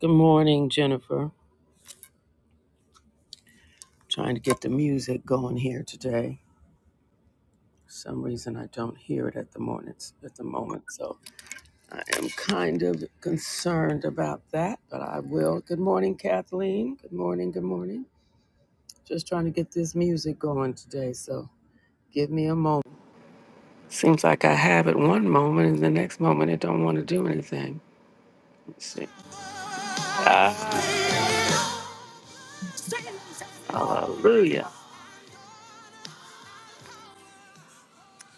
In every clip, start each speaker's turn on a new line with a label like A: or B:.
A: Good morning, Jennifer. Trying to get the music going here today. For some reason, I don't hear it at the moment. At the moment, so I am kind of concerned about that, but I will. Good morning, Kathleen. Good morning. Good morning. Just trying to get this music going today, so give me a moment. Seems like I have it one moment, and the next moment it don't want to do anything. Let's see. Ah, hallelujah.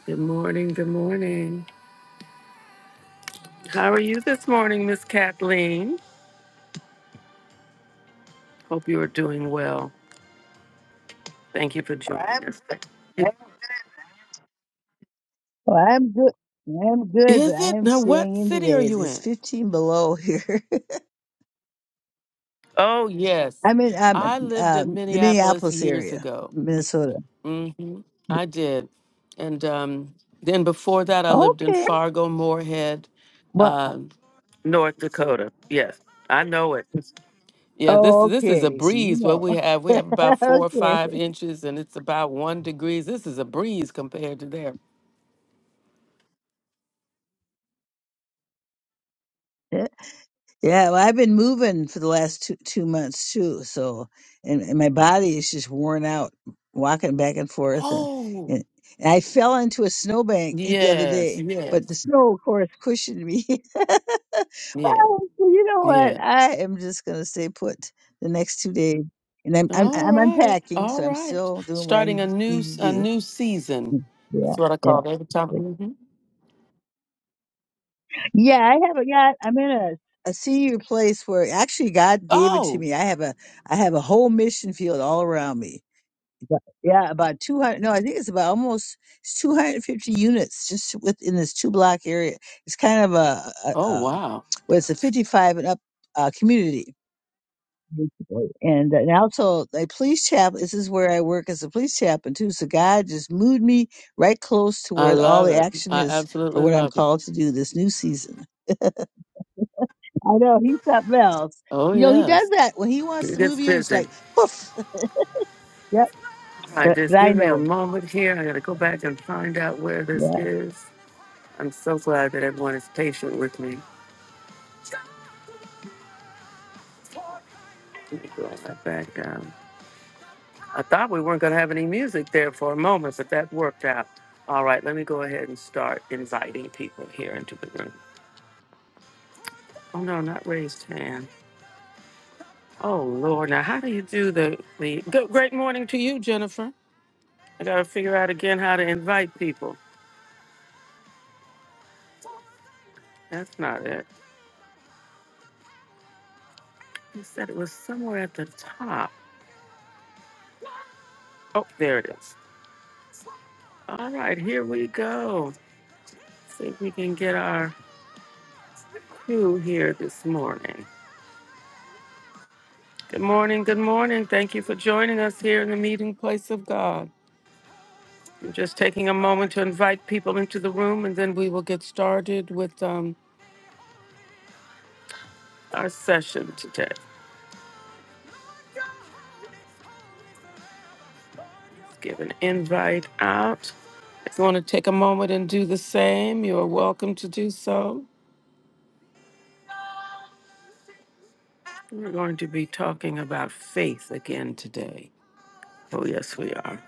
A: Good morning. Good morning. How are you this morning, Miss Kathleen? Hope you are doing well. Thank you for joining us.
B: Well, I'm good. I'm good, but
A: Is
B: I
A: it?
B: am
A: Now, what
B: staying in
A: city are
B: today. It's
A: you
B: it's
A: in?
B: 15 below here.
A: Oh, yes.
B: I'm in um,
A: I lived in
B: um, the
A: Minneapolis
B: Minneapolis
A: years
B: area,
A: ago.
B: Minnesota.
A: hmm I did. And um, then before that, I lived in
B: Okay.
A: Fargo, Moorhead,
B: Well,
A: um, North Dakota. Yes, I know it. Yeah, this this is a
B: okay. So you
A: breeze. What
B: know.
A: we have, we have about four or
B: okay.
A: five inches, and it's about one degrees. This is a breeze compared to there.
B: Yeah. Well, I've been moving for the last two two months too. So, and, and my body is just worn out, walking back and forth, and
A: Oh,
B: and, and I fell into a snowbank the other
A: yes,
B: day, but the
A: yes,
B: snow, of course, cushioned me.
A: yes.
B: Oh, well, you know
A: Yeah.
B: what? I am just gonna stay put the next 2 days, and I'm I'm
A: All
B: I'm
A: right.
B: unpacking, so
A: All
B: I'm
A: right.
B: still doing what I
A: Starting
B: n
A: a new
B: need to
A: s- a
B: do.
A: new season.
B: Mm, Yeah,
A: That's what I
B: yeah,
A: call it every time.
B: but
A: hmm
B: Yeah, I have a yeah, I'm in a a senior place where actually God gave it to
A: Oh.
B: me. I have a I have a whole mission field all around me. But- Yeah, about 200, no, I think it's about almost 250 units just within this two block area. It's kind of a, a, a
A: Oh
B: um,
A: wow.
B: well, it's a 55 and up uh, community And, and also a police chap. This is where I work as a police chaplain too. So God just moved me right close to
A: I
B: where all
A: love
B: the
A: it.
B: action
A: I
B: is for
A: absolutely
B: what I'm
A: love it.
B: called to do this new season. I know he's something else.
A: Oh
B: You know he does
A: yes.
B: that when he wants
A: It
B: to move
A: gets
B: you. It's
A: busy.
B: like poof. Yep.
A: All right.
B: But
A: Just
B: but I
A: give me a
B: know.
A: moment here. I got to go back and find out where this is. I'm so glad that everyone is patient with me. Let me go right back down. I thought we weren't going to have any music there for a moment, but that worked out. All right, let me go ahead and start inviting people here into the room. Oh no, not raised hand. Oh Lord, now how do you do the the good, great morning to you, Jennifer? I gotta figure out again how to invite people. That's not it. You said it was somewhere at the top. Oh, there it is. All right, here we go. See if we can get our crew here this morning. Good morning, good morning. Thank you for joining us here in the meeting place of God. We're just taking a moment to invite people into the room and then we will get started with um, our session today. Let's give an invite out. If you want to take a moment and do the same, you are welcome to do so. We're going to be talking about faith again today. Oh, yes, we are.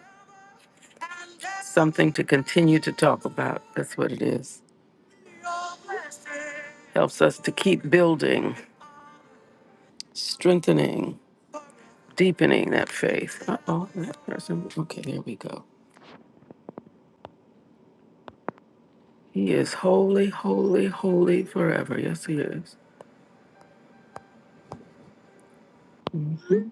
A: Something to continue to talk about. That's what it is. Helps us to keep building, strengthening, deepening that faith. Uh oh, that person. Okay, there we go. He is holy, holy, holy forever. Yes, he is. Mhm.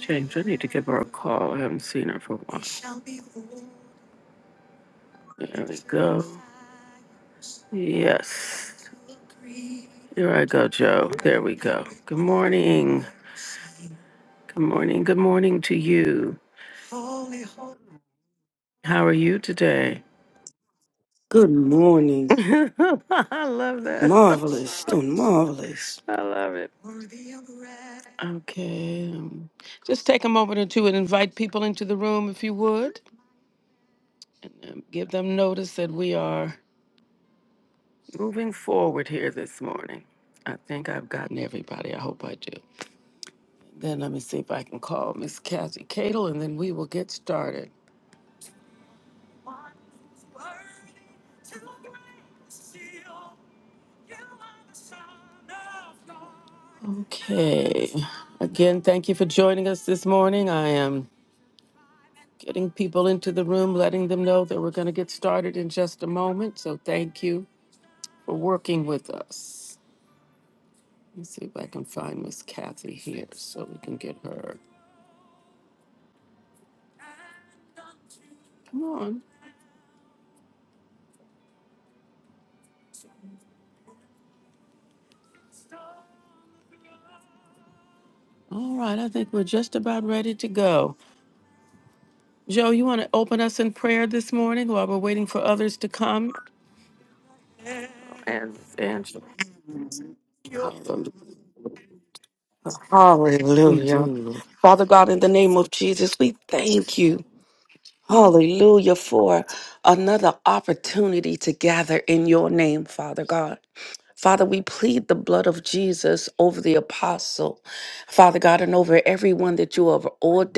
A: Change. I need to give her a call. I haven't seen her for a while. There we go. Yes. Here I go, Joe. There we go. Good morning. Good morning. Good morning to you. How are you today?
C: Good morning.
A: I love that.
C: Marvelous, doing marvelous.
A: I love it. Okay. um, Just take a moment or two and invite people into the room if you would. Um, Give them notice that we are moving forward here this morning. I think I've gotten everybody. I hope I do. Then let me see if I can call Miss Kathy Cadle and then we will get started. One who's worthy to break the seal. You are the Son of God. Okay. Again, thank you for joining us this morning. I am getting people into the room, letting them know that we're going to get started in just a moment. So thank you for working with us. Let me see if I can find Miss Kathy here so we can get her. Come on. All right, I think we're just about ready to go. Joe, you want to open us in prayer this morning while we're waiting for others to come? And Angela. Hallelujah. We
C: Hallelujah.
A: do. Lord.
C: Father God, in the name of Jesus, we thank you. Hallelujah for another opportunity to gather in your name, Father God. Father, we plead the blood of Jesus over the apostle, Father God, and over everyone that you have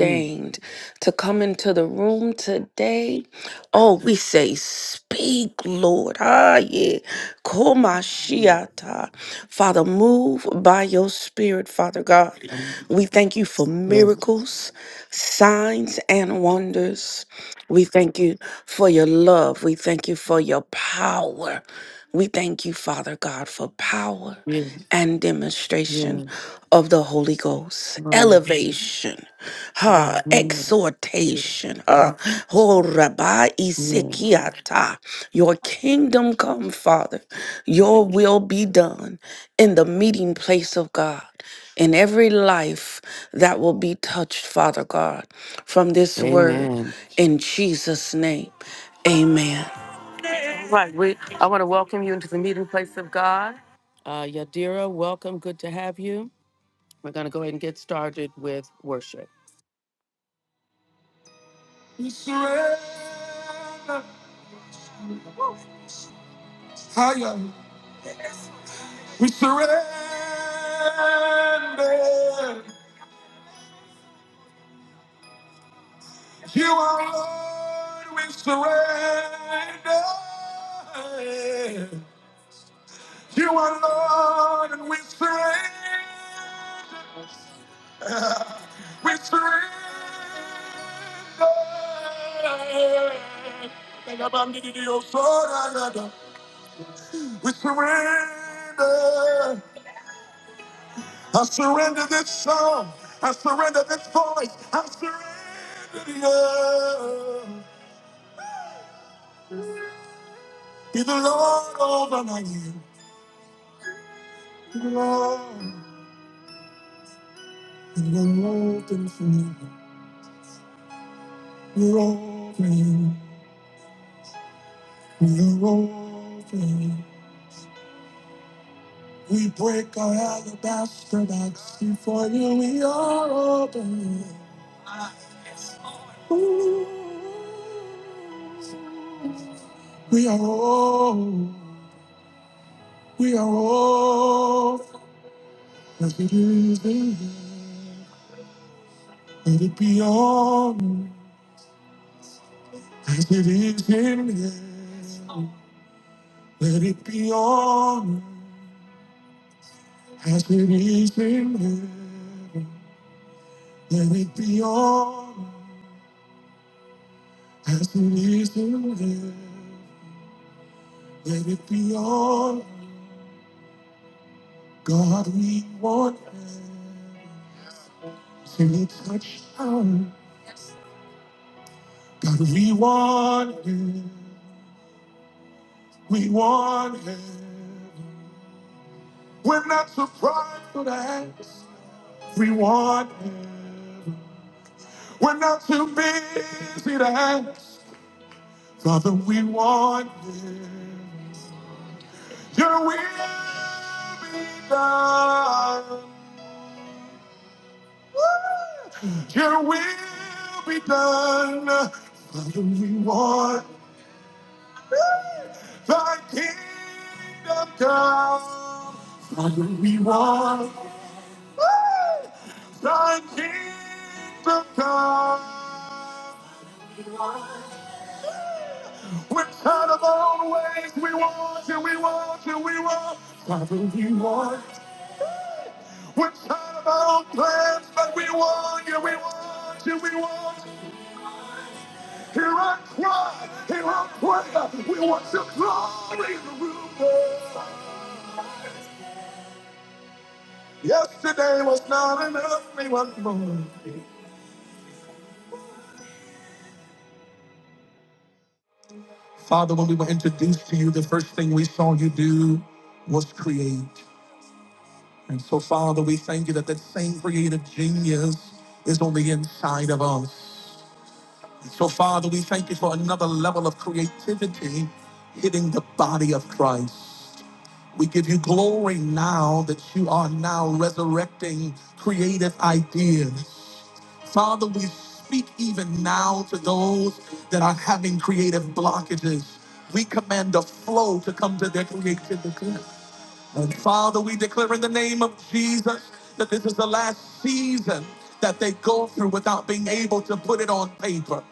A: Mm,
C: to come into the room today. Oh, we say, Speak, Lord. Ah, yeah. Koma
A: mm,
C: shiata. Father, move by your spirit, Father God.
A: mm.
C: We thank you for
A: Yeah,
C: miracles, signs, and wonders. We thank you for your love. We thank you for your power. We thank you, Father God, for power
A: yeah,
C: and
A: yeah.
C: demonstration of the Holy Ghost.
A: Oh, yes.
C: Elevation, huh,
A: Amen. Yeah,
C: exhortation, huh. Oh, Rabbi
A: yeah.
C: Isikiata, your kingdom come, Father. Your will be done in the meeting place of God. In every life that will be touched, Father God, from this word.
A: Amen.
C: In Jesus' name, amen.
A: All right, we, I want to welcome you into the meeting place of God. Uh, Yadira, welcome. Good to have you. We're going to go ahead and get started with worship. We surrender. Higher. We surrender. You are Lord. We surrender. You are Lord, and we surrender. We surrender. We surrender. I surrender this song. I surrender this voice. I surrender the earth. Be the Lord over my you. Be the Lord. You're open for me. You're open. You're open. We break our alabaster box before you. We are open. Ooh. We are open. We are open. as it is in heaven. Let it be on earth as it is in heaven. Let it be on earth as it is in heaven. Let it be on earth as it is in heaven. Let it be on God we want. Sing it touch down. God we want him. We want him. We're not surprised for to ask. We want heaven. We're not too busy to ask. Father, we want heaven. Your will be done. Woo! Your will be done. Father, we want Woo! thy kingdom come. Father, we want. Thy kingdom come. We're tired of our own ways. We want you, we want you, we want. Father, we want. We're tired of our own plans, but we want you, we want you, we want. Hear our cry, hear our prayer. We want your glory in the room. Lord. Yesterday was not enough. We want more. Father, when we were introduced to you, the first thing we saw you do was create. And so, Father, we thank you that that same creative genius is on the inside of us. And so, Father, we thank you for another level of creativity hitting the body of Christ. We give you glory now that you are now resurrecting creative ideas. Father, we speak even now to those that are having creative blockages. We command the flow to come to their creativity. Father, we declare in the name of Jesus that this is the last season that they go through without being able to put it on paper.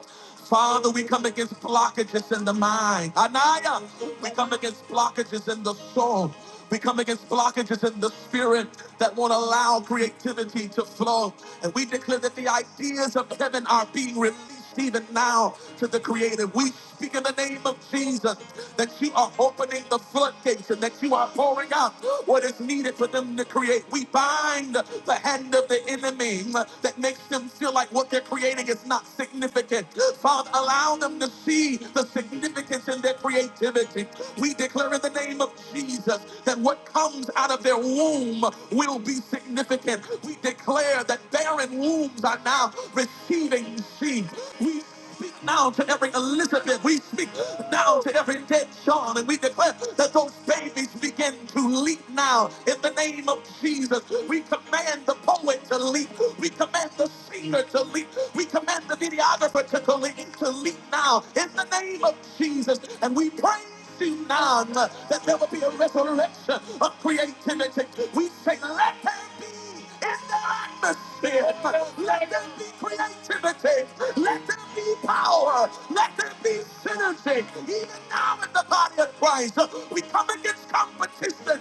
A: Father, we come against blockages in the mind. Anaya, we come against blockages in the soul. We come against blockages in the spirit that won't allow creativity to flow. And we declare that the ideas of heaven are being released release even now to the creative. We speak in the name of Jesus that you are opening the floodgates and that you are pouring out what is needed for them to create. We bind the hand of the enemy that makes them feel like what they're creating is not significant. Father, allow them to see the significance in their creativity. We declare in the name of Jesus that what comes out of their womb will be significant. We declare that barren wombs are now receiving seed. We speak now to every Elizabeth. We speak now to every dead John. And we declare that those babies begin to leap now in the name of Jesus. We command the poet to leap. We command the singer to leap. We command the videographer to leap, to leap now in the name of Jesus. And we pray seen that there will be a resurrection of creativity. We say, let there be in the atmosphere. Let there be creativity. Let there be power. Let there be synergy. Even now in the body of Christ, we come against competition.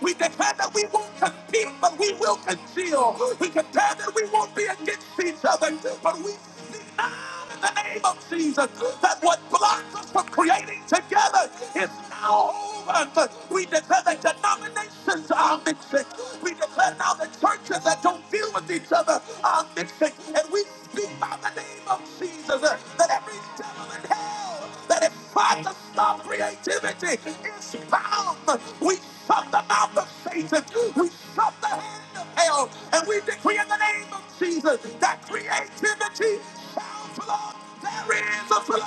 A: We declare that we won't compete, but we will conceal. We declare that we won't be against each other, but we now in the name of Jesus that what blocks us from creating together is now over. We declare that denominations are mixing. We declare now that churches that don't deal with each other are mixing. And we speak by the name of Jesus uh, that every devil in hell that that is trying to stop creativity is bound. We shut the mouth of Satan. We shut the hand of hell. And we decree in the name of Jesus that creativity shall flow. There is a flow.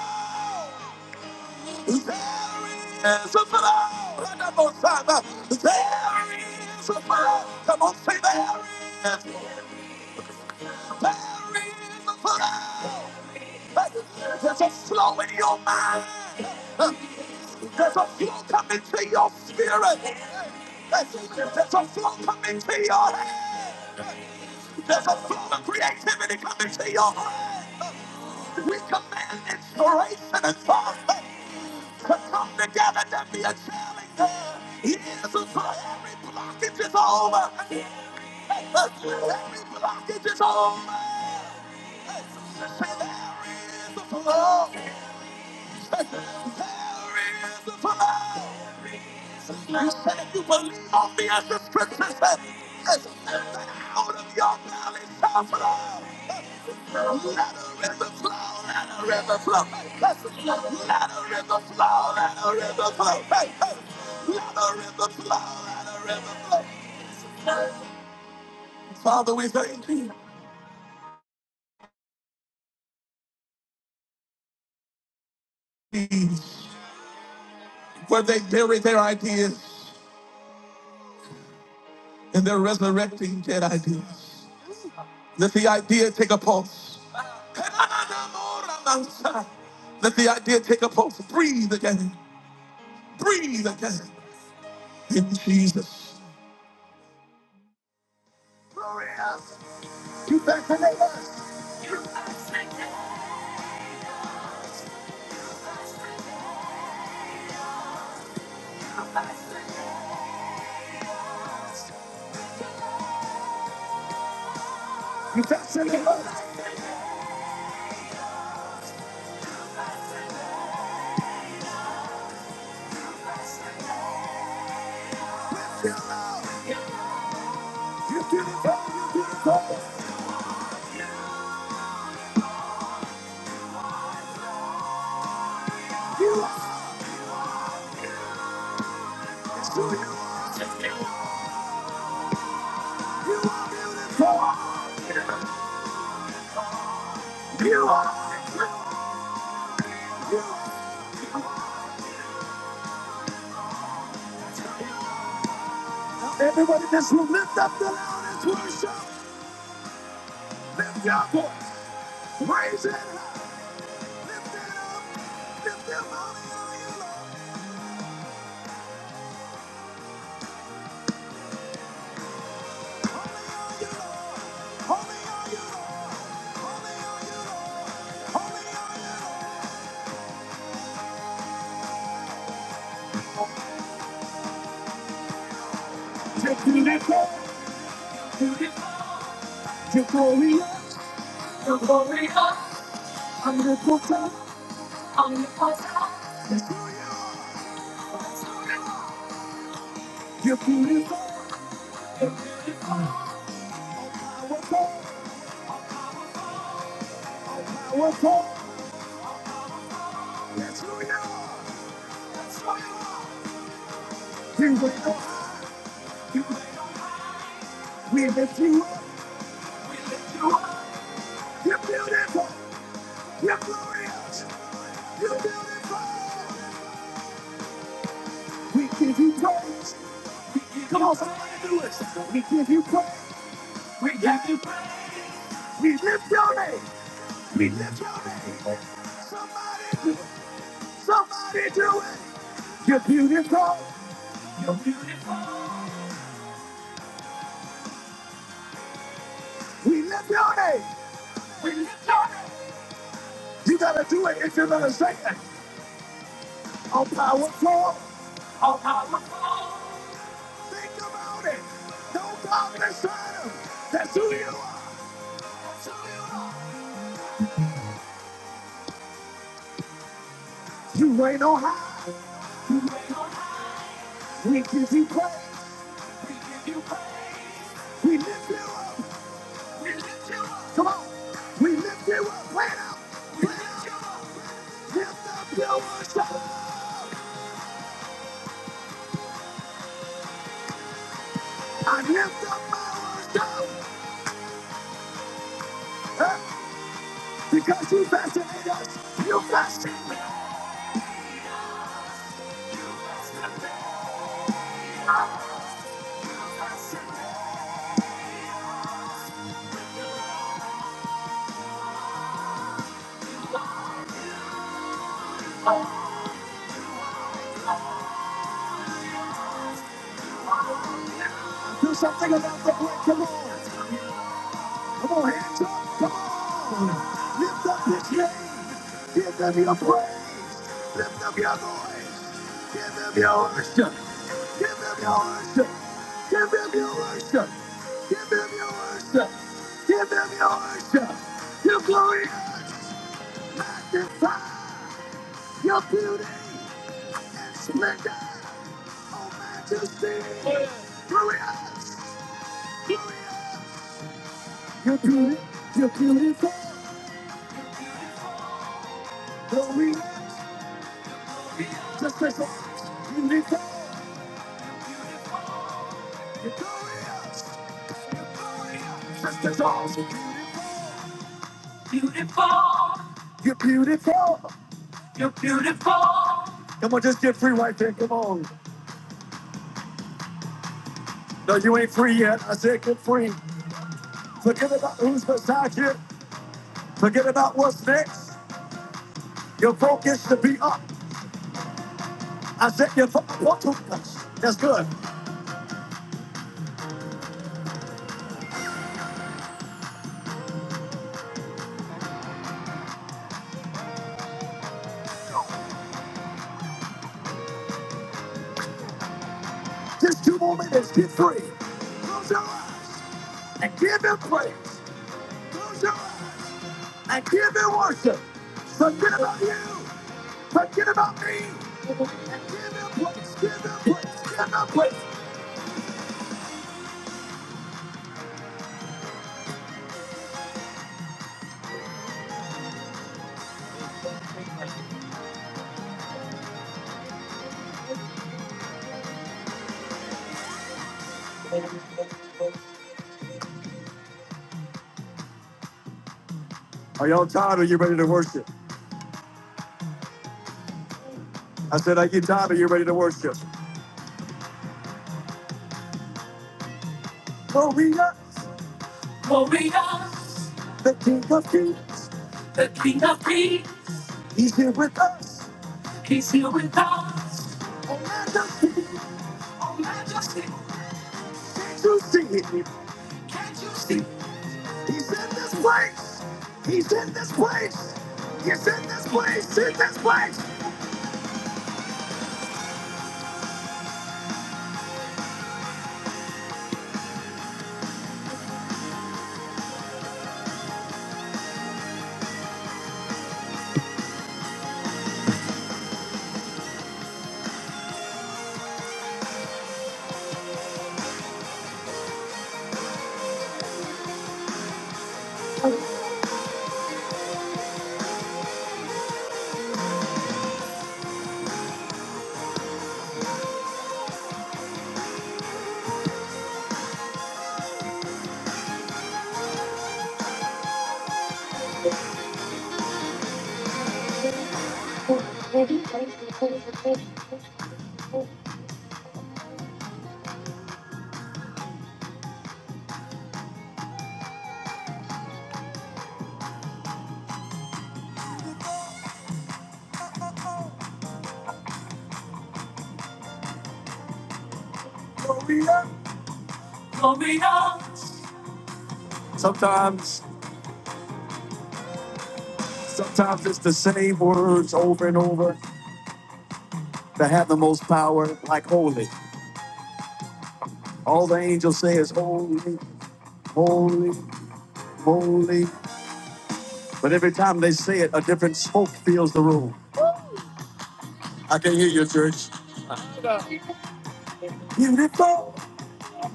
A: There is a flow. One more time. There is a flow. Come on, say there is. There is a flow. There's a flow in your mind. There's a flow coming to your spirit. There's a flow coming to your head. There's a flow of creativity coming to your heart. We command inspiration and thought to come together to be a challenge. Yes, for every blockage is over. Every blockage is over. Say, there is a flow. There is the power. You said you believe on me as the scriptures say. Yes, that Out of your belly shall flow. Let a river flow, let a river flow. Yes, Let a river flow, let a river flow. Hey, hey. Let a river flow, let a river flow. Father, we thank you. Where they bury their ideas and they're resurrecting dead ideas. Let the idea take a pulse. Let the idea take a pulse. Breathe again. Breathe again. In Jesus. You back to the last. You're beautiful. You're beautiful. You're glorious. Glorious. I'm the potter. I'm the potter. That's who you are. That's who you are. You're beautiful. You're beautiful. Powerful. Powerful. That's who you are. That's who you are. You wait on. You wait on. We lift you up. We lift you up. You're beautiful. You're glorious. You're beautiful. We give you praise. We give Come on, somebody do it. We give you praise. We give you praise. We lift your name. We lift your name. Somebody do it. Somebody do it. You're beautiful. You're beautiful. Hey, do it if you're gonna say it. All powerful. I'll think about it. No darkness, shadow. That's who you are. You reign on high. We give you praise. We lift you up. We lift you up. Come on. We lift you up. Play it out. We lift you up. Lift up your worship. I lift up my worship. Huh? Because you fascinate us. You fascinate us. Do something about the break. Come on. Come on, hands up, come on. Lift up his name. Give them your praise. Lift up your voice. Give them your worship. Give them your worship. Give them your worship. Give them your worship. Give them your worship. Your glory magnify. Your beauty and splendor. Oh, majesty. Glorious. Glorious. You're beautiful. You're beautiful. Glory. Just like beautiful. Beautiful. You're beautiful. You're beautiful. Come on, just get free right there. Come on. No, you ain't free yet. I said get free. Forget it. Forget your focus up. I said your focus. That's good. Let's get free. Close your eyes and give him praise. Close your eyes and give him worship. Forget about you. Forget about me. And give him praise. Give him praise. Give him praise. Are y'all tired or you ready to worship? I said, I get tired of you ready to worship. Warrior, warrior, the King of Kings, the King of Kings. He's here with us. Oh, man, does he begin to sing it? He's in this place. He's in this place. He's in this place. In this place. Warrior. Sometimes, sometimes it's the same words over and over that have the most power, like holy. All the angels say is holy, holy, holy. But every time they say it, a different smoke fills the room. I can hear your church. Beautiful,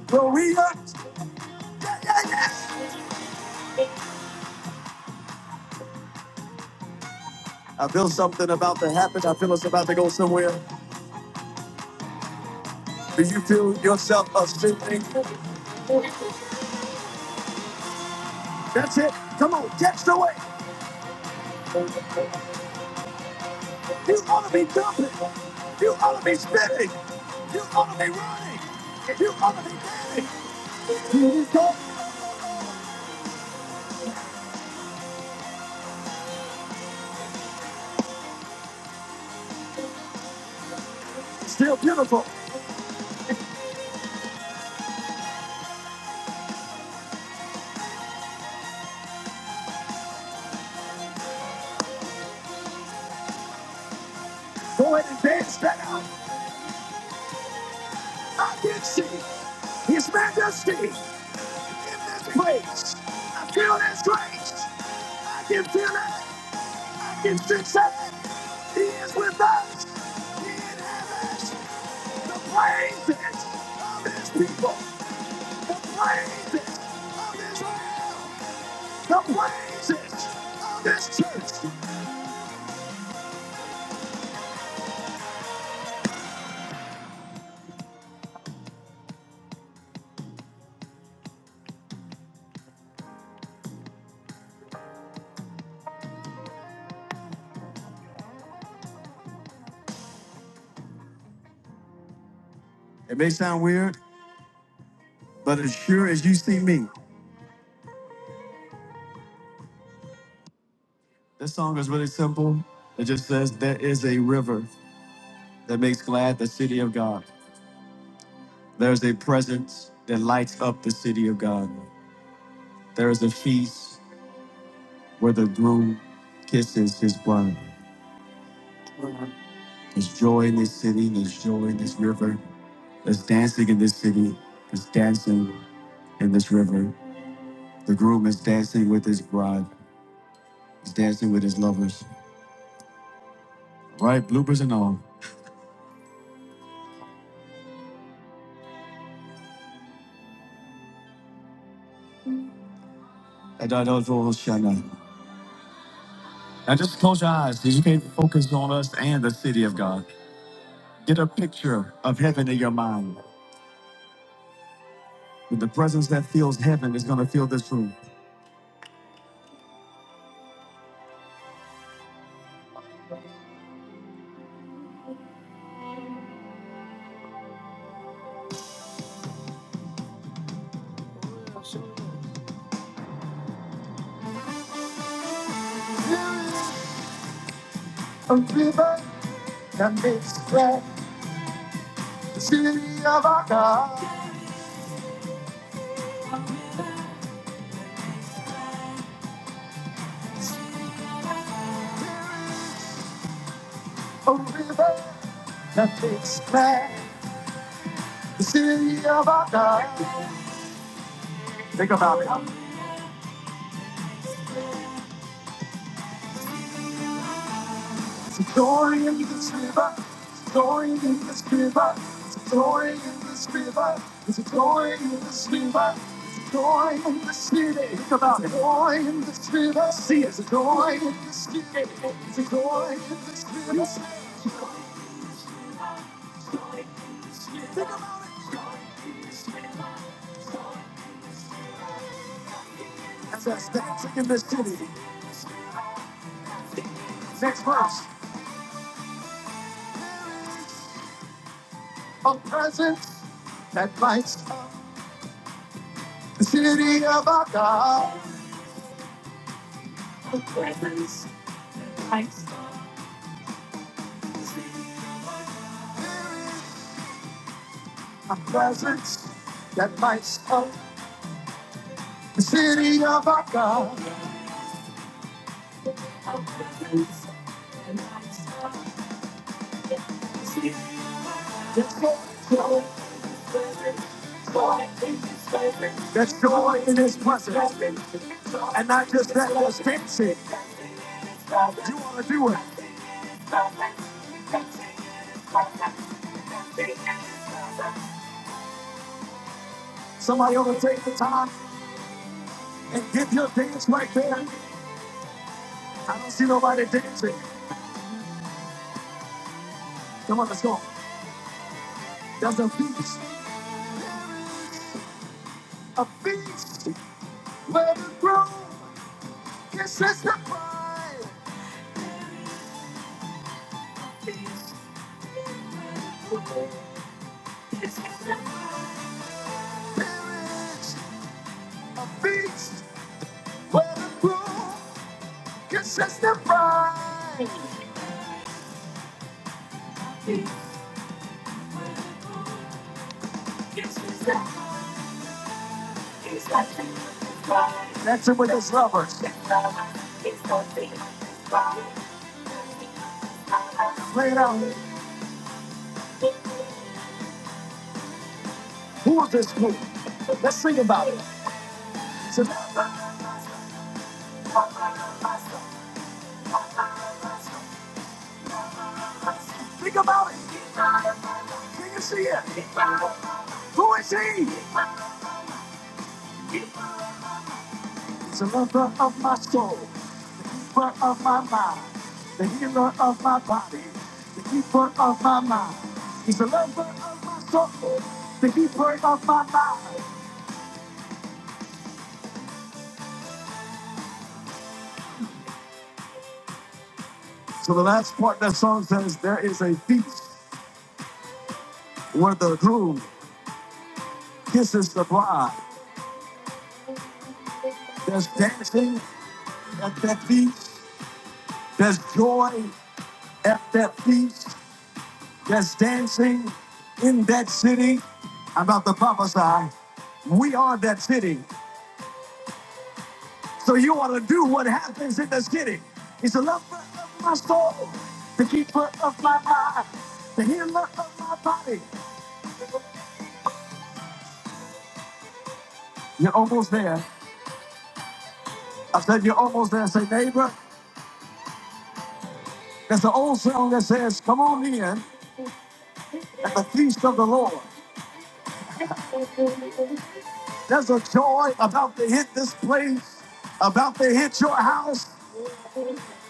A: glorious. Yeah, yeah, yeah. I feel something about to happen. I feel it's about to go somewhere. Do you feel yourself ascending? That's it. Come on, catch the way. You ought to be jumping. You ought to be spinning. You ought to be running. You ought to be dancing. Beautiful. go ahead and dance that out. I can see His Majesty. in this place. I feel his grace. I can feel it. I can sense it. He is with us. He inhabits the praises of his people. The praises of Israel. The praises of his church. It may sound weird, but as sure as you see me, this song is really simple. It just says, There is a river that makes glad the city of God. There's a presence that lights up the city of God. There is a feast where the groom kisses his bride. There's joy in this city, there's joy in this river. There's dancing in this city, there's dancing in this river. The groom is dancing with his bride, he's dancing with his lovers, right? Bloopers and all. Adonai Now just close your eyes because you can't focus on us and the city of God. Get a picture of heaven in your mind. With the presence that feels heaven is going to fill this room. and makes glad the city of our God. Oh, river that makes glad the city of our God. Think about it. It's a glory in this river. It's a glory in this river. It's a glory in this river. It's a glory in this river. It's a glory in this city. Think about it. It's a glory in this river. See, it's a glory in this city. It's a glory in this river. Think about it. As I stand in this city, next verse, a presence that lights up. The city of our God, a presence that lights up. The city of our God, there's joy in His presence, and not just that, there's dancing. You want to do it? Somebody ought to take the time and give your dance right there. I don't see nobody dancing. Come on, let's go. There's a feast, a feast where the groom This is the cry. This is the village of beasts where the broom This is the cry. This is the it's the cry. That's it with his lovers. It's the thing. Play it out. Who is this group? Let's sing about it. It's a- Think about it. Can you see it? Who is he? It's a my soul, brother, the healer of my body, the keeper of my mind. He's the lover of my soul, the keeper of. So the last part, that's the groove kisses the bride. There's dancing at that feast. There's joy at that feast. There's dancing in that city. I'm about to prophesy. We are that city. So you want to do what happens in the city. He's the lover of my soul, the keeper of my mind, the healer of my body. You're almost there. I said you're almost there. Say, neighbor, there's an old song that says, come on in at the feast of the Lord. There's a joy about to hit this place, about to hit your house.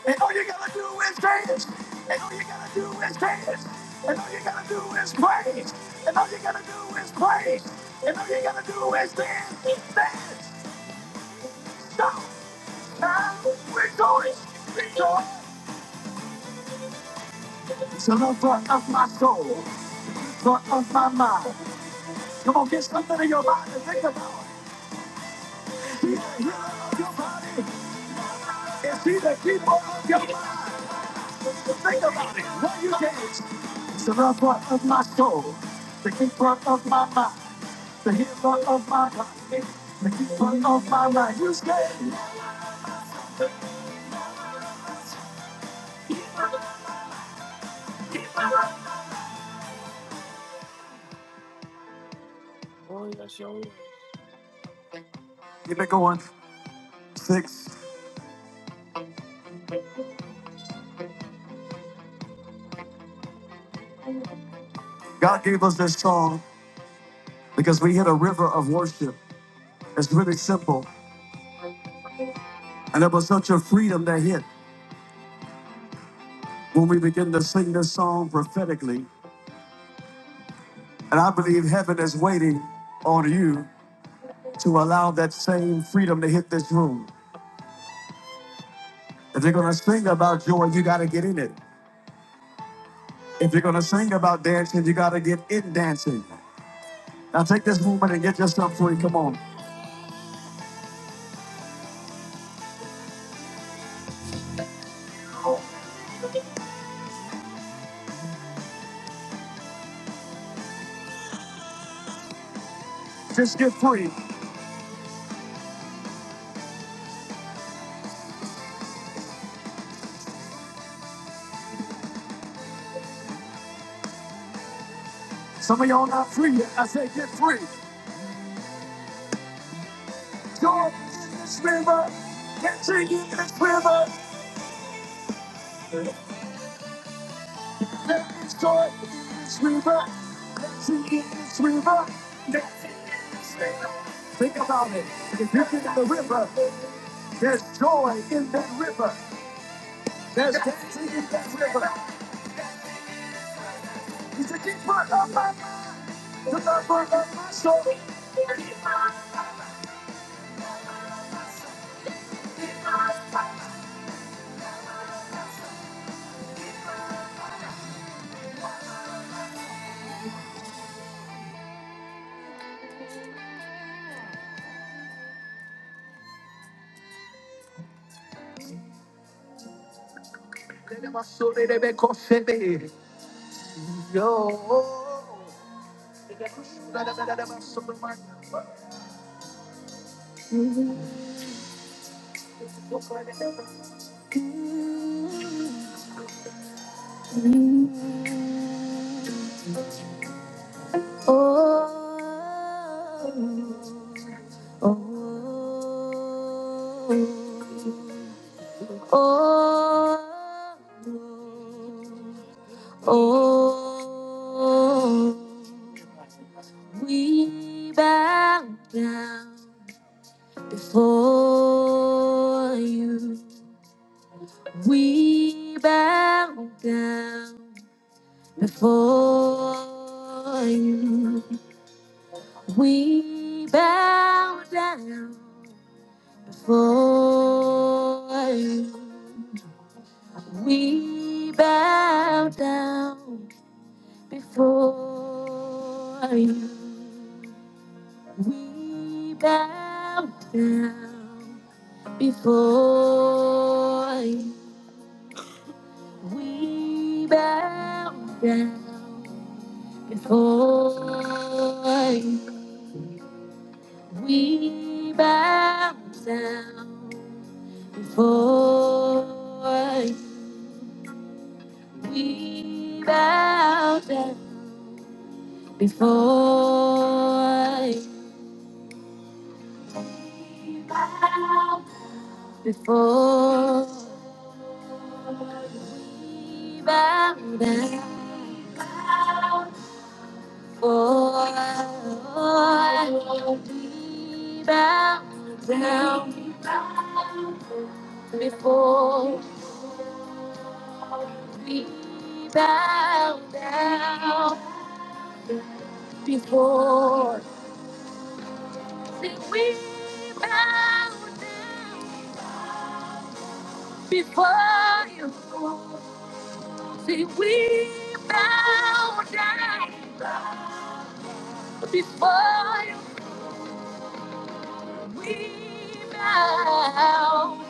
A: And all you gotta do is dance. And all you gotta do is dance. And all you gotta do is praise. And all you gotta do is praise. And all you gotta do is dance. Dance. Stop. Now rejoice. Rejoice. It's the lover of my soul. Lord of my mind. Come on, get something in your mind and think about it. He's the healer of your body. Is he the keeper of your mind? Think about it. What you get is the lover of my soul, the keeper of my mind, the healer of my body, the keeper of my life. You stay. Keep it going. Six. God gave us this song because we hit a river of worship. It's really simple. And it was such a freedom that hit when we begin to sing this song prophetically. And I believe heaven is waiting on you to allow that same freedom to hit this room. If you're gonna sing about joy, you gotta get in it. If you're gonna sing about dancing, you gotta get in dancing. Now take this moment and get yourself free. Come on. Just get free. Some of y'all not free yet. I say get free. Joy in this river. Dancing in this river. There's joy in this river. Dancing in this river. Dancing in this river. Think about it. If you get in the river, there's joy in that river. There's dancing in that river. He's the keeper of my mind, the lover of my soul. The keeper of my mind. Oh. Oh, oh, oh, we bow down before you. We bow down before you. We bow down before you. We bow down before you. We bow down before you. We bow down before you. We bow down before you. We bow down Before I, bow, before we bow down, before we bow down, before we bow down, before. we bow down before you. See, we bow down before you. We bow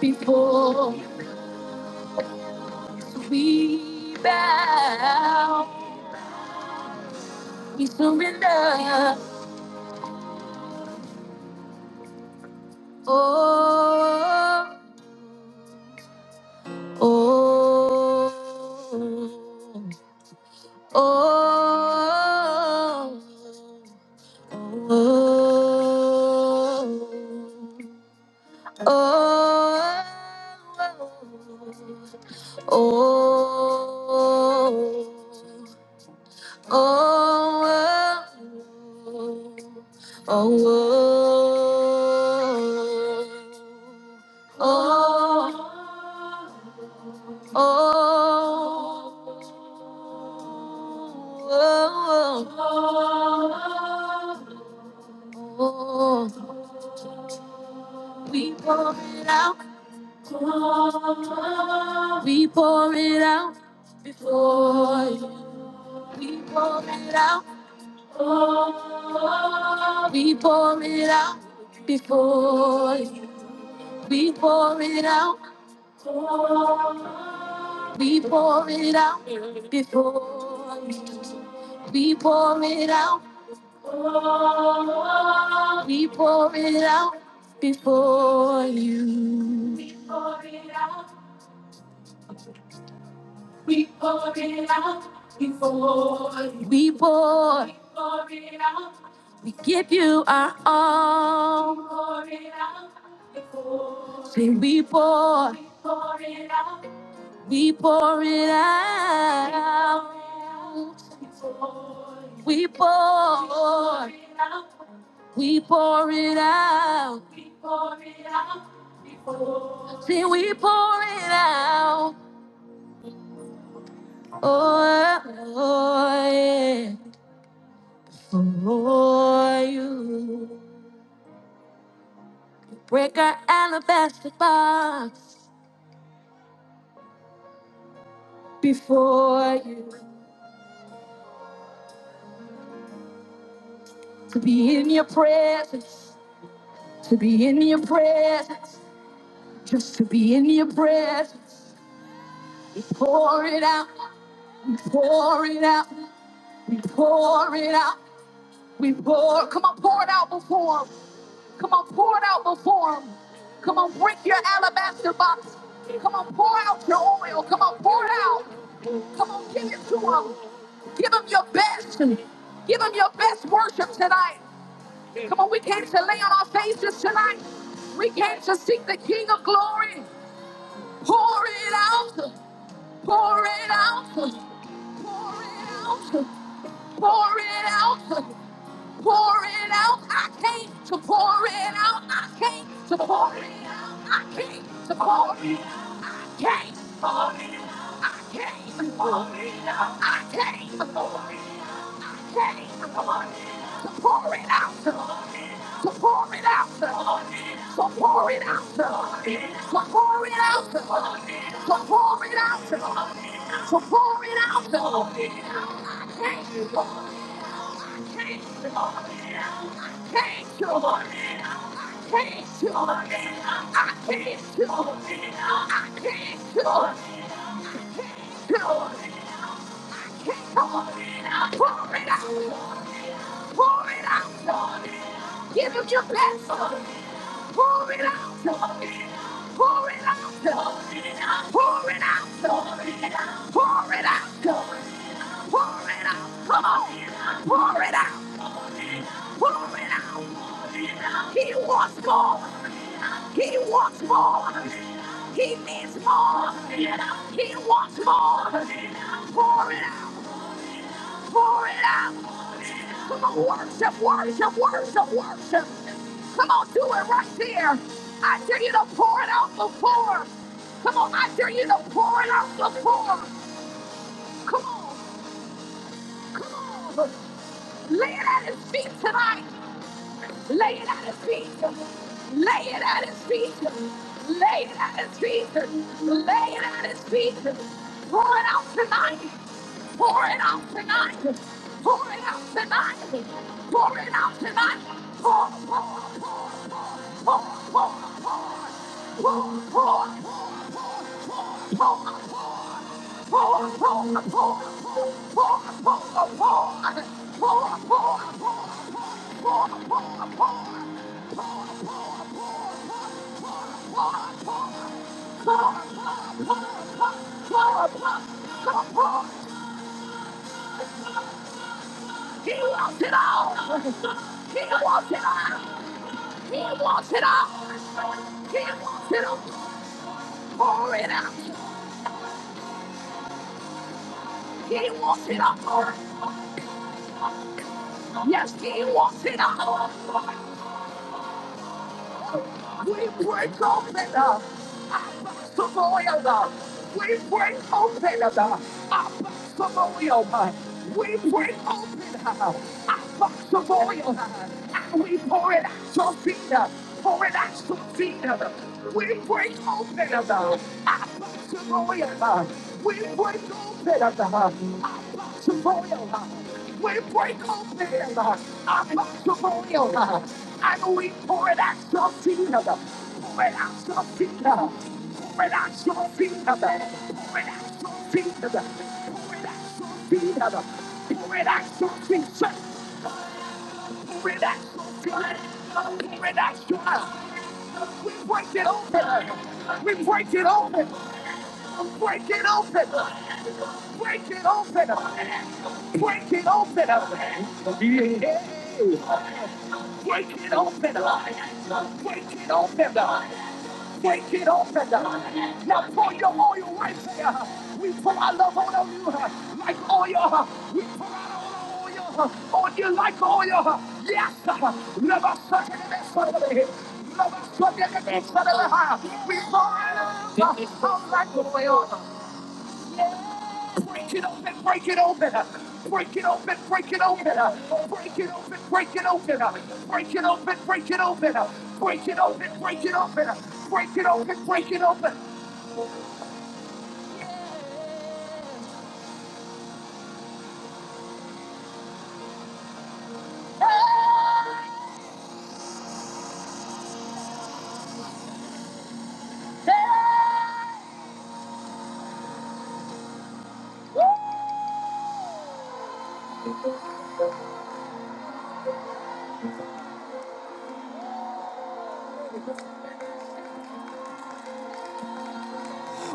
A: before You. we bow. We surrender. Oh, oh. Oh, oh, oh, oh, oh, oh, oh. oh oh oh, we pour it out. We pour it out before you. We pour it out. We pour it out before you. We pour it out. We pour it out before you. We pour it out. We pour it out before you. We pour it before you. We pour. We give you our all. We pour it out before you. Say we pour. We pour it out. We pour it out. We pour, we pour it out. See, we pour it out. Oh, oh, yeah. For you. Break our alabaster box before you. To be in your presence, to be in your presence, just to be in your presence. We pour it out, we pour it out, we pour it out, we pour. Come on, pour it out before him. Come on, pour it out before him. Come on, break your alabaster box. Come on, pour out your oil. Come on, pour it out. Come on, give it to him. Give him your best. Give him your best worship tonight. Come on, we came to lay on our faces tonight. We came to seek the King of glory. Pour it out. Pour it out. Pour it out. Pour it out pour it out. I came to pour it out. I came to pour it out. I came to pour it out. I Came. to Pour it out. I came. to Pour it out. I came. to pour it. out. I can't. To pour it out to Lord. To pour it out to Lord. To pour it out to pour it out to pour it out to Lord. To pour it out to Lord. Change the Lord. Change the Lord. Change the Lord. Change the Lord. I can't do it. I can't do it. Give him your best, Lord. Pour it out, Lord. Pour it out, Lord. Pour it out, Lord. Pour it out, Lord. Pour it out. Come on. Pour it out. He wants more. He wants more. He needs more. He wants more. Pour it out. Pour it out. Come on, worship, worship, worship, worship. Come on, do it right there. I dare you to pour it out before. Come on, I dare you to pour it out before. Come on, come on. Lay it at his feet tonight. Lay it at his feet. Lay it at his feet. Lay it at his feet. Lay it at his feet. Pour it out tonight. Pour it out tonight. Pour it out tonight. Pour it out tonight. Pour, pour, pour, pour, pour, pour, pour. He wants it all. He wants it all. He wants it all. He wants it all. Pour it out. He wants it all. Yes, he walks in our We break open the Somalia. We break open the Somalia. We break open the Somalia. And we pour it out your feet. up. Pour it out your feet. up. We break open the Somalia. We break open the Somalia. We break open uh, our merciful will uh, and we pour it out your feet. uh, Pour it out your feet. uh, Pour it out your feet. uh, Pour it out your feet. uh, Pour it out your feet. uh, Pour it out your feet. sir, Pour it out your feet. uh, Pour it out your feet. We break it open. uh, We break it open. Break it open. Break it open. Break it open. Break it open line. Break it open line. Break it open line. Now pour your oil right there. We pour out this.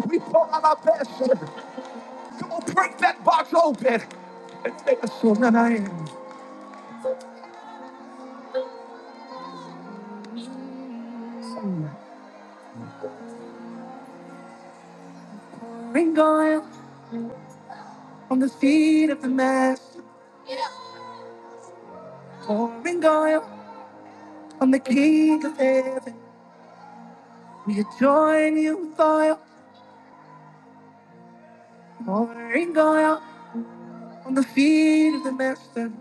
A: We pour out our best. Come on, break that box open. And take us soul, that I am. Feet of the master, I'm the king of heaven. We adjoin you with oil, pouring oil on the feet of the master.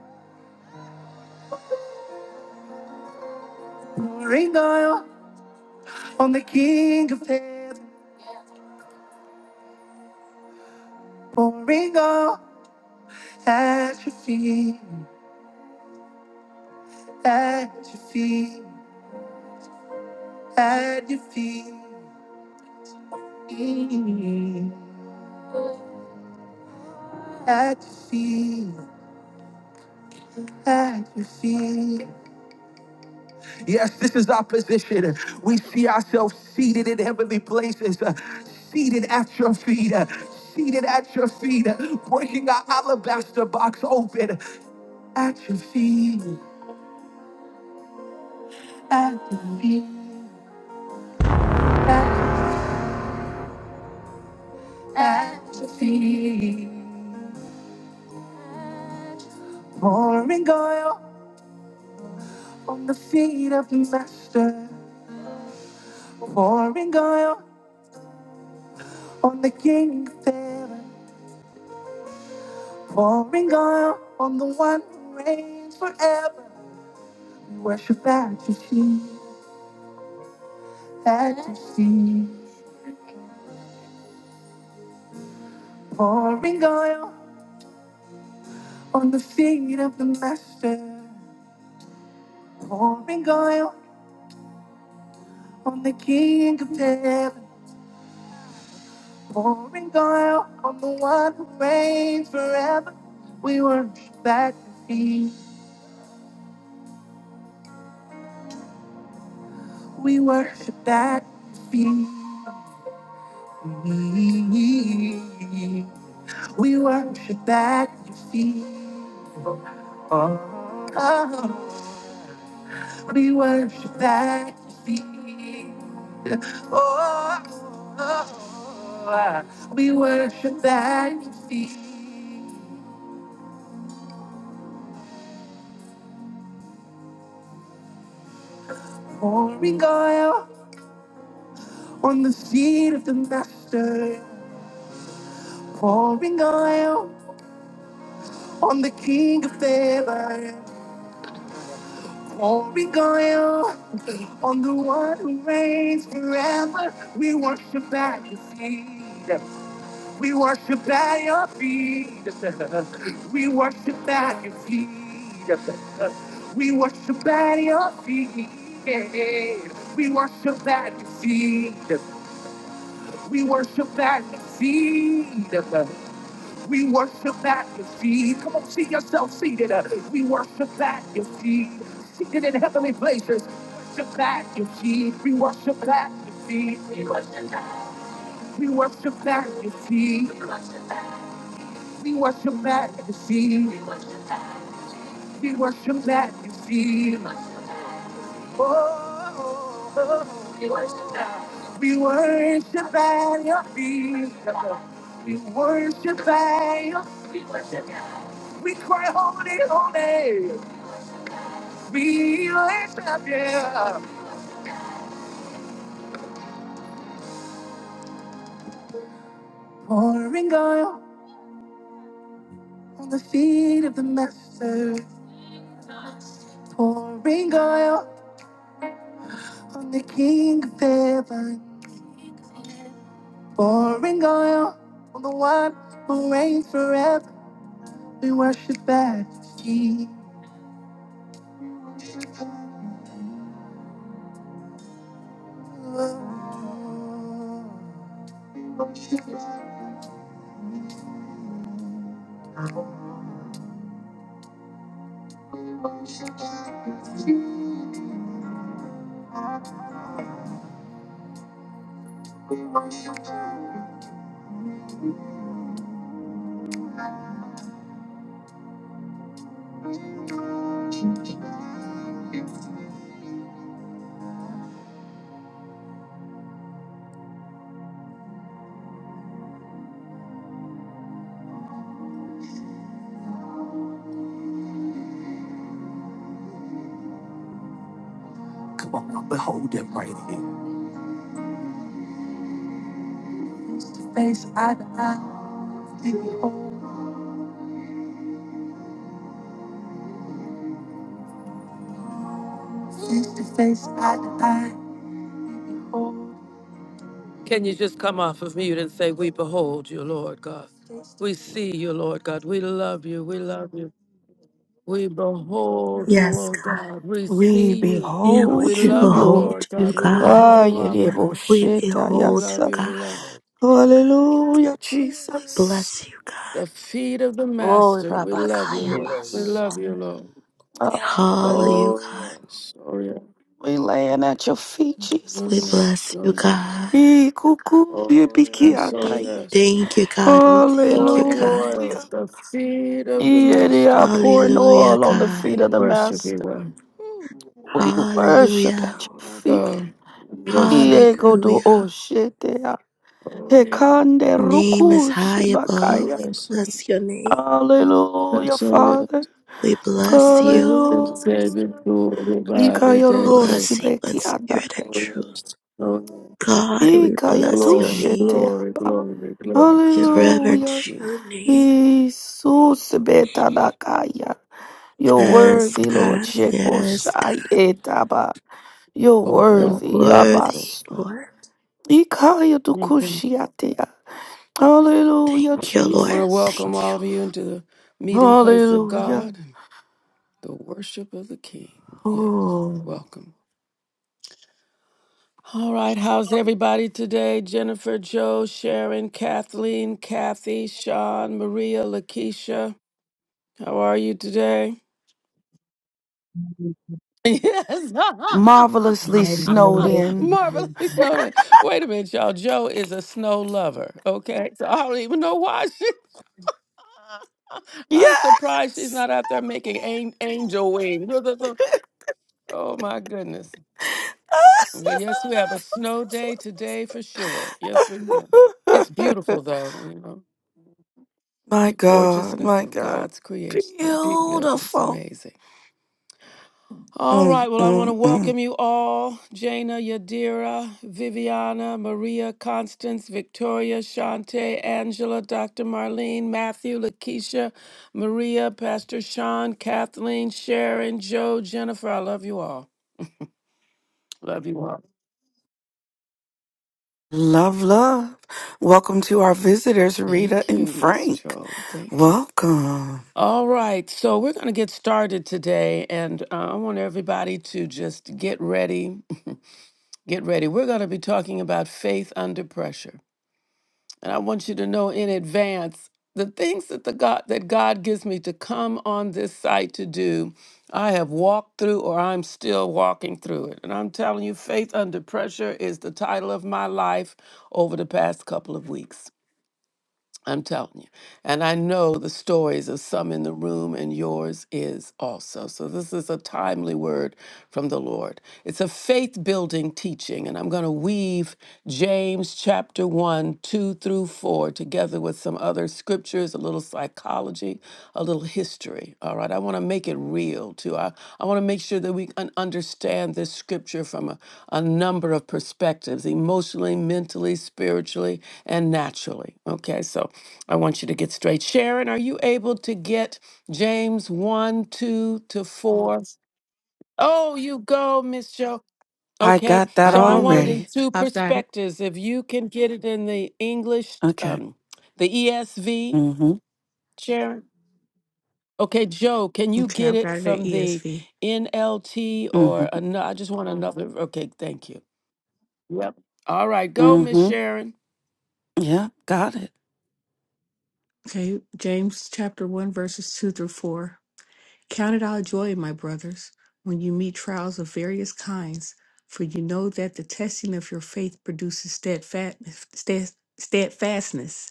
A: Pouring oil on the King of Heaven, pouring oil at your feet, at your feet, at your feet, at your feet, at your feet. Yes, this is our position. We see ourselves seated in heavenly places, uh, seated at your feet, uh, seated at your feet, uh, breaking our alabaster box open at your feet, at your feet. to feed. Pouring oil on the feet of the master. Pouring oil on the king of heaven. Pouring oil on the one who reigns forever. We worship at your feet, at your feet. Pouring oil on the feet of the master. Pouring oil on the king of heaven. Pouring oil on the one who reigns forever. We worship at your feet. We worship that feet. We worship at Your feet. Oh, we worship on the King of Heaven. Oh, we go on the one who reigns forever. We worship at your feet. We worship at your feet. We worship at your feet. We worship at your feet. Yeah. We worship at your feet. We worship at your feet. We worship at your feet. Come on, see yourself seated. We worship at your feet. Seated in heavenly places. Worship at your feet. We worship at your feet. We worship at your feet. We worship at your feet. We worship at your feet. We worship majesty. Oh, oh, oh. we worship at We worship at your feet. Come on, now, behold him right here. Can you just come off of mute and say, We behold you, Lord God? We see you, Lord God. We love you. We love you. We behold you,
D: Yes,
A: oh
D: God.
A: God. We
C: We
A: see you.
D: Yeah,
A: We
C: behold
D: we
A: love
C: you,
A: you,
C: Lord.
D: behold
A: Lord
E: We
D: you,
A: God. We
E: behold you,
D: God.
A: love
E: Lord.
C: Ah,
A: you, Abba.
D: We
C: yedebosheta,
A: We
D: behold
A: love
D: you,
C: yasa.
A: you. We
D: God.
A: love you.
F: Yeah.
C: Hallelujah,
D: We
C: Jesus.
D: bless you, God.
A: The feet of the
C: Glory,
A: Master. We love you,
C: Rabakaya
E: We
A: Lord.
E: love
A: We
E: you,
A: love
C: Baso.
E: Lord.
A: you, Lord.
D: We holler you,
C: Hallelujah.
A: Oh,
D: God.
A: yes. Oh, yes.
C: We laying at your feet,
D: We
A: Oh,
C: Jesus.
A: yes.
D: bless you,
A: Oh, yes.
D: God.
C: Ikukuye
A: Oh, yes. Oh,
C: bikiataye.
A: yes.
D: Thank you, God. We thank you,
A: Pouring
D: God.
A: oil,
C: Hallelujah.
A: The feet of the
C: Yeah, they
A: Master.
C: are pouring
D: Hallelujah,
C: oil on the
D: God.
A: We
C: feet of the
A: worship you,
C: Master.
A: Lord.
C: We worship
D: Hallelujah.
C: at your
A: My
C: feet.
A: God. We worship you.
C: Yegodo
D: Hallelujah.
C: oshetea.
A: Oh, yes.
C: Hekande
D: Name is
C: ruku
D: high
A: Oh,
D: above.
C: shibakaya.
D: We
A: yes. Oh,
D: bless your name.
C: Hallelujah,
A: yes. Oh, yes.
C: Father.
D: We bless
A: Lord,
D: you.
A: we
C: Hallelujah.
A: say be glorified
C: Ikaya
A: in
C: rosi
A: this.
D: Bless you in
C: bekiata.
D: spirit and
A: Oh,
D: truth.
A: yes. Oh, yes.
D: God, we
C: Ikaya
D: bless your
A: Glory,
D: name.
C: tushetea.
A: glory,
C: ba.
A: glory, glory
D: We
A: to your name,
C: Hallelujah.
D: reverence
A: Jesus.
D: your name.
C: Jesus betanakaya. You're
D: Yes,
C: worthy, Lord.
D: God. Yes, God.
C: Shekoshai etaba. You're
A: Lord,
D: You're
A: out of
C: worthy,
A: pocket, Lord
D: worthy,
C: Yabas.
A: God.
D: Lord.
C: Ikaya
A: I
C: dukushiatea. Hallelujah,
D: Thank you, Lord.
A: want to
C: Jesus.
A: welcome
D: Thank you.
A: all of you into the meeting place of
C: Hallelujah.
A: God and the worship of the King. Yes,
C: Oh,
A: welcome. All right, how's everybody today? Jennifer, Joe, Sharon, Kathleen, Kathy, Sean, Maria, Lakeisha. How are you today? Yes.
C: marvelously
G: Amazing,
C: snowed
H: Wonderful.
C: in.
G: amazing,
A: Marvelous
G: amazing.
A: noted. Wait a minute, y'all. Joe is a snow lover. Okay. So I don't even know why I'm surprised she's
C: Yes.
A: not out there making an- angel wings. Look, look, look. Oh my goodness. Well, yes, we have a snow day today for sure. Yes, we do. It's beautiful though, you know.
C: my
A: The
C: God,
A: gorgeousness
C: my
A: of
C: God.
A: God's creation, the beauty of it is
C: Beautiful.
A: amazing. All
C: Mm,
A: right, well, I want
C: mm,
A: to
C: mm.
A: welcome you all Jana, Yadira, Viviana, Maria, Constance, Victoria, Shante, Angela, Dr. Marlene, Matthew, Lakeisha, Maria, Pastor Sean, Kathleen, Sharon, Joe, Jennifer. I love you all. Love you all.
C: Love, love. Welcome to our visitors, Rita
A: Thank
C: and
A: you, Miss
C: Frank.
A: Joe. Thank you.
C: Welcome.
A: All right, so we're going to get started today, and uh, I want everybody to just get ready. get ready. We're going to be talking about faith under pressure. And I want you to know in advance the things that the God that God gives me to come on this site to do, I have walked through or I'm still walking through it. And I'm telling you, Faith Under Pressure is the title of my life over the past couple of weeks. I'm telling you. And I know the stories of some in the room, and yours is also. So, this is a timely word from the Lord. It's a faith building teaching, and I'm going to weave James chapter 1, 2 through 4 together with some other scriptures, a little psychology, a little history. All right. I want to make it real too. I, I want to make sure that we can understand this scripture from a, a number of perspectives emotionally, mentally, spiritually, and naturally. Okay. So I want you to get straight. Sharon, are you able to get James 1, 2 to 4? Oh, you go, Miss Jo.
C: I
A: Okay,
C: got that
H: I
A: so I
H: do
A: want it
H: who?
A: in
C: already.
A: two
H: I've got it.
A: perspectives. If you can get it in the English,
C: Okay.
A: um, the ESV,
C: Mm-hmm.
A: Sharon? Okay, Joe, can you
H: Okay,
A: get
H: I've
A: it
H: got it at
A: from the
H: ESV.
A: NLT
C: Mm-hmm.
A: or ano- I just want another. Okay, thank you. Yep. All right, go, Miss
C: mm-hmm.
A: Sharon.
C: Yeah, got it.
H: Okay, James chapter 1, verses 2 through 4. Count it all joy, my brothers, when you meet trials of various kinds, for you know that the testing of your faith produces steadfast, stead- steadfastness.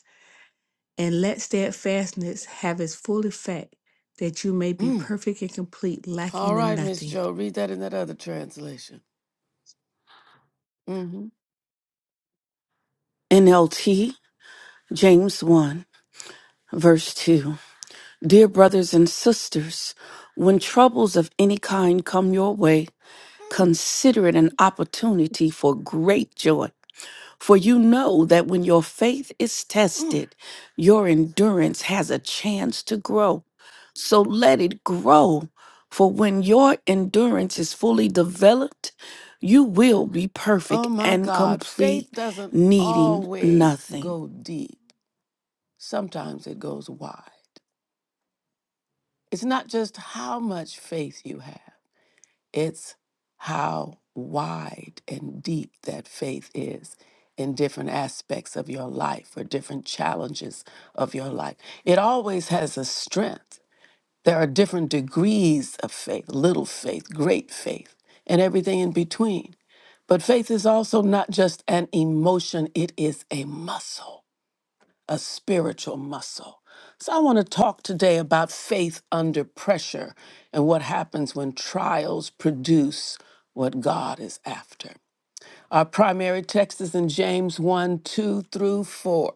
H: And let steadfastness have its full effect, that you may be
A: Mm.
H: perfect and complete,
A: All
H: lacking in
A: right, Miss
H: nothing.
A: Joe, read that in that other translation. hmm
C: NLT, James 1, verse 2. Dear brothers and sisters, when troubles of any kind come your way,
A: Mm,
C: consider it an opportunity for great joy. For you know that when your faith is
A: mm.
C: tested, your endurance has a chance to grow. So let it grow. For when your endurance is fully developed, you will be
A: Oh
C: perfect
A: my
C: and
A: God, faith
C: complete,
A: doesn't
C: needing
A: always
C: nothing.
A: go deep. Sometimes it goes wide. It's not just how much faith you have. It's how wide and deep that faith is in different aspects of your life or different challenges of your life. It always has a strength. There are different degrees of faith little faith, great faith, and everything in between. But faith is also not just an emotion, it is a muscle a spiritual muscle. So, I want to talk today about faith under pressure and what happens when trials produce what God is after. Our primary text is in James 1 2 through 4.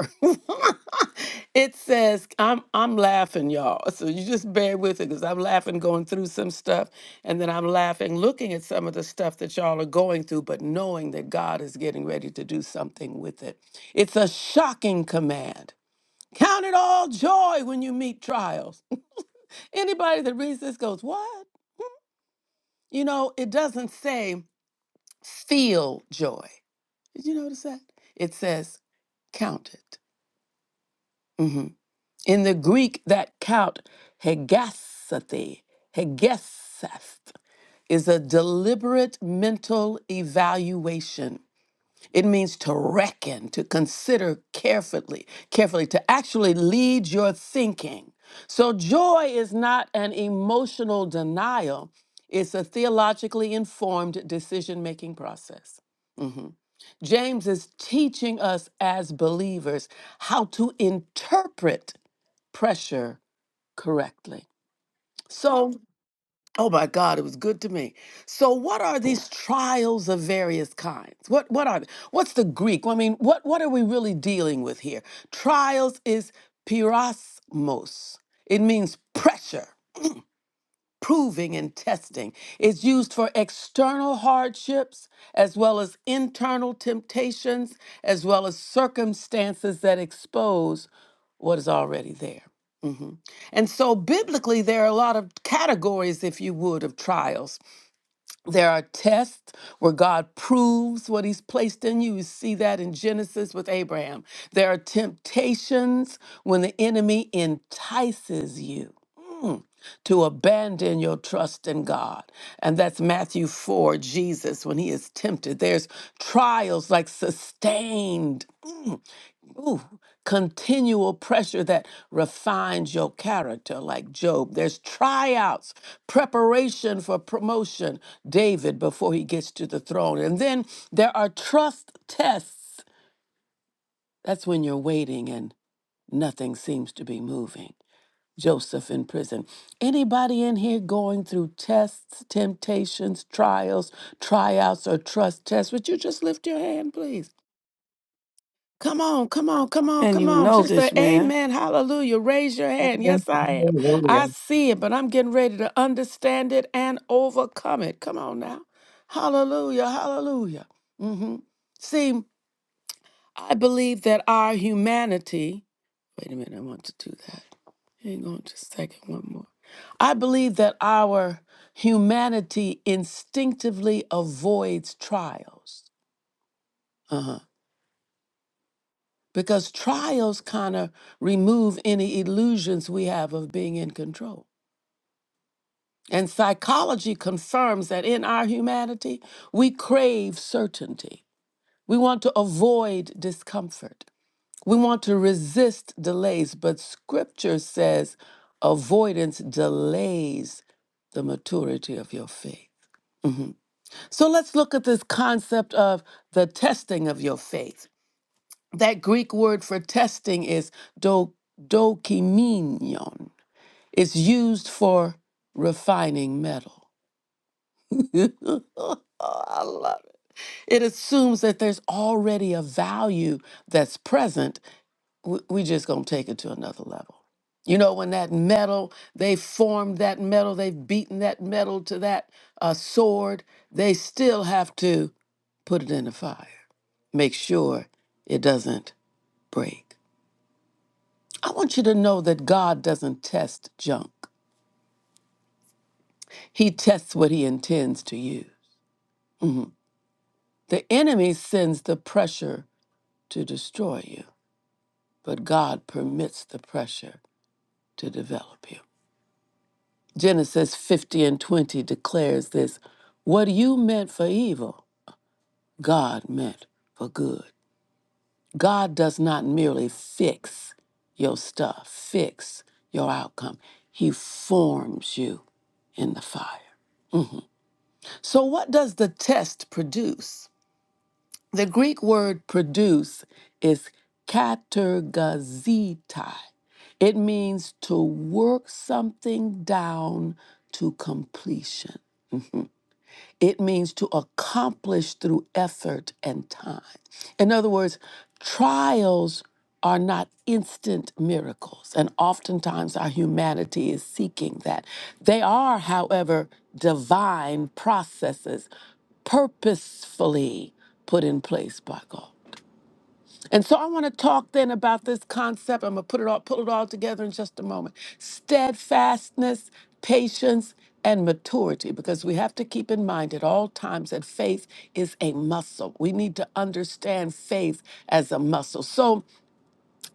A: it says, I'm, I'm laughing, y'all. So you just bear with it because I'm laughing going through some stuff. And then I'm laughing looking at some of the stuff that y'all are going through, but knowing that God is getting ready to do something with it. It's a shocking command. Count it all joy when you meet trials. Anybody that reads this goes, What? You know, it doesn't say feel joy. Did you notice that? It says count it. In the Greek, that count, hegasathe, hegeseth, is a deliberate mental evaluation. It means to reckon, to consider carefully, carefully, to actually lead your thinking. So joy is not an emotional denial. It's a theologically informed decision making process. Mhm. James is teaching us as believers how to interpret pressure correctly. So, oh my God, it was good to me. So, what are those of various kinds? What what are What's the Greek? I mean, what what are we really dealing with here? Trials is hierosmos. It means pressure. proving and testing. It's used for external hardships as well as internal temptations, as well as circumstances that expose what is already there. Mhm. And so, biblically, there are a lot of categories, if you would, of trials. There are tests where God proves what he's placed in you. You see that in Genesis with Abraham. There are temptations when the enemy entices you mm, to abandon your trust in God. And that's Matthew 4, Jesus, when he is tempted. There's trials like sustained. Mm, Ooh, continual pressure that refines your character, like Job. There's tryouts, preparation for promotion, David, before he gets to the throne. And then there are trust tests. That's when you're waiting and nothing seems to be moving. Joseph in prison. Anybody in here going through tests, temptations, trials, tryouts, or trust tests? Would you just lift your hand, please? Come on, come on, come on,
C: And
A: come
C: you
A: on.
C: know
A: Just
C: this,
A: a
C: man.
A: amen, hallelujah. Raise your hand.
G: Yeah.
A: Yes, I am.
G: Hallelujah.
A: I see it, but I'm getting ready to understand it and overcome it. Come on now. Hallelujah, hallelujah. hmm See, I believe that our humanity, wait a minute, I want to do that. Hang on just a second, one more. I believe that our humanity instinctively avoids trials. Uh huh. because trials kind of remove any illusions we have of being in control. And psychology confirms that in our humanity, we crave certainty. We want to avoid discomfort. We want to resist delays, but scripture says avoidance delays the maturity of your faith. Mhm. So let's look at this concept of the testing of your faith. That Greek word for testing is do, dokimenion. It's used for refining metal. I love it. It assumes that there's already a value that's present. W- We just gonna take it to another level. You know, when that metal, they formed that metal, they've beaten that metal to that uh, sword, they still have to put it in the fire, make sure it doesn't break. I want you to know that God doesn't test junk. He tests what he intends to use. The enemy sends the pressure to destroy you, but God permits the pressure to develop you. Genesis 50 and 20 declares this What you meant for evil, God meant for good. God does not merely fix your stuff, fix your outcome. He forms you in the fire. So, what does the test produce? The Greek word produce is katergazetai. It means to work something down to completion. It means to accomplish through effort and time. In other words, trials are not instant miracles, and oftentimes our humanity is seeking that. They are, however, divine processes purposefully put in place by God. And so I want to talk then about this concept. I'm gonna put it all pull it all together in just a moment. Steadfastness, patience, and maturity, because we have to keep in mind at all times that faith is a muscle. We need to understand faith as a muscle. So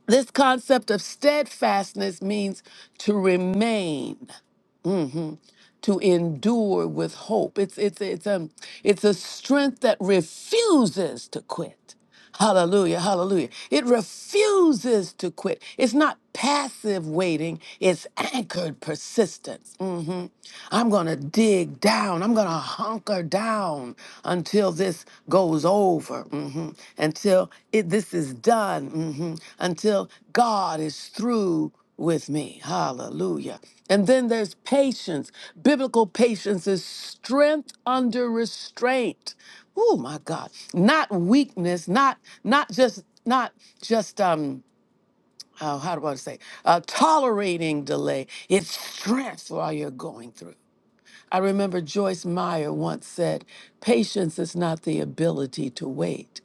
A: this concept of steadfastness means to remain. Mhm. to endure with hope. It's it's it's um it's a strength that refuses to quit. Hallelujah, hallelujah. It refuses to quit. It's not passive waiting, it's anchored persistence. Mhm. I'm going to dig down. I'm going to hunker down until this goes over, Mhm. until it, this is done, Mhm. until God is through with me. Hallelujah. And then there's patience. Biblical patience is strength under restraint. Oh my God. Not weakness, not not just not just um how, how do I say uh, tolerating delay. It's strength while you're going through. I remember Joyce Meyer once said, patience is not the ability to wait.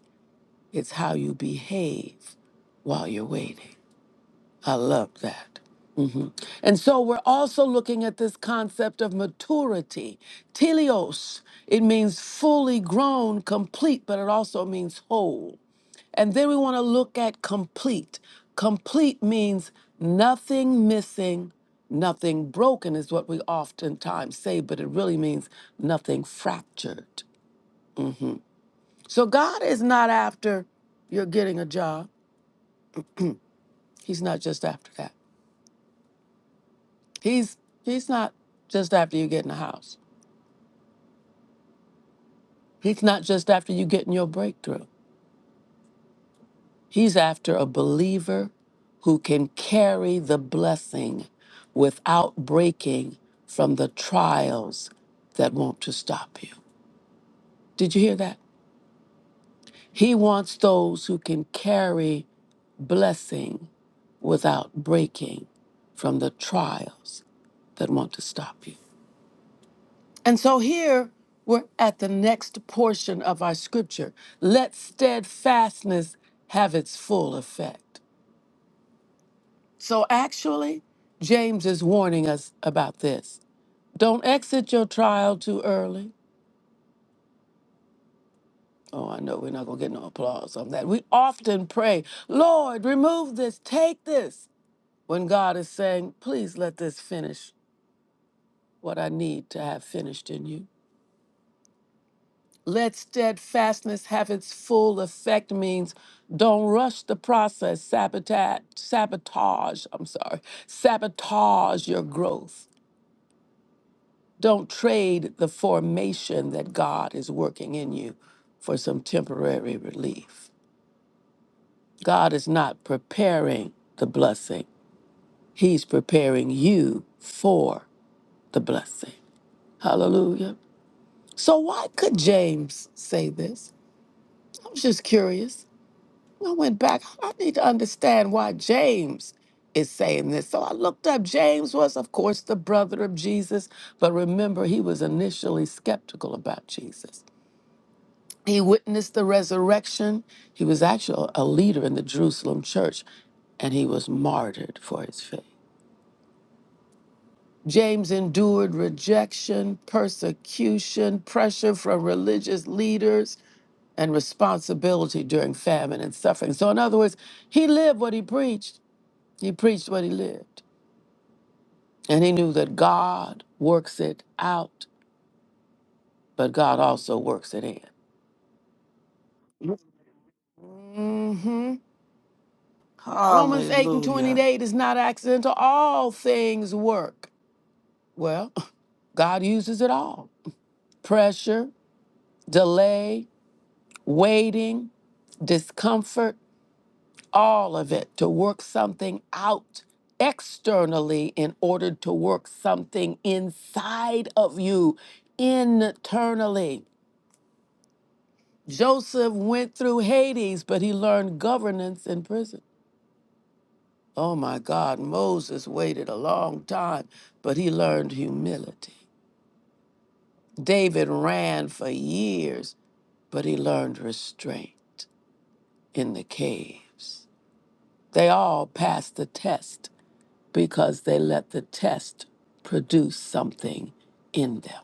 A: It's how you behave while you're waiting. I love that. And so we're also looking at this concept of maturity. Telios, it means fully grown, complete, but it also means whole. And then we want to look at complete. Complete means nothing missing, nothing broken, is what we oftentimes say, but it really means nothing fractured. So God is not after you're getting a job. He's not just after that. He's he's not just after you getting a house. He's not just after you getting your breakthrough. He's after a believer who can carry the blessing without breaking from the trials that want to stop you. Did you hear that? He wants those who can carry blessing without breaking from the trials that want to stop you. And so here we're at the next portion of our scripture. Let steadfastness have its full effect. So actually, James is warning us about this. Don't exit your trial too early. Oh, I know we're not going to get no applause on that. We often pray, Lord, remove this, take this, when God is saying, please let this finish what I need to have finished in you. Let steadfastness have its full effect means don't rush the process, sabotage, sabotage, I'm sorry, sabotage your growth. Don't trade the formation that God is working in you for some temporary relief. God is not preparing the blessing, He's preparing you for the blessing. Hallelujah. So, why could James say this? I was just curious. I went back. I need to understand why James is saying this. So I looked up. James was, of course, the brother of Jesus, but remember, he was initially skeptical about Jesus. He witnessed the resurrection. He was actually a leader in the Jerusalem church, and he was martyred for his faith. James endured rejection, persecution, pressure from religious leaders, and responsibility during famine and suffering. So, in other words, he lived what he preached, he preached what he lived. And he knew that God works it out, but God also works it in. Romans 8 and
C: Hallelujah.
A: 28 is not accidental. All things work. Well, God uses it all pressure, delay, waiting, discomfort, all of it to work something out externally in order to work something inside of you internally. Joseph went through Hades, but he learned governance in prison. Oh my God, Moses waited a long time, but he learned humility. David ran for years, but he learned restraint in the caves. They all passed the test because they let the test produce something in them.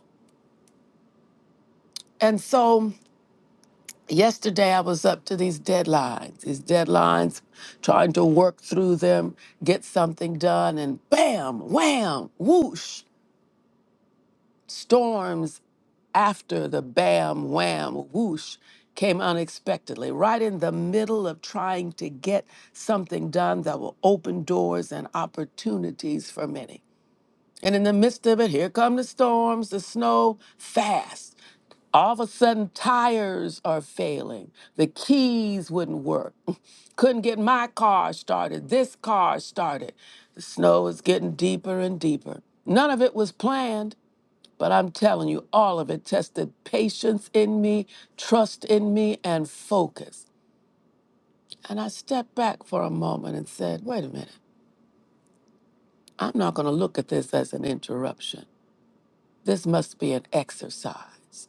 A: And so yesterday I was up to these deadlines, these deadlines, trying to work through them, get something done, and bam, wham, whoosh, storms after the bam, wham, whoosh came unexpectedly, right in the middle of trying to get something done that will open doors and opportunities for many. And in the midst of it, here come the storms, the snow, fast. All of a sudden, tires are failing. The keys wouldn't work. Couldn't get my car started. This car started. The snow is getting deeper and deeper. None of it was planned. But I'm telling you, all of it tested patience in me, trust in me, and focus. And I stepped back for a moment and said, wait a minute, I'm not going to look at this as an interruption. This must be an exercise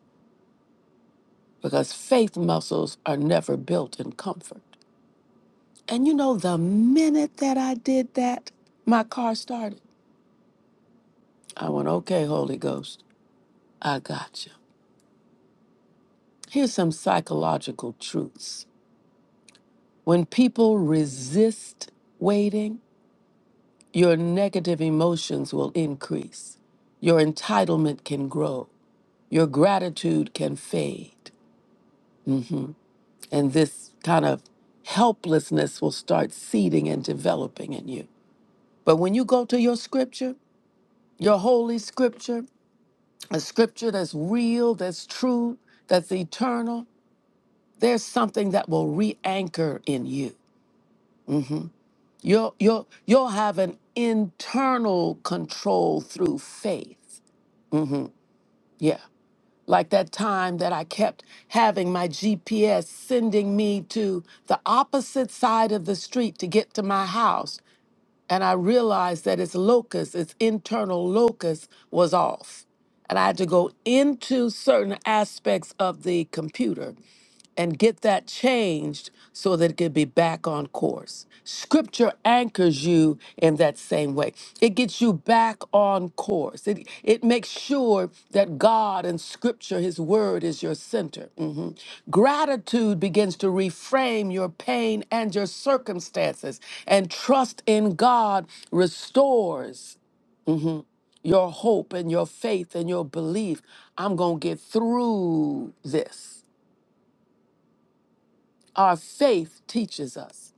A: because faith muscles are never built in comfort. And you know, the minute that I did that, my car started. I went, okay, Holy Ghost, I got you. Here's some psychological truths. When people resist waiting, Your negative emotions will increase. Your entitlement can grow. Your gratitude can fade. Mhm. And this kind of helplessness will start seeding and developing in you. But when you go to your scripture, your holy scripture, a scripture that's real, that's true, that's eternal, there's something that will re anchor in you. Mhm. You'll, you'll, you'll have an internal control through faith. Mhm. Yeah. like that time that I kept having my GPS sending me to the opposite side of the street to get to my house and I realized that its locus, its internal locus, was off. And I had to go into certain aspects of the computer and get that changed so that it could be back on course. Scripture anchors you in that same way. It gets you back on course. It, it makes sure that God and Scripture, His Word, is your center. Mhm. Gratitude begins to reframe your pain and your circumstances and trust in God restores your hope and your faith and your belief. I'm going to get through this. Our faith teaches us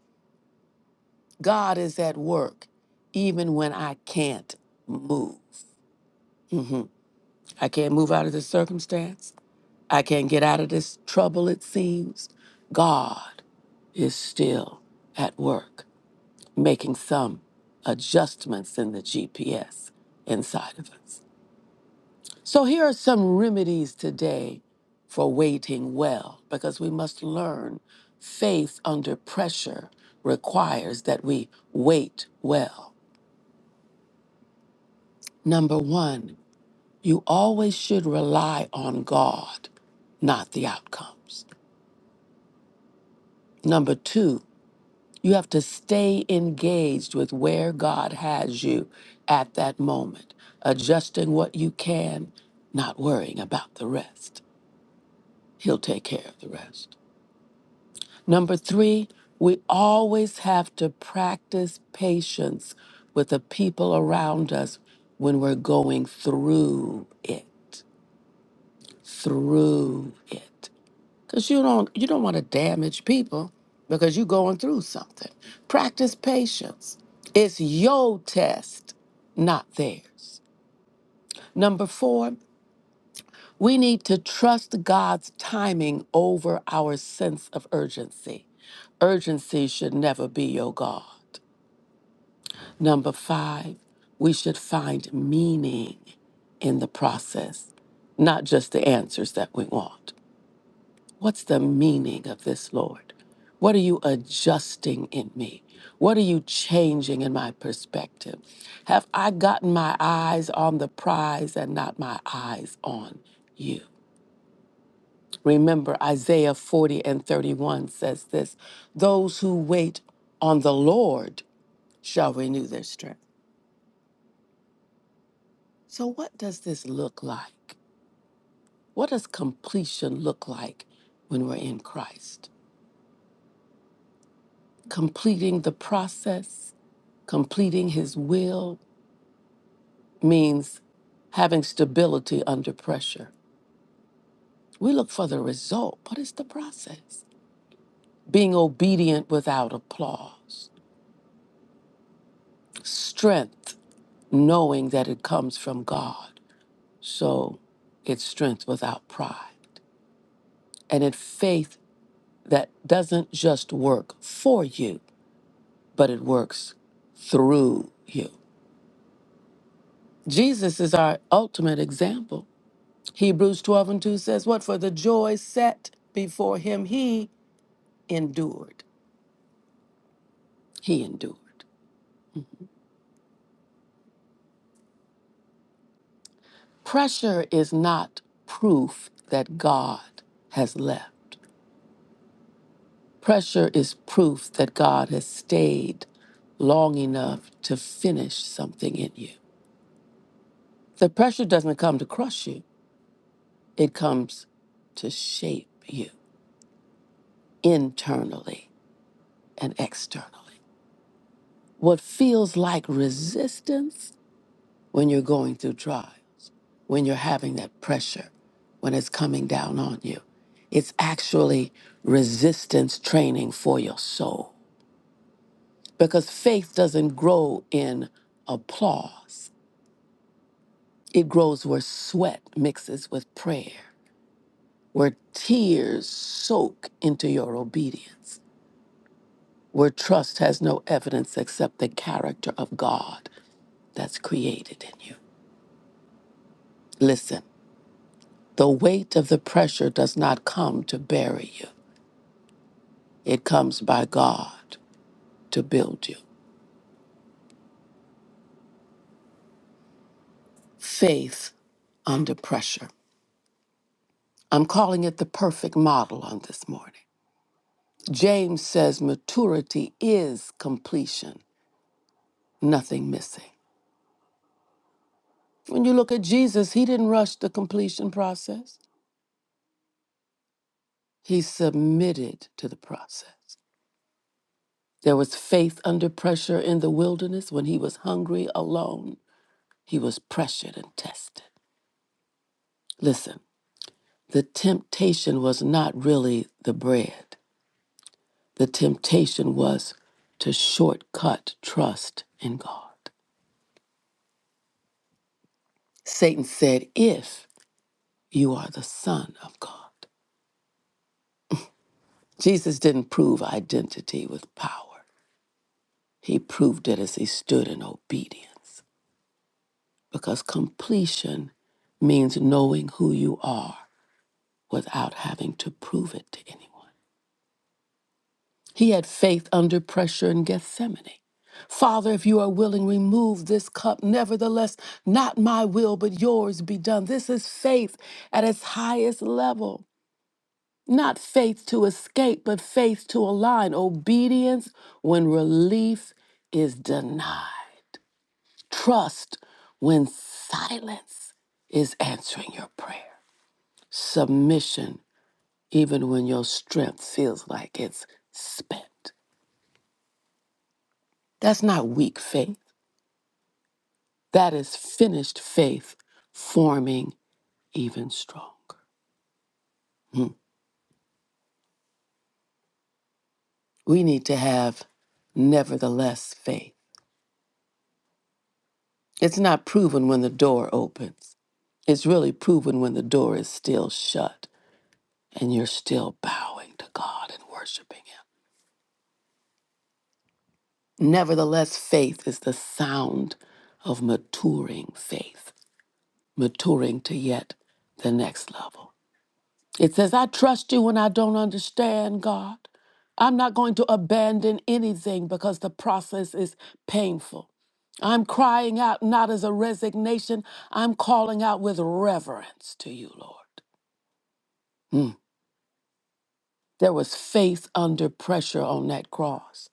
A: God is at work even when I can't move. Mhm. I can't move out of this circumstance. I can't get out of this trouble, it seems. God is still at work making some adjustments in the GPS inside of us. So here are some remedies today for waiting well, because we must learn faith under pressure requires that we wait well. Number one, you always should rely on God, not the outcomes. Number two, you have to stay engaged with where God has you at that moment, adjusting what you can, not worrying about the rest. He'll take care of the rest. Number three, we always have to practice patience with the people around us when we're going through it. Through it. Because you don't you don't want to damage people because you're going through something. Practice patience. It's your test, not theirs. Number four, We need to trust God's timing over our sense of urgency. Urgency should never be your God. Number five, we should find meaning in the process, not just the answers that we want. What's the meaning of this, Lord? What are you adjusting in me? What are you changing in my perspective? Have I gotten my eyes on the prize and not my eyes on you? Remember, Isaiah 40 and 31 says this Those who wait on the Lord shall renew their strength. So, what does this look like? What does completion look like when we're in Christ? Completing the process, completing His will means having stability under pressure. We look for the result, but it's the process. Being obedient without applause, strength, knowing that it comes from God So it's strength without pride. And it's faith that doesn't just work for you, but it works through you. Jesus is our ultimate example. Hebrews 12 and 2 says, What for the joy set before him, he endured. He endured. Pressure is not proof that God has left. Pressure is proof that God has stayed long enough to finish something in you. The pressure doesn't come to crush you, it comes to shape you internally and externally. What feels like resistance when you're going through trials, when you're having that pressure, when it's coming down on you, it's actually resistance training for your soul. Because faith doesn't grow in applause, it grows where sweat mixes with prayer where tears soak into your obedience, where trust has no evidence except the character of God that's created in you. Listen, the weight of the pressure does not come to bury you, it comes by God to build you. Faith under pressure. I'm calling it the perfect model on this morning. James says maturity is completion, nothing missing. When you look at Jesus, he didn't rush the completion process. He submitted to the process. There was faith under pressure in the wilderness when he was hungry alone. He was pressured and tested. Listen, the temptation was not really the bread, temptation was to shortcut trust in God. That if you are the son of this did us God without having to prove it. He had faith under pressure in Gethsemane. Father, if you are willing, remove this cup. Nevertheless, not my but yours at its highest level. Not faith to escape, but faith to align. Obedience when relief is denied. Trust when silence is answering your prayer. Submission even when your strength feels like it's spent. That's not weak faith. That is finished faith forming even stronger. Hmm. We need to have nevertheless faith It's not proven when the door opens. It's really proven when the door is still shut and you're still bowing to God and worshiping Him. Nevertheless, faith is the sound of maturing faith, maturing to yet the next level. It says, I trust you when I don't understand, God. I'm not going to abandon anything because the process is painful. I'm crying out not as a resignation, I'm calling out with reverence to you, Lord. There was faith under pressure on that cross.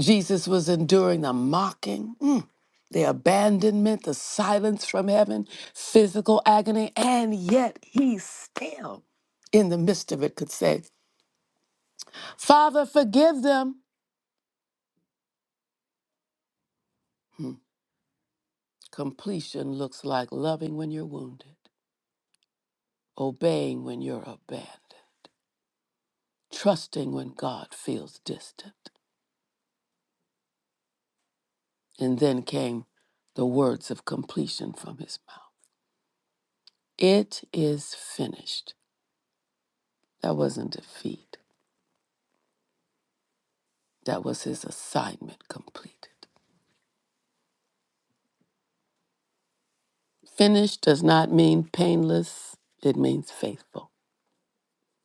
A: Jesus was enduring the mocking, mm, the abandonment, the silence from heaven, physical agony, and yet he still, in the midst of it, could say, Father, forgive them. Completion looks like loving when you're wounded, obeying when you're abandoned, trusting when God feels distant. And then came the words of completion from his mouth It is finished. That wasn't defeat, that was his assignment completed. Finished does not mean painless, it means faithful.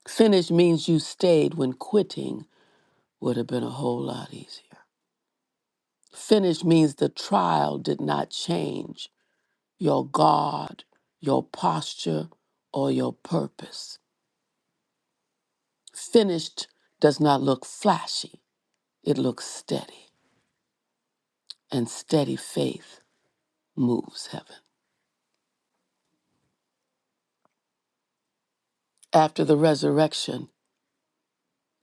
A: Finished means you stayed when quitting would have been a whole lot easier. Finished means the trial did not change your guard, your posture, or your purpose. Finished does not look flashy, it looks steady, and steady faith moves heaven. After the resurrection,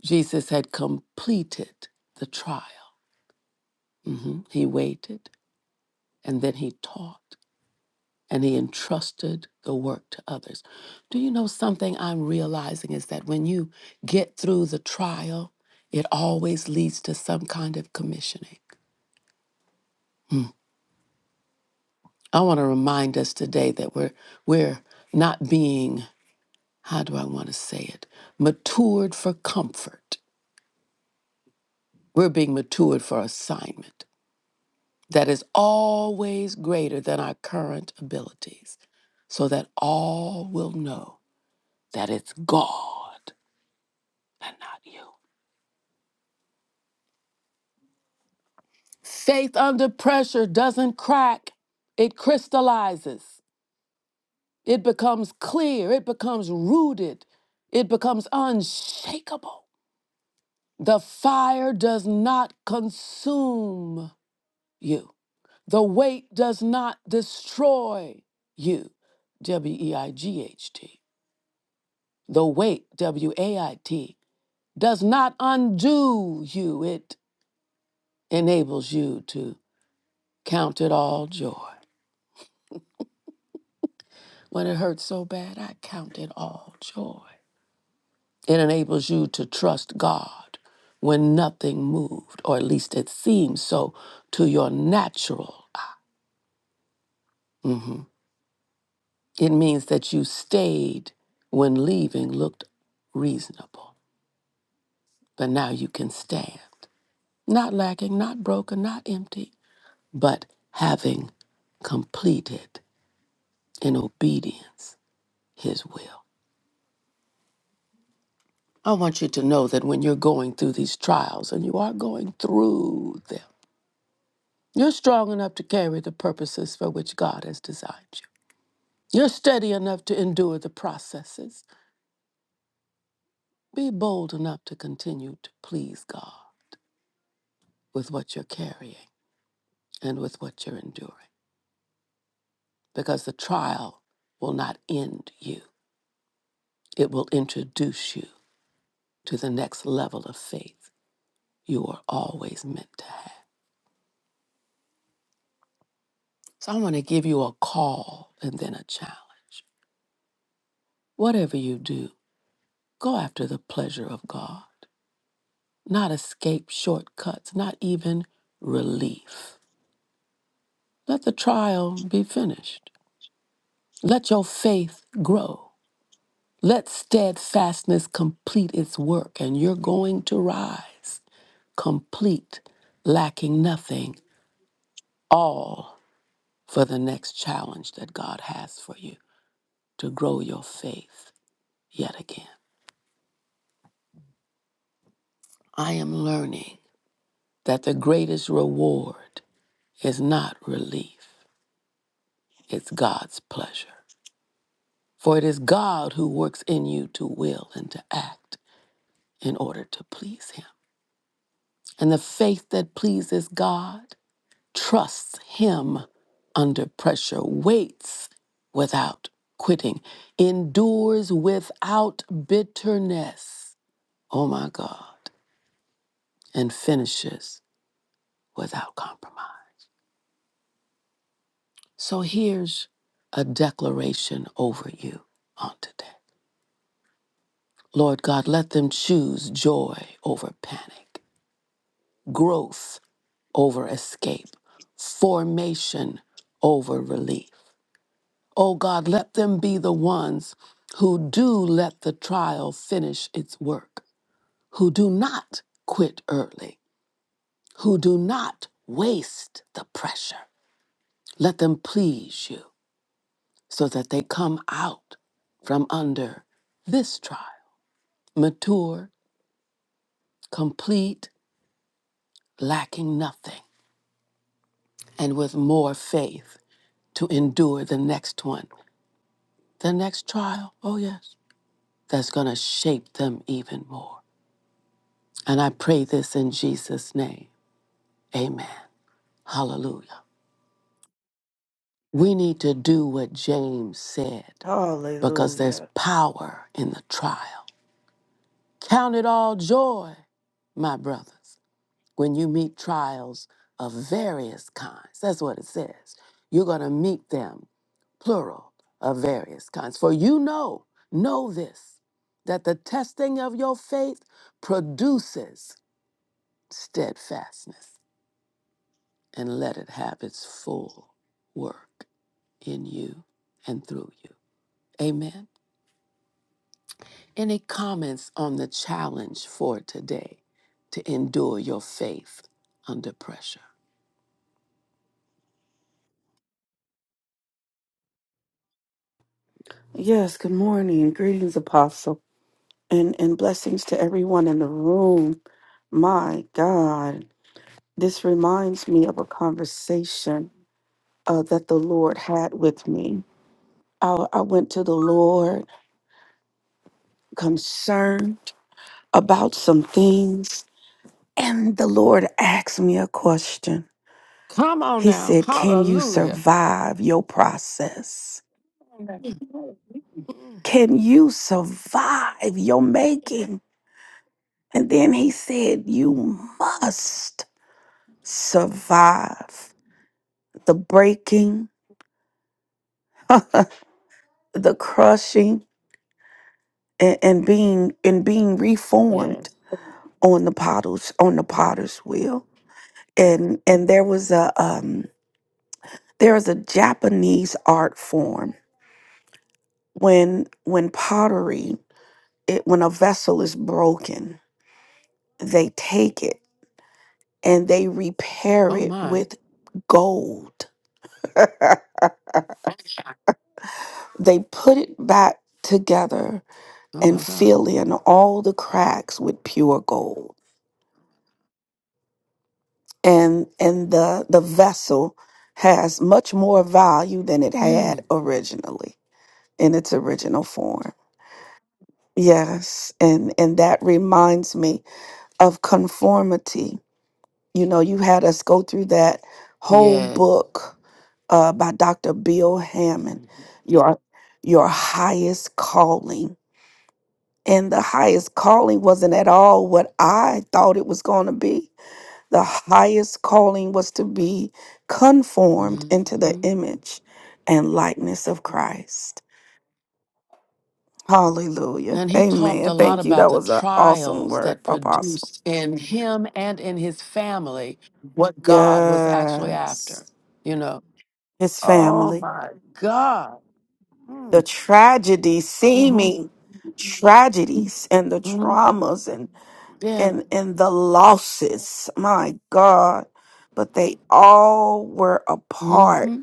A: Jesus had completed the trial. Mhm. He waited and then he taught and he entrusted the work to others. Do you know something I'm realizing is that when you get through the trial, it always leads to some kind of commissioning. I want to remind us today that we're we're not being how do I want to say it? Matured for comfort. We're being matured for assignment. that is always greater than our current abilities, so that all will know that it's God and not you. Wait, W A I T does not undo you, it enables you to count it all joy. When it hurts so bad, I count it all joy. It enables you to trust God when nothing moved, or at least it seems so to your natural. Mhm. It means that you stayed when leaving looked reasonable, but now you can stand, not lacking, not broken, not empty, but having completed in obedience his will. I want you to know that when you're going through these trials, and you are going through them, you're strong enough to carry the purposes for which God has designed you. You're steady enough to endure the processes. Be bold enough to continue to please God. with what you're carrying and with what you're enduring. Because the trial will not end you, it will introduce you to the next level of faith you are always meant to have. So I want to give you a call and then a challenge. Whatever you do, go after the pleasure of God, not escape shortcuts, not even relief. Let the trial be finished. Let your faith grow. Let steadfastness complete its work, and you're going to rise complete, lacking nothing, all for the next challenge that God has for you to grow your faith yet again. I am learning that the greatest reward is not relief, it's God's pleasure. For it is God who works in you to will and to act in order to please Him. And the faith that pleases God trusts him under pressure, waits without quitting, endures without bitterness. Oh my God. And finishes without compromise. So here's a declaration over you on today. Lord God, let them choose joy over panic, growth over escape, formation over release. Oh God, let them be the ones who do let the trial finish its work, who do not quit early, who do not waste the pressure. Let them please you so that they come out from under this trial, mature, complete, lacking nothing, and with more faith to endure the next one, the next trial. Oh, yes, that's going to shape them even more. And I pray this in Jesus' name. Amen. Hallelujah. We need to do what James said because there's
C: Hallelujah.
A: power in the trial. Count it all joy, my brothers, when you meet trials of various kinds. That's what it says. You're going to meet them, plural, of various kinds. For you know, know this, that the testing of your faith produces steadfastness, and let it have its full work in you and through you. Amen. Any comments on the challenge for today to endure your faith under pressure?
C: Yes, good morning. Greetings, Apostle. And, and blessings to everyone in the room. My God. This reminds me of a conversation uh, that the Lord had with me. I, I went to the Lord concerned about some things, and the Lord asked me a question.
A: Come on
C: He
A: now.
C: said, Can you
A: Hallelujah.
C: survive your process? Can you survive your making? And then he said, You must survive the breaking, the crushing, and, and being and being reformed
A: Yes.
C: on the potters on the potter's wheel and and there was a um there was a japanese art form when when pottery it, when a vessel is broken they take it and they repair
A: Oh
C: it
A: my.
C: with gold they put it back together
A: Oh
C: and
A: my God.
C: fill in all the cracks with pure gold and and the the vessel has much more value than it had originally in its original form yes and and that reminds me of conformity you know you had us go through that whole
A: Yeah.
C: book uh, by dr bill hammond your your highest calling and the highest calling wasn't at all what i thought it was going to be The highest calling was to be conformed into the
A: hmm
C: image and likeness of Christ. Hallelujah.
A: And he talked a
C: Amen.
A: lot
C: Thank you.
A: about
C: That
A: the
C: was an awesome
A: trials
C: word,
A: that
C: Apostle.
A: produced in him and in his family what God was actually after.
C: Yes.
A: You know.
C: His
A: Oh
C: family.
A: my God.
C: The tragedy,
A: Mm-hmm.
C: seeming tragedies and the
A: hmm
C: traumas and
A: Yeah.
C: and and the losses. My God. But they all were a
A: hmm
C: part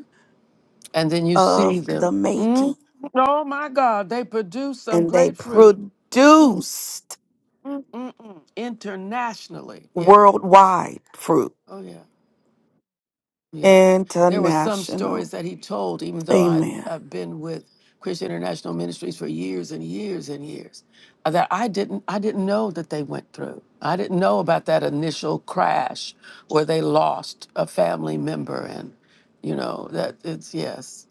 A: and then you see
C: of
A: them.
C: the making
A: Mm, oh my God, they produce some
C: and they
A: great fruit
C: produced
A: Mm-mm. internationally. Yeah.
C: worldwide fruit.
A: Oh yeah. Yeah. There were some stories
C: International.
A: that he told, even though I'd,
C: Amen.
A: I've been with Christian International Ministries for years and years and years, uh, that I didn't I didn't know that they went through. I didn't know about that initial crash where they lost a family member and you know that it's yes,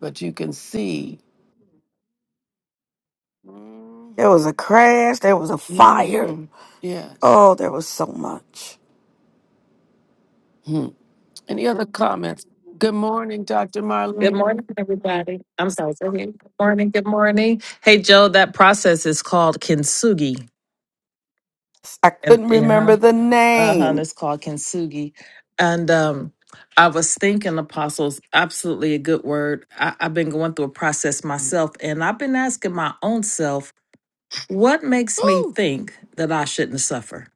A: but you can see.
C: There
A: Mm-hmm.
C: was a crash, there was a fire.
A: Mm-hmm. Yes.
C: Oh, there was so much.
A: Mhm. Any other comments? Good morning, Dr.
I: Good
A: Marlene.
I: morning, everybody. I'm sorry. Go ahead. Good morning. Good morning. Hey, Joe, that process is called kintsugi.
C: Yes, I
I: And
C: couldn't
I: yeah,
C: remember the
I: uh huh,
C: name.
I: it's called kintsugi. And um, I was thinking, apostles, absolutely a good word. I, I've been going through a process
A: Mm.
I: myself, and I've been asking my own self, what makes me think that I shouldn't suffer?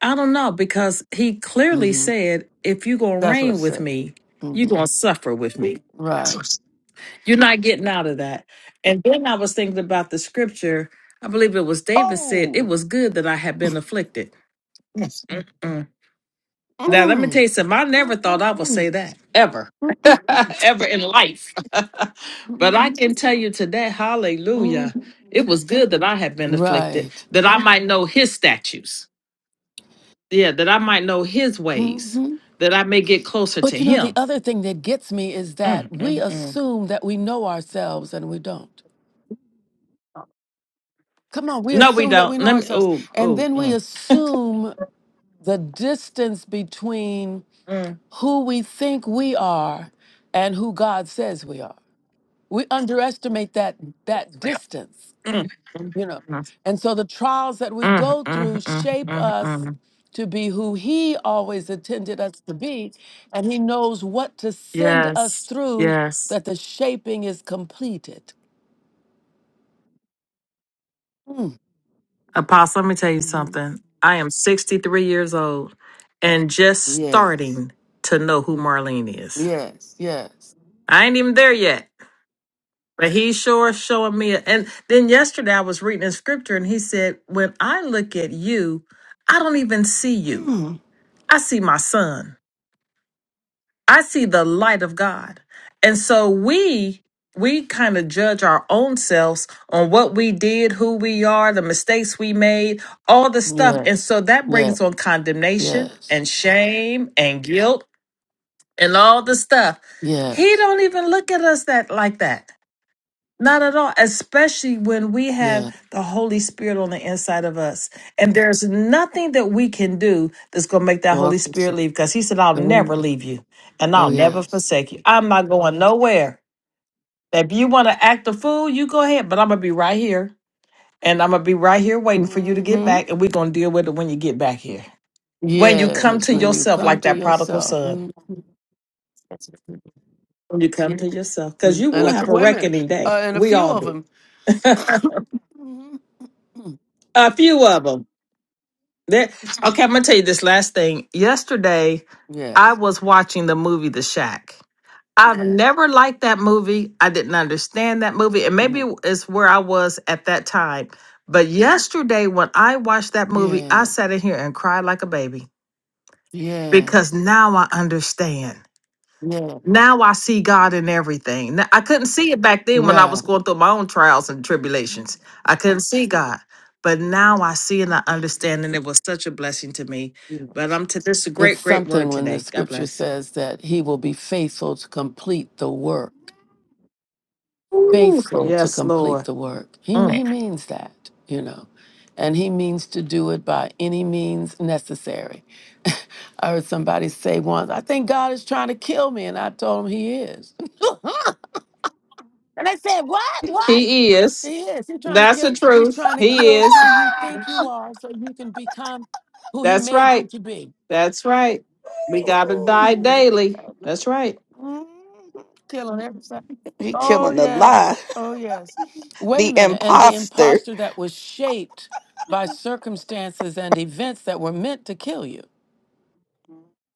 I: I don't know, because he clearly
A: hmm
I: said, if you're going to
A: That's what
I: reign
A: it
I: with
A: said.
I: me, you're
A: hmm
I: going to suffer with me.
A: Right.
I: You're not getting out of that. And then I was thinking about the scripture. I believe it was David said, It
A: Oh.
I: was good that I had been afflicted. Mm. Now, let me tell
A: Mm.
I: you something. I never thought I would
A: Mm-mm-mm.
I: say that ever,
A: Mm-mm-mm.
I: ever in life. but I can tell you today, hallelujah,
A: Mm-mm-mm.
I: it was good that I had been afflicted,
A: Right.
I: that I might know his statutes. Yeah, that I might know his ways,
A: hmm
I: that I may get closer
A: But
I: to
A: you know, the
I: him.
A: other thing that gets me is
I: Mm,
A: that we
I: mm, mm.
A: assume that we know ourselves and we don't. Come on, we
I: No, we
A: assume that we
I: don't.
A: know
I: Let me,
A: ourselves.
I: oh,
A: And
I: oh,
A: then we
I: mm,
A: assume the distance between
I: mm.
A: who we think we are and who God says we are. We underestimate that that distance,
I: Mm, mm,
A: you know.
I: mm,
A: And so the trials that we
I: mm, mm,
A: go through
I: mm,
A: shape
I: mm,
A: us
I: mm.
A: to be who he always intended us to be, and he knows what to send us
I: Yes,
A: through
I: yes.
A: that the shaping is completed.
I: Apostle, let me tell you something. I am 63 years old and just
A: Yeah,
I: starting to know who Marlene is.
A: yes, yes.
I: I ain't even there yet, but he's sure showing me. And then yesterday I was reading in scripture and he said, When I look at you, I don't even see you, I see my son. I see the light of God. And so we we kind of judge our own selves on what we did, who we are, the mistakes we made, all the stuff. And so that
A: Yeah,
I: brings on condemnation and shame and guilt and all the stuff. He don't even look at us that like that. Not at all, especially when we
A: yeah.
I: have the Holy Spirit on the inside of us. And there's nothing that we can do that's going to make that
A: Oh, I
I: Holy
A: feel
I: Spirit leave because He said, I'll never
A: so-
I: leave you and
A: oh
I: I'll never
A: yes.
I: forsake you. I'm not going nowhere. If you want to act a fool, you go ahead, but I'm going to be right here and I'm going to be right here waiting for you to get
A: Mhm.
I: back. And we're going to deal with it when you get back here. When you come
A: Yes,
I: to
A: when you
I: yourself,
A: come
I: like
A: to
I: that prodigal
A: yourself.
I: son,
A: Mm.
I: when you come to
A: Yes.
I: yourself, because
A: Mm.
I: you
A: And
I: will
A: a,
I: have a
A: wait a minute.
I: reckoning day.
A: Uh, and a
I: We
A: few
I: all
A: of
I: do.
A: them. hmm
I: a few of them. That okay, I'm gonna tell you this last thing. Yesterday I
A: Yes.
I: was watching the movie The Shack. I've Yeah. never liked that movie. I didn't understand that movie. And
A: hmm
I: maybe it's where I was at that time. But yesterday when I watched that movie, I
A: Yes.
I: sat in here and cried like a baby because
A: Yes.
I: now I understand.
A: Yeah.
I: Now I see God in everything. Now, I couldn't see it back then when I
A: Right.
I: was going through my own trials and tribulations. I couldn't see God. But now I see and I understand, and it was such a blessing to me. But I'm to this is a
A: It's
I: great, great word
A: something when the
I: today. God
A: scripture
I: bless.
A: says that he will be faithful to complete the work.
I: Ooh,
A: Faithful to
I: yes,
A: complete
I: Lord.
A: the work. He,
I: Mm.
A: he means that, you know. And he means to do it by any means necessary. I heard somebody say once, I think God is trying to kill me. And I told him he is. And I said, What? What?
I: He
A: Yes,
I: is.
A: He is. He's trying to
I: That's
A: kill.
I: the
A: He's
I: truth.
A: trying to
I: He
A: kill
I: is.
A: who you think you are, so you can become who he
I: That's
A: made you
I: right.
A: to be.
I: That's right. We gotta
A: Mm-hmm.
I: die daily. That's right.
A: Mm-hmm. Killing everything.
C: He
A: Oh
C: killing the lie,
A: yes. Oh yes. Wait a
C: the
A: minute. And the
C: imposter.
A: imposter that was shaped by circumstances and events that were meant to kill you.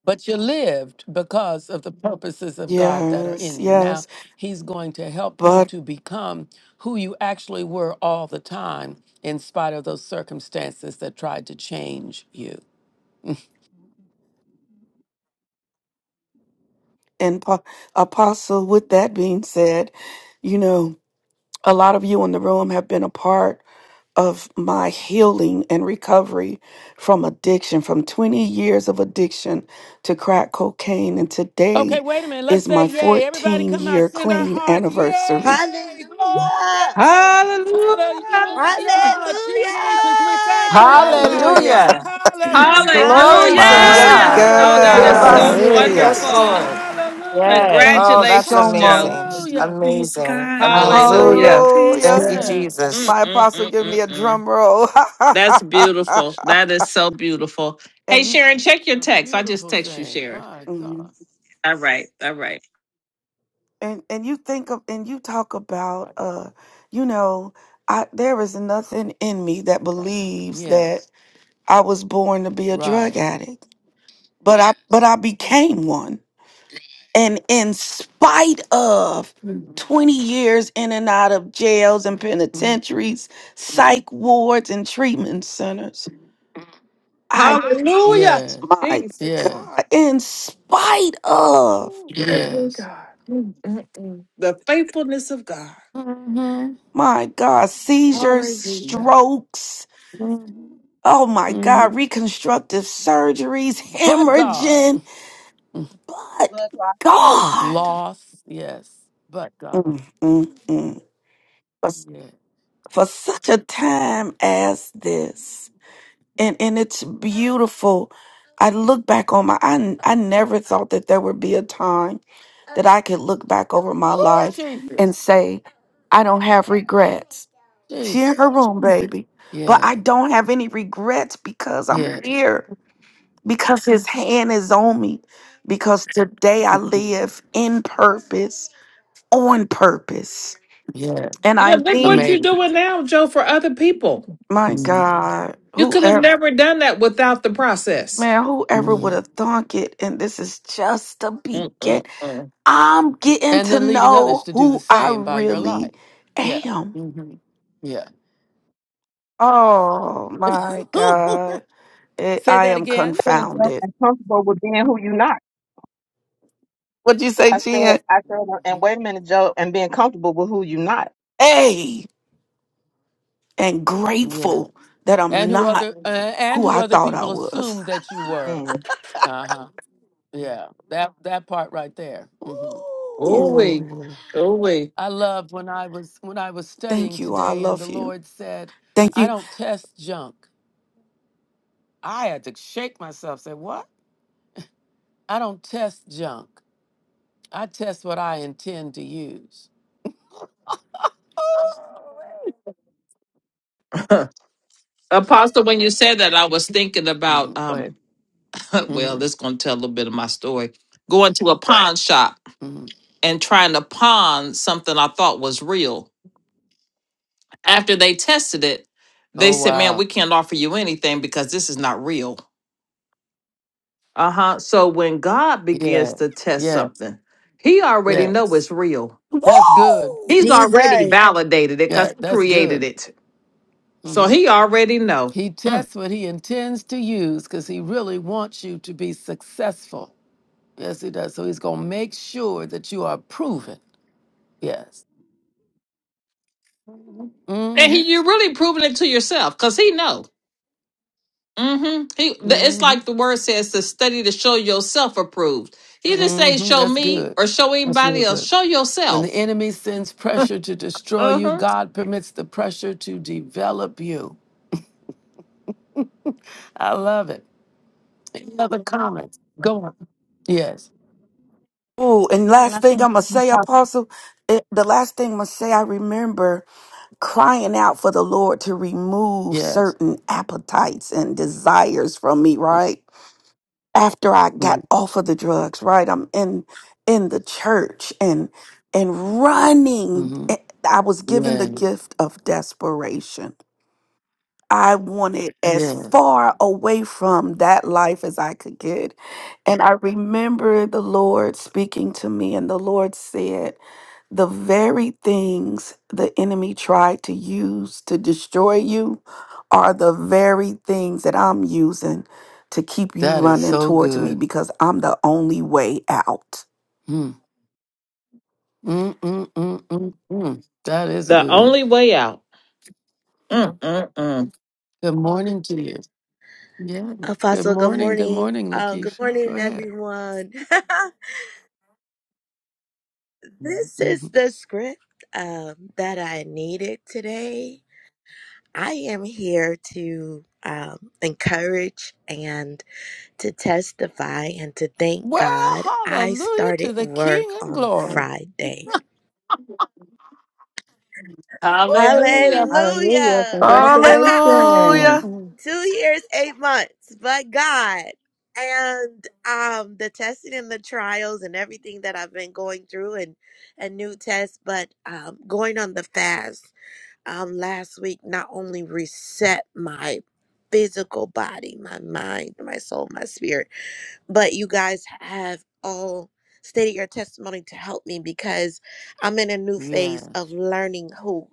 A: but you lived because of the purposes of God that are
C: Yes,
A: in you. Now,
C: yes.
A: He's going to help you
C: But
A: to become who you actually were all the time, in spite of those circumstances that tried to change you.
C: and po- apostle, with that being said, you know, a lot of you in the room have been a part of my healing and recovery from addiction, from 20 years of addiction to crack cocaine. And today is my 14 year clean anniversary.
D: Hallelujah.
H: Hallelujah.
A: Hallelujah, Jesus, we thank you,
D: Hallelujah.
A: oh God.
H: Hallelujah.
J: Hallelujah.
K: Hallelujah.
A: Hallelujah,
K: Glory to
J: Praise
C: My
I: Hallelujah.
D: Hallelujah
K: God.
J: God.
D: for
I: Oh,
A: hallelujah,
I: that
K: Hear
I: is
K: my
I: so
D: delivering.
C: God.
K: sin.
J: Hallelujah.
H: Hallelujah.
K: Yes,
A: hallelujah,
I: wonderful.
K: Lord.
A: hallelujah,
H: Yes.
C: Thank
K: Oh,
C: you
K: that's
C: so
I: Congratulations, Joe.
K: amazing.
C: much.
A: hallelujah.
J: Praise
K: Amazing.
J: God.
K: Amazing.
I: Hallelujah.
H: Hallelujah.
J: Praise
C: Hallelujah.
K: Thank
G: Yeah.
K: you,
J: God.
A: Yes,
K: Jesus.
C: My apostle give me a
I: Mm-mm-mm-mm-mm.
C: drum roll.
I: That's beautiful. That is so beautiful. Hey,
C: and you
I: Sharon, check your
A: a
I: text. I just
A: beautiful
I: text you,
A: thing.
I: Sharon.
A: My
C: mhm.
A: God.
I: All right. All right.
C: and and you think of and you talk about uh you know, I there is nothing in me that believes
A: Yes.
C: that I was born to be a drug
A: Right.
C: addict. But I but I became one. And in spite of Mm. 20 years in and out of jails and
A: Mm.
C: penitentiaries, psych wards and treatment centers, I
I: Hallelujah.
A: Yeah.
C: my
I: Jesus.
A: Yes.
C: God, in spite of
I: Oh,
C: Yeah.
I: Glory to
A: Yes.
I: God. Mm-mm-mm. The faithfulness of God.
A: hmm
C: my God, seizures,
I: Hallelujah.
C: strokes,
A: hmm
C: oh my God, reconstructive surgeries,
A: But God.
C: hemorrhaging, but
G: Look, so I-
C: God,
A: Loss. Yes. But God.
C: mm, mm, mm, for,
A: Yeah.
C: for such a time as this. and and it's beautiful. I look back on my I n- I never thought that there would be a time that I could look back over my
A: Oh,
C: life and
A: Jesus.
C: say I don't have regrets. She
A: Jesus.
C: in her room, baby, but
A: Yeah.
C: I don't have any regrets because I'm
A: Yeah.
C: here because His hand is on me because today I
A: hmm
C: live in purpose on purpose
A: Yeah.
C: and I
I: Yeah, look what
C: mean
I: you're
A: Amazing.
I: doing now, Joe, for other people.
C: my
A: Mm-hmm.
C: God
I: You could have never done that without the process.
C: Man, whoever would have
A: And
C: thunk it, and this is just the begin.
I: Mm-mm-mm.
C: I'm getting to
A: then leading others
C: know
A: to do the
C: who I
A: same by your life.
C: really
A: Yeah.
C: am.
A: hmm Yeah.
C: Oh my God. It,
A: Say
C: I
A: that
C: am
A: again.
G: I'm in a joke
C: confounded.
G: and comfortable with being who you not.
C: What'd you say,
G: I said,
C: Jen?
G: I said, and
A: hmm
G: wait a minute, Joe, and being comfortable with who you not.
C: Hey, and
A: Yeah.
C: grateful that
A: And
C: I'm
A: who
C: not
A: other uh, and
C: who
A: who
C: I
A: other
C: thought I
A: people
C: was.
A: assume that you were.
G: Mm.
A: Uh huh. Yeah, that that part right there. hmm Yeah,
I: Oh wait,
C: Ooh.
I: oh wait,
A: I loved when I was when I was
C: Thank
A: studying
C: you. I
A: today, and the
C: love you.
A: Lord said,
C: Thank
A: "I
C: you.
A: don't test junk." I had to shake myself. Say, "What? I don't test junk. I test what I intend to use."
I: Apostle. When you said that, I was thinking
A: Mm-hmm.
I: about
A: Go ahead.
I: um. Well,
A: hmm
I: this gonna tell a little bit of my story. Going to a pawn shop
A: hmm
I: and trying to pawn something I thought was real. After they tested it, they
A: Oh
I: said, "Man,
A: wow.
I: we can't offer you anything because this is not real." Uh huh. So when God begins
A: Yeah.
I: to test
A: Yeah.
I: something, He already know
A: Yes.
I: it's real.
A: That's good.
I: He's
C: Woo!
I: already
D: Jesus.
I: validated it because
A: Yeah.
I: He
A: That's
I: created
A: good.
I: it. So
A: hmm
I: he already know.
A: He
I: Mm.
A: tests what he intends to use because he really wants you to be successful. Yes, he does. So he's going to make sure that you are proven. Yes.
I: And
A: Mm-hmm.
I: he, you're really proving it to yourself because he know. hmm He, the, it's
A: Mm-hmm.
I: like the word says to study to show yourself approved. He didn't say
A: Mm-hmm.
I: show
A: That's
I: me
A: good.
I: or show
A: That's real
I: anybody else.
A: good.
I: Show
A: When the
I: yourself.
A: enemy sends pressure to destroy you,
I: hmm
A: God permits the pressure to develop you. I love it. Any other comments? Go on. Yes.
C: Oh, and
G: Can I
C: last thing
G: share?
C: I'm gonna
G: something?
C: say,
G: Can
C: Apostle, it, the last thing I'm gonna say, I remember crying out for the Lord to remove
A: Yes.
C: certain appetites and desires from me. Right after I got off of the drugs, right, I'm in in the church and and running.
A: Mm-hmm.
C: eh, I was given the
A: Yeah.
C: gift of desperation I wanted as
A: Yeah.
C: far away from that life as I could get. And I remember the Lord speaking to me, and the Lord said, The very things the enemy tried to use to destroy you are the very things that I'm using to keep you
A: That is
C: running
A: so
C: towards me
A: good.
C: because I'm the only way out.
A: Mm. Mm-mm-mm-mm-mm. That is
I: The
A: good.
I: only way out. Mm, mm, mm.
A: Good morning to you. Yeah. Good
D: Apostle, good
A: morning. Good
D: morning.
A: morning,
D: Um, good
A: Lakeisha. Go
D: morning,
A: ahead.
D: everyone. this is
A: Mhm.
D: the script um, that I needed today. I am here to um, encourage and to testify and to thank
A: Well,
D: God, I
A: hallelujah
D: started
A: to the
D: work
A: King of
D: on
A: Glory.
D: Friday.
I: Hallelujah.
H: Hallelujah.
D: Hallelujah!
C: Hallelujah.
H: Congratulations.
D: Two years, eight months, but God. And um, the testing and the trials and everything that I've been going through, and a new test, but um, going on the fast um, last week not only reset my physical body, my mind, my soul, my spirit, but you guys have all stated your testimony to help me because I'm in a new phase of learning who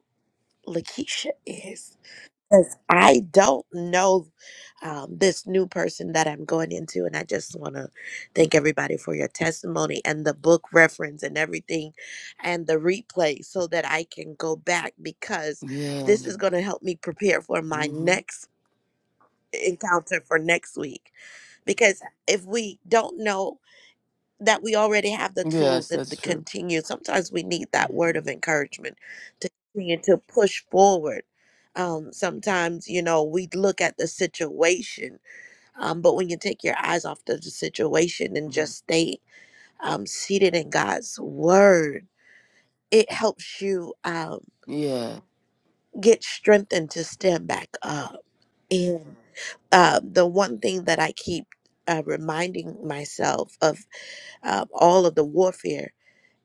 D: Lakeisha is. Because I don't know um, this new person that I'm going into, and I just want to thank everybody for your testimony and the book reference and everything and the replay so that I can go back because this is going to help me prepare for my next encounter for next week because if we don't know that we already have the tools and to continue. Sometimes we need that word of encouragement to continue to push forward. Um, sometimes, you know, we look at the situation, um, but when you take your eyes off the situation and just stay um, seated in God's word, it helps you um, get strengthened to stand back up. And uh, the one thing that I keep uh, reminding myself of uh, all of the warfare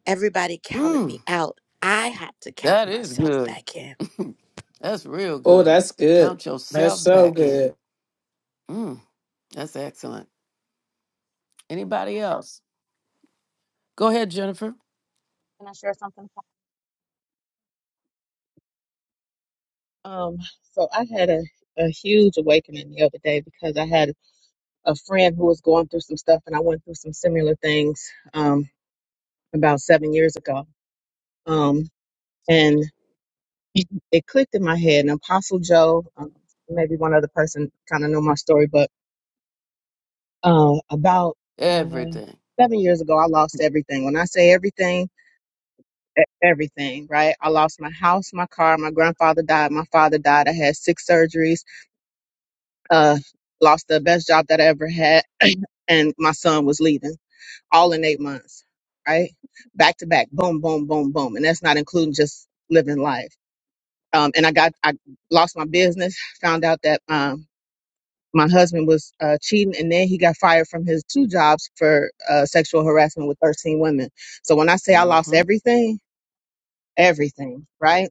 D: Everybody counted me
A: Mm-mm.
D: out. I had to count
A: That is
D: myself
A: good.
D: back in.
A: That's real
I: Oh,
A: good.
I: that's good.
A: Count
I: That's
A: yourself
I: so
A: back
I: good.
A: in. Mm, that's excellent. Anybody else? Go ahead, Jennifer.
G: I share something? Um, so I had a, a huge awakening the other day because I had a friend who was going through some stuff, and I went through some similar things um, about seven years ago. Um, it clicked in my head. And Apostle Joe, um, maybe one other person kind of know my story, but uh, about uh,
A: Okay.
G: seven years ago, I lost everything. When I say everything, e- everything, right? I lost my house, my car, my grandfather died, my father died. I had six surgeries, uh, lost the best job that I ever had, and my son was leaving all in eight months, right? Back to back, boom, boom, boom, boom. And that's not including just living life. Um, and I got, I lost my business, found out that, um, my husband was uh, cheating and then he got fired from his two jobs for uh, sexual harassment with 13 women so when i say i lost everything everything right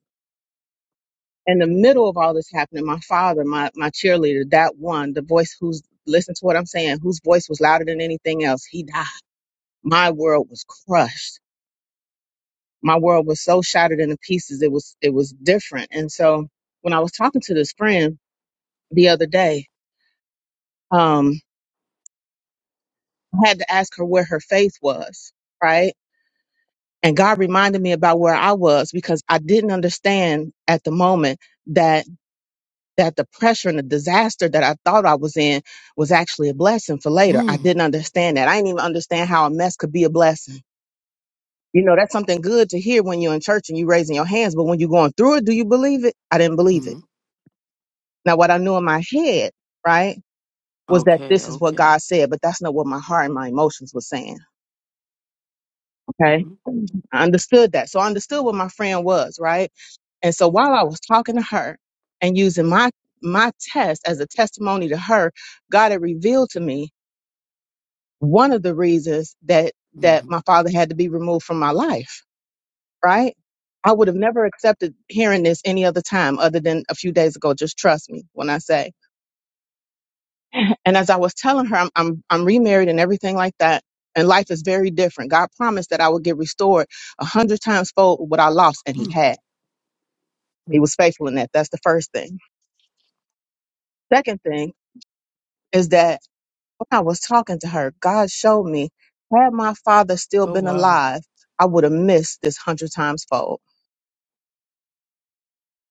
G: in the middle of all this happening my father my, my cheerleader that one the voice who's listen to what i'm saying whose voice was louder than anything else he died my world was crushed my world was so shattered into pieces it was it was different and so when i was talking to this friend the other day um, i had to ask her where her faith was right And God reminded me about where I was because I didn't understand at the moment that that the pressure and the disaster that I thought I was in was actually a blessing for later. I
A: Mm,
G: didn't understand that. I didn't even understand how a mess could be a blessing. You know, that's something good to hear when you're in church and you're raising your hands, but when you're going through it, do you believe it? I didn't believe it.
A: mm.
G: Now, what I knew in my head, right, was that
A: Okay.
G: this is what
A: Okay.
G: God said, but that's not what my heart and my emotions were saying. Okay.
A: hmm
G: I understood that. So I understood what my friend was, right? And so while I was talking to her and using my my test as a testimony to her, God had revealed to me one of the reasons that that
A: hmm
G: my father had to be removed from my life, right? I would have never accepted hearing this any other time other than a few days ago. Just trust me when I say. And as I was telling her, I'm I'm, I'm remarried and everything like that. And life is very different. God promised that I would get restored a hundred times fold what I lost, and He had. He was faithful in that. That's the first thing. Second thing is that when I was talking to her, God showed me, had my father still been alive, I would have missed this hundred times fold.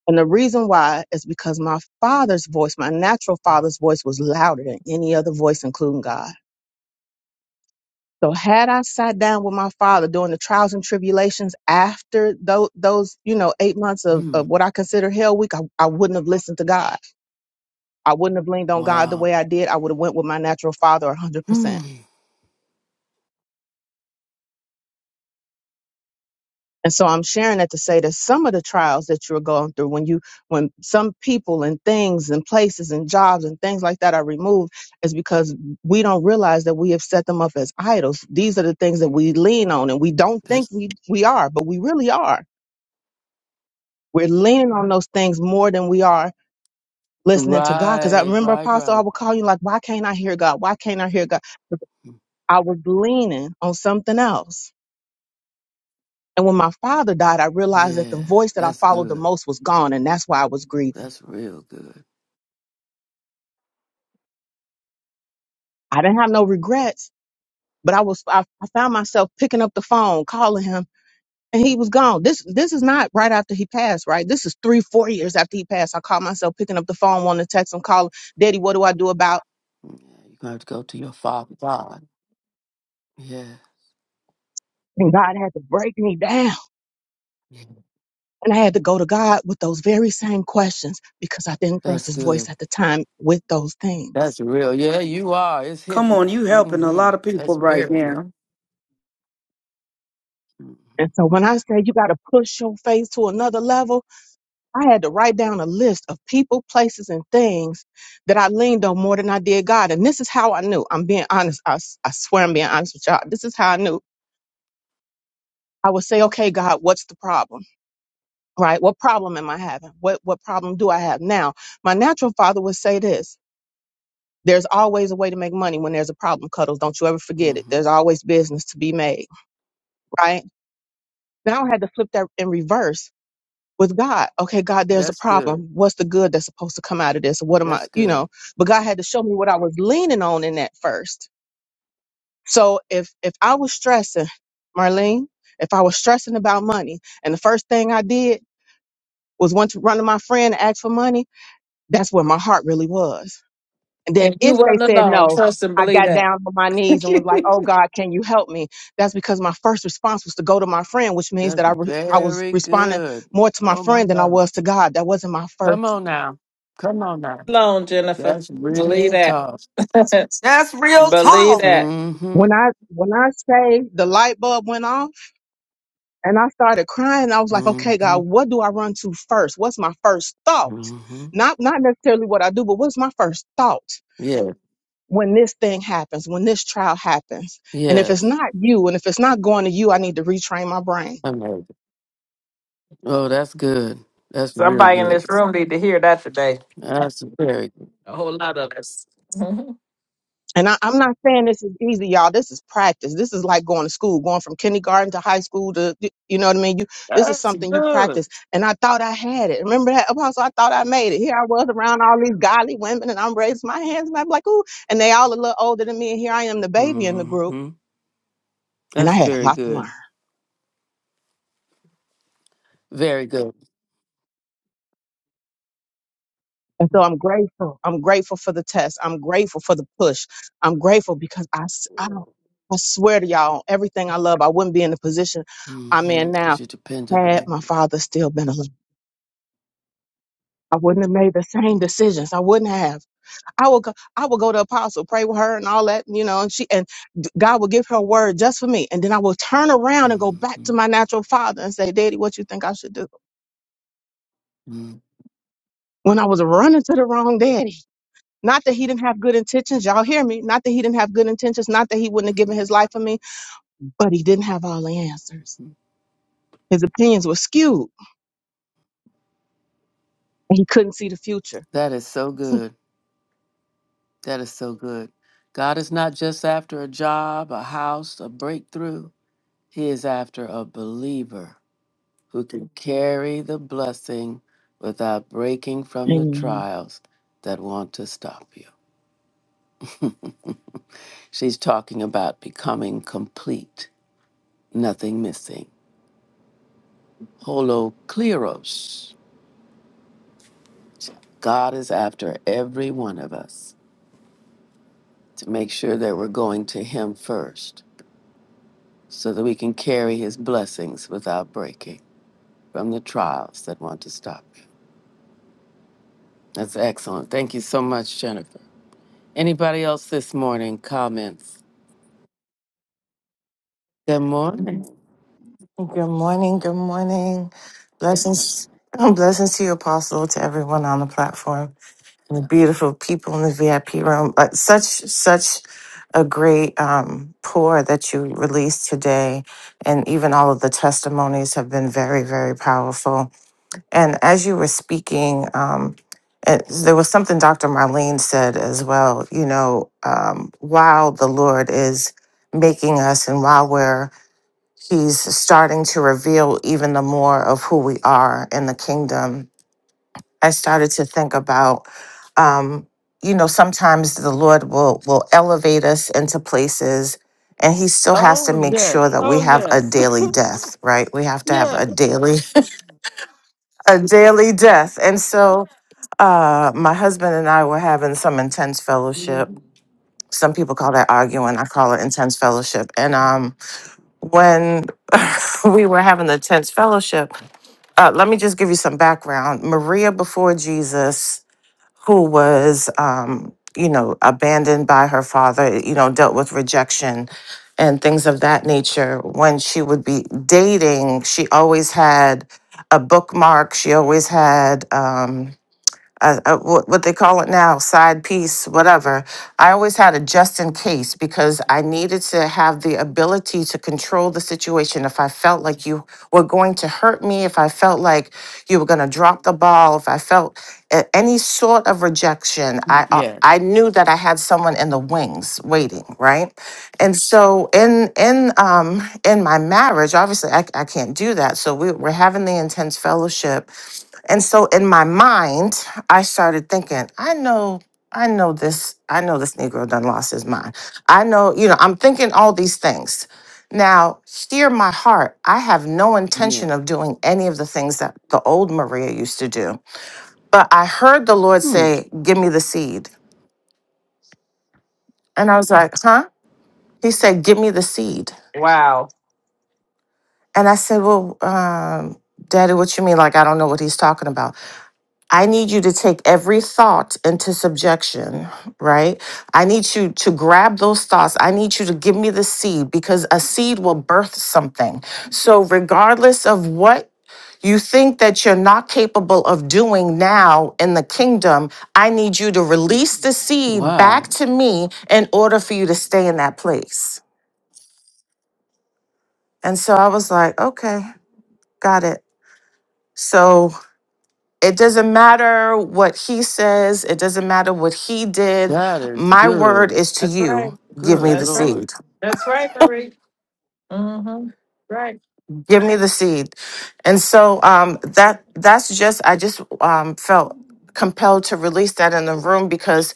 G: And the reason why is because my father's voice, my natural father's voice, was louder than any other voice, including God. So had I sat down with my father during the trials and tribulations after those, those you know, eight months of, of what I consider hell week, I, I wouldn't have listened to God. I wouldn't have leaned on God the way I did. I would have went with my natural father 100%. And so I'm sharing that to say that some of the trials that you're going through, when you, when some people and things and places and jobs and things like that are removed, is because we don't realize that we have set them up as idols. These are the things that we lean on and we don't think we, we are, but we really are. We're leaning on those things more than we are listening to God. Cause I remember Apostle, I would call you like, why can't I hear God? Why can't I hear God? Because I was leaning on something else And when my father died, I realized that the voice that I followed the most was gone, and that's why I was grieving. I didn't have no regrets, but I was I, I found myself picking up the phone, calling him, and he was gone. This this is not right after he passed, right? This is three, four years after he passed. I caught myself picking up the phone, wanting to text him, call him, Daddy, what do I do about?
A: You're gonna have to go to your Father God. Yeah,
G: And God had to break me down. And I had to go to God with those very same questions because I didn't trust
A: that's
G: his
A: good.
G: voice at the time with those
A: That's
G: things.
A: real. Yeah, you are. It's
C: Come
A: hitting.
C: on, you helping a
A: hmm
C: lot of
A: That's
C: people right
A: very good.
C: now.
G: And so when I say you got to push your faith to another level, I had to write down a list of people, places, and things that I leaned on more than I did God. And this is how I knew. I'm being honest. I, s- I swear I'm being honest with y'all. This is how I knew. I would say, okay, God, what's the problem? Right? What problem am I having? What, what problem do I have now? My natural father would say this. There's always a way to make money when there's a problem, Cuddles. Don't you ever forget it. There's always business to be made, right? Now I had to flip that in reverse with God. Okay, God, there's
A: That's
G: a problem. What's the good that's supposed to come out of this? What am
A: That's
G: I, you
A: good.
G: know? But God had to show me what I was leaning on in that first. So if if I was stressing, Marlene, if I was stressing about money, and the first thing I did was went to run to my friend and ask for money, that's where my heart really was. And then
I: And you
G: if they
I: wasn't
G: said
I: alone.
G: no,
I: Trust and
G: I
I: believe
G: got
I: that.
G: down on my knees and was like, "Oh God, can you help me?" That's because my first response was to go to my friend, which means
A: That's
G: that I re- I was
A: very
G: responding
A: good.
G: more to my
A: Oh my
G: friend than I
A: God.
G: was to God. That wasn't my first
A: Come on now. Come on now.
I: alone, Jennifer.
A: That's
I: Believe
A: real
I: that.
A: tough.
C: That's real
I: believe
C: talk.
I: that.
A: Mm-hmm.
G: When I when I say the light bulb went off and I started crying, I was like, okay,
A: Mm-hmm.
G: God, what do I run to first? What's my first thought?
A: Mm-hmm.
G: Not not necessarily what I do, but what's my first thought?
A: Yeah.
G: when this thing happens, when this trial happens. And if it's
A: Yes.
G: not you, and if it's not going to you, I need to retrain my brain.
A: Um, oh, that's good. That's real
I: Somebody in
A: good.
I: this room need to hear that today.
A: That's very
I: A whole lot of us. Mhm.
G: And I, I'm not saying this is easy, y'all. This is practice. This is like going to school, going from kindergarten to high school to, you know what I mean? You, this is something you practice. And I thought I had it. Remember that, Apostle? I thought I made it. Here I was around all these godly women, and I'm raising my hands, and I'm like, ooh and they all a little older than me. And here I am, the baby in the group.
A: Mm-hmm.
G: And I
A: That's
G: had a
A: very
G: lot to learn.
A: good. Very good.
G: And so I'm grateful. I'm grateful for the test. I'm grateful for the push. I'm grateful because I, s- I, don't- I swear to y'all, everything I love, I wouldn't be in the position I'm
A: Mm-hmm.
G: in
A: Because
G: now
A: you're dependent on
G: had
A: it.
G: my father still been alive. I wouldn't have made the same decisions. I wouldn't have. I would go, I would go to Apostle, pray with her and all that, you know, and she and d- God would give her a word just for me. And then I will turn around and go back to my natural father and say, Daddy, what you think I should do? when I was running to the wrong daddy. Not that he didn't have good intentions, y'all hear me? Not that he didn't have good intentions, not that he wouldn't have given his life for me, but he didn't have all the answers. His opinions were skewed and he couldn't see the future.
A: That is so good. That is so good. God is not just after a job, a house, a breakthrough. He is after a believer who can carry the blessing without breaking from the
G: Amen.
A: trials that want to stop you. She's talking about becoming complete, nothing missing. Holokleros. God is after every one of us to make sure that we're going to Him first so that we can carry His blessings without breaking from the trials that want to stop you. That's excellent. Thank you so much, Jennifer. Anybody else this morning? Comments? Good morning.
K: Good morning. Good morning. Blessings. Blessings to you, Apostle, to everyone on the platform, and the beautiful people in the VIP room. But such, such a great um, pour that you released today. And even all of the testimonies have been very, very powerful And as you were speaking, um, it, there was something Dr. Marlene said as well. You know, um, while the Lord is making us and while we're, He's starting to reveal even the more of who we are in the kingdom, I started to think about. Um, you know, sometimes the Lord will will elevate us into places, and He still has to make sure that we
A: Oh
K: have a
A: yes.
K: daily death, right? We have to have
A: Yeah.
K: a daily a daily death. And so, uh, my husband and I were having some intense fellowship. Some people call that arguing. I call it intense fellowship. And um, when we were having the intense fellowship, uh, let me just give you some background. Maria before Jesus, who was, um, you know, abandoned by her father, you know, dealt with rejection and things of that nature. When she would be dating, she always had a bookmark. She always had. Um, uh, uh, what, what they call it now, side piece, whatever. I always had a just in case because I needed to have the ability to control the situation. If I felt like you were going to hurt me, if I felt like you were going to drop the ball, if I felt a- any sort of rejection, I uh, I knew that I had someone in the wings waiting, right? And so in in um in my marriage, obviously I, I can't do that. So we, we're having the intense fellowship and so in my mind, I started thinking, I know, I know this, I know this Negro done lost his mind. I know, you know, I'm thinking all these things. Now, steer my heart. I have no intention of doing any of the things that the old Maria used to do. But I heard the Lord say, Give me the seed. And I was like, Huh? He said, Give me the seed.
I: Wow.
K: And I said, Well, um, Daddy, what you mean? Like, I don't know what he's talking about. I need you to take every thought into subjection, right? I need you to grab those thoughts. I need you to give me the seed because a seed will birth something. So, regardless of what you think that you're not capable of doing now in the kingdom, I need you to release the seed back
A: Oh,
K: to me in order for you to stay in that place. And so I was like, okay, got it. So It doesn't matter what he says, it doesn't matter what he did.
A: that is
K: My word
A: good.
K: is to
I: That's right.
K: you. Give
A: Good
K: me the
I: That's right.
A: Lord.
K: seed.
I: That's right, Marie. hmm Right.
K: Give me the seed. And so um that that's just I just um felt compelled to release that in the room because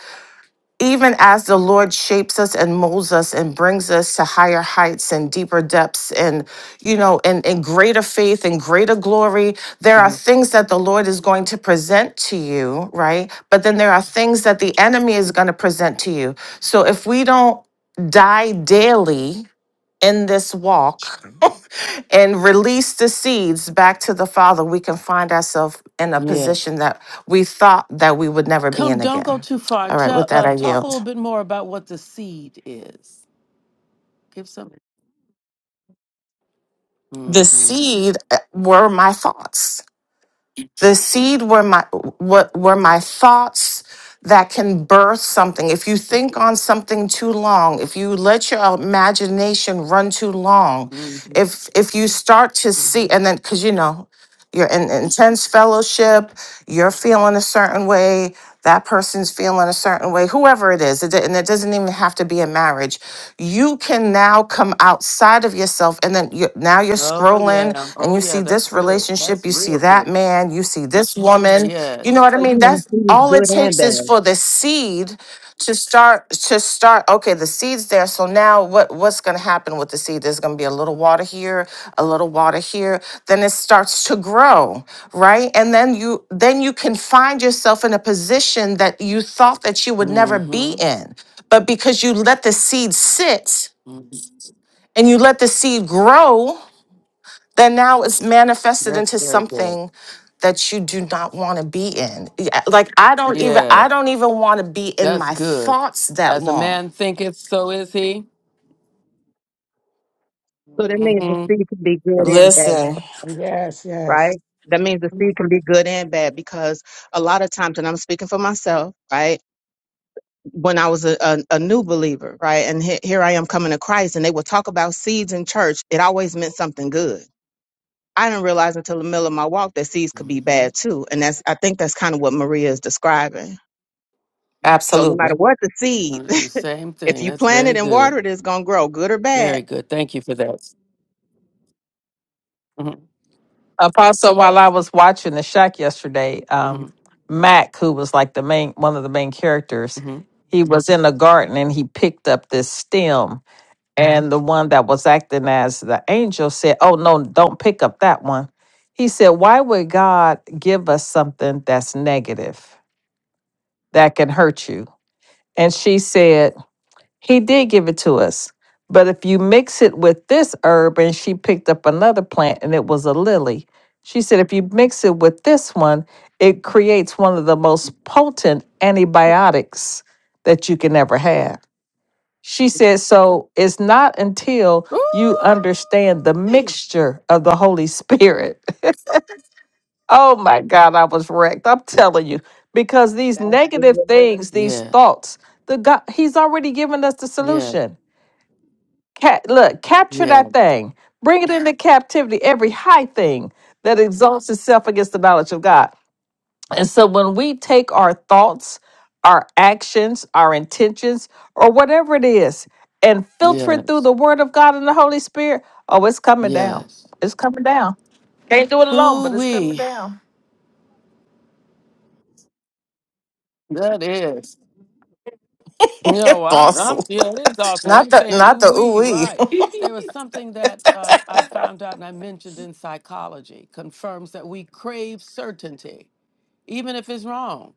K: Even as the Lord shapes us and molds us and brings us to higher heights and deeper depths and, you know, and, and greater faith and greater glory, there are things that the Lord is going to present to you, right? But then there are things that the enemy is going to present to you. So if we don't die daily in this walk and release the seeds back to the Father, we can find ourselves in a
A: Yeah.
K: position that we thought that we would never be
A: Come,
K: in
A: don't go
K: again.
A: too far.
K: All right,
A: Tell,
K: with that,
A: uh,
K: I
A: talk a
K: yield.
A: little bit more about what the seed is. Give some.
K: the seed uh, were my thoughts the seed were my were, were my thoughts that can birth something if you think on something too long if you let your imagination run too long if if you start to see
A: Mhm.
K: and then because you know you're in intense fellowship, you're feeling a certain way, that person's feeling a certain way, whoever it is, it, d- and it doesn't even have to be a marriage. You can now come outside of yourself, and then you, now you're scrolling and you see
A: That's
K: this
A: good. That's
K: relationship, you
A: really
K: see that
A: good.
K: man, you see this woman. You know what I
G: So you
K: mean?
G: mean
K: That's
G: the seed is
K: all it
G: good and
K: takes is
G: bad.
K: for the seed to start to start okay the seeds there so now what what's going to happen with the seed there's going to be a little water here a little water here then it starts to grow right and then you then you can find yourself in a position that you thought that you would
A: Mm,
K: never be in but because you let the seed sit and you let the seed grow then now it's manifested
A: That's
K: into
A: very good.
K: something that you do not want to be in Yeah, like i don't even
A: Yeah,
K: i don't even want to be in
A: that's
K: my
A: good.
K: thoughts that
A: As a
K: long
A: man thinketh, so is he.
G: So that means the
A: hmm hmm
G: seed can be good and bad,
K: Listen,
H: Yes, yes.
G: right? That means the seed can be good and bad because a lot of times, and I'm speaking for myself, right? When I was a, a, a new believer, right? And he- here I am coming to Christ, and they would talk about seeds in church. It always meant something good I didn't realize until the middle of my walk that seeds could be
A: I'm
G: bad too. And that's I think that's kind of what Maria is describing. So no matter
K: absolutely.
G: what the seed,
A: going to do the same
G: if
A: thing.
G: you
A: That's
G: plant it
A: very
G: and
A: good.
G: water it, it's gonna grow, good or bad.
A: Very good. Thank you for that. hmm
I: Apostle, while I was watching the shack yesterday, um,
A: hmm
I: Mac, who was like the main one of the main characters,
A: hmm
I: he was in the garden and he picked up this stem. And the one that was acting as the angel said, Oh no, don't pick up that one. He said, Why would God give us something that's negative, that can hurt you? And she said, He did give it to us. But if you mix it with this herb, and she picked up another plant and it was a lily, she said, if you mix it with this one, it creates one of the most potent antibiotics that you can ever have. She said, so it's not until you understand the mixture of the Holy Spirit. oh my God, I was wrecked. I'm telling you, because these
G: That's good.
I: negative things, these thoughts, the God, He's already given us the solution. Ca- look, capture that thing. Bring it into captivity, every high thing that exalts itself against the knowledge of God. And so when we take our thoughts, our actions, our intentions, or whatever it is, and filter it through the word of God and the Holy Spirit, oh, it's coming down. It's coming down. Can't do it alone, but it's coming down.
A: That is. You know, I'm, I'm,
K: Fossil.
A: yeah, it is awesome. I'm
K: Not the
A: saying,
K: not
A: ooh,
K: the ooh
A: wee,
K: wee.
A: right. There was something that uh, I found out and I mentioned in psychology confirms that we crave certainty, even if it's wrong.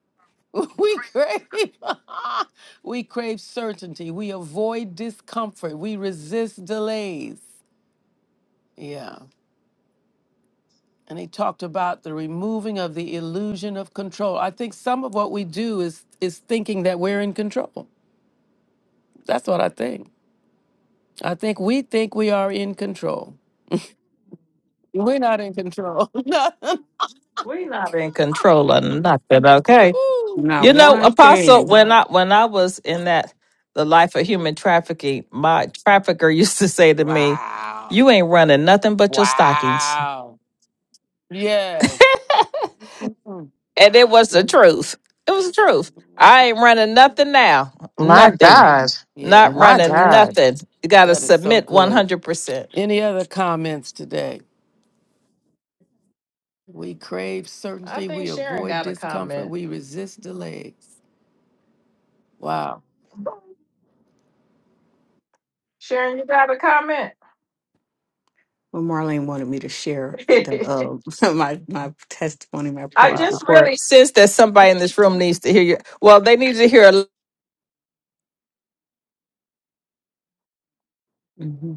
A: We crave, we crave certainty. We avoid discomfort. We resist delays. Yeah. And he talked about the removing of the illusion of control. I think some of what we do is is thinking that we're in control. That's what I think. I think we think we are in control. We're not in control. No.
I: We're not in control of nothing, okay?
A: Ooh.
I: You
H: Not
I: know,
H: one
I: Apostle,
H: thing.
I: when
A: Uh,
I: I when I was in that the life of human trafficking, my trafficker used to say to me,
A: wow.
I: "You ain't running nothing but your stockings,"
A: Wow. Yes. Mm-mm.
I: and it was the
A: Mm-mm.
I: truth. It was the truth. I ain't running nothing now.
K: My
I: Nothing.
K: God.
I: Not
A: Yes.
K: My
I: running
K: God.
I: nothing. You got to
A: That is so
I: submit one
A: good.
I: hundred percent.
A: Any other comments today? We crave
I: I
A: certainty. We
I: think Sharon
A: avoid
I: got a
A: discomfort.
I: comment.
A: We resist delays. Wow.
I: Sharon, you got a comment.
H: Well, Marlene wanted me to share the uh, my my testimony, my
I: I
H: praise
I: just
H: report.
I: really sense that somebody in this room needs to hear you. Well, they need to hear. A-
H: hmm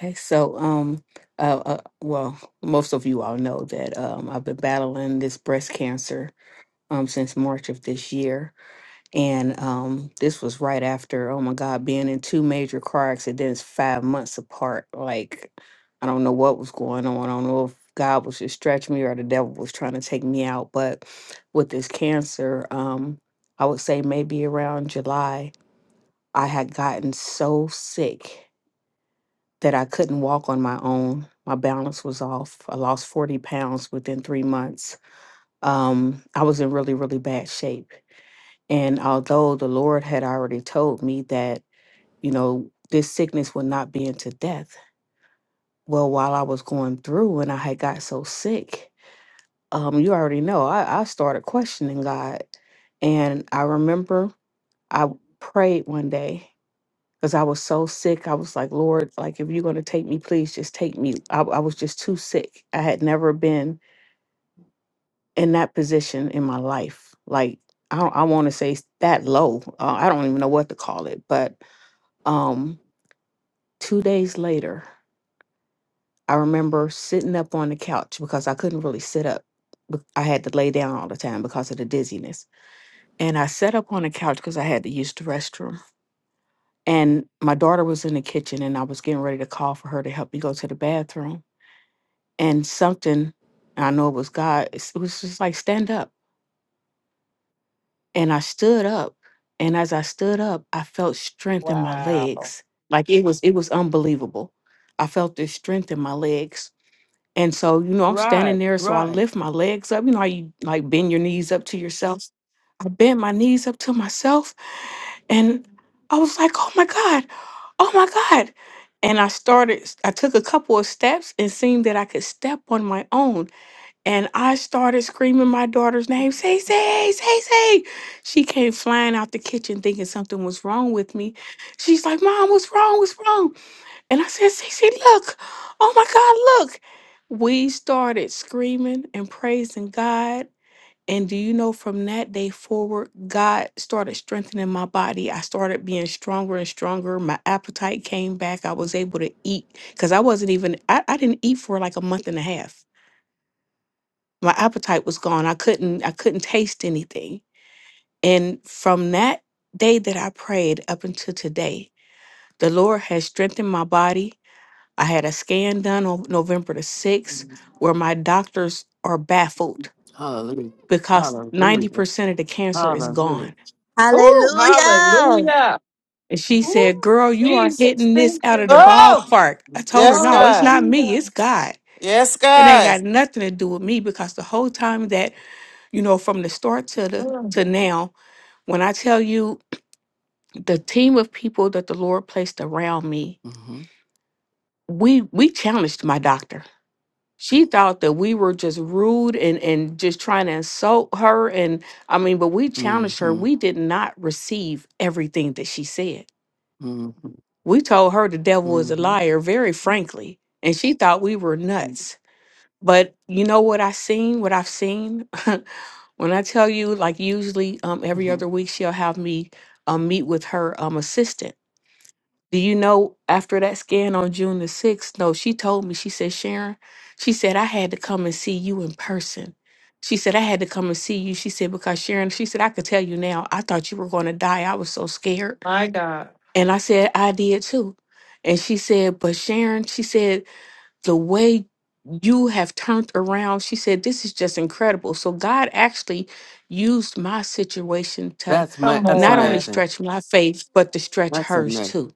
H: Okay, so um, uh, uh, well, most of you all know that um, I've been battling this breast cancer um since March of this year And um, this was right after, oh my God, being in two major car accidents five months apart. Like, I don't know what was going on. I don't know if God was just stretching me or the devil was trying to take me out. But with this cancer, um, I would say maybe around July, I had gotten so sick that I couldn't walk on my own. My balance was off. I lost 40 pounds within three months. Um, I was in really, really bad shape and although the Lord had already told me that, you know, this sickness would not be into death, well, while I was going through and I had got so sick, um, you already know, I, I started questioning God. And I remember I prayed one day because I was so sick. I was like, Lord, like, if you're going to take me, please just take me. I, I was just too sick. I had never been in that position in my life. Like, I, don't- I want to say s- that low. Uh, I don't even know what to call it, but Um, two days later, I remember sitting up on the couch because I couldn't really sit up. be- I had to lay down all the time because of the dizziness. And I sat up on the couch because I had to use the restroom. And my daughter was in the kitchen and I was getting ready to call for her to help me go to the bathroom. And something, I know it was God, it's- it was just like, stand up. And I stood up. And as I stood up, I felt strength in my
I: wow.
H: legs. Like it was, it was unbelievable. I felt this strength in my legs And so, you know, I'm
A: Right.
H: standing there. So I
A: Right.
H: lift my legs up. You know how you like bend your knees up to yourself? I bent my knees up to myself. And I was like, oh my God, oh my God. And I started, I took a couple of steps and seemed that I could step on my own. And I started screaming my daughter's name, say, say, say, say. She came flying out the kitchen thinking something was wrong with me. She's like, Mom, what's wrong? What's wrong? And I said, Cece, look, oh my God, look. We started screaming and praising God. And do you know from that day forward, God started strengthening my body. I started being stronger and stronger. My appetite came back. I was able to eat because I wasn't even, I, I didn't eat for like a month and a half. My appetite was gone. I couldn't, I couldn't taste anything. And from that day that I prayed up until today, the Lord has strengthened my body. I had a scan done on November the 6th where my doctors are baffled
A: Mm-hmm.
H: because 90% of the cancer is gone.
I: Oh,
D: Hallelujah.
I: hallelujah.
H: And she
I: Ooh,
H: said, Girl, you are
I: Jesus,
H: hitting this
I: thank
H: out
I: you,
H: of the
I: God.
K: Oh
H: ballpark. I told her,
K: yes,
H: No, it's
K: God.
H: not me,
I: Hallelujah.
H: it's God.
K: Yes,
H: It ain't
K: God.
H: got nothing to do with me because the whole time that, you know, from the start to the
I: Mm,
H: to now, when I tell you the team of people that the Lord placed around me, we we challenged my doctor she thought that we were just rude and and just trying to insult her and i mean but we challenged her
A: Mm-hmm.
H: we did not receive everything that she said we told her the devil is a
A: Mm-hmm.
H: liar very frankly and she thought we were nuts but you know what i seen what i've seen when i tell you like usually um every
A: hmm
H: other week she'll have me um meet with her um assistant do you know after that scan on June the 6th? No, she told me, she said, Sharon, she said, I had to come and see you in person. She said, I had to come and see you. She said, because Sharon, she said, I could tell you now, I thought you were going to die. I was so scared.
I: my God.
H: And I said, I did too. And she said, but Sharon, she said, the way you have turned around, she said, this is just incredible. So God actually used my situation to
A: That's ma-
I: Come
A: that's
H: not only
I: on.
A: amazing.
H: stretch my faith, but to stretch
A: That's
H: hers too.
A: amazing.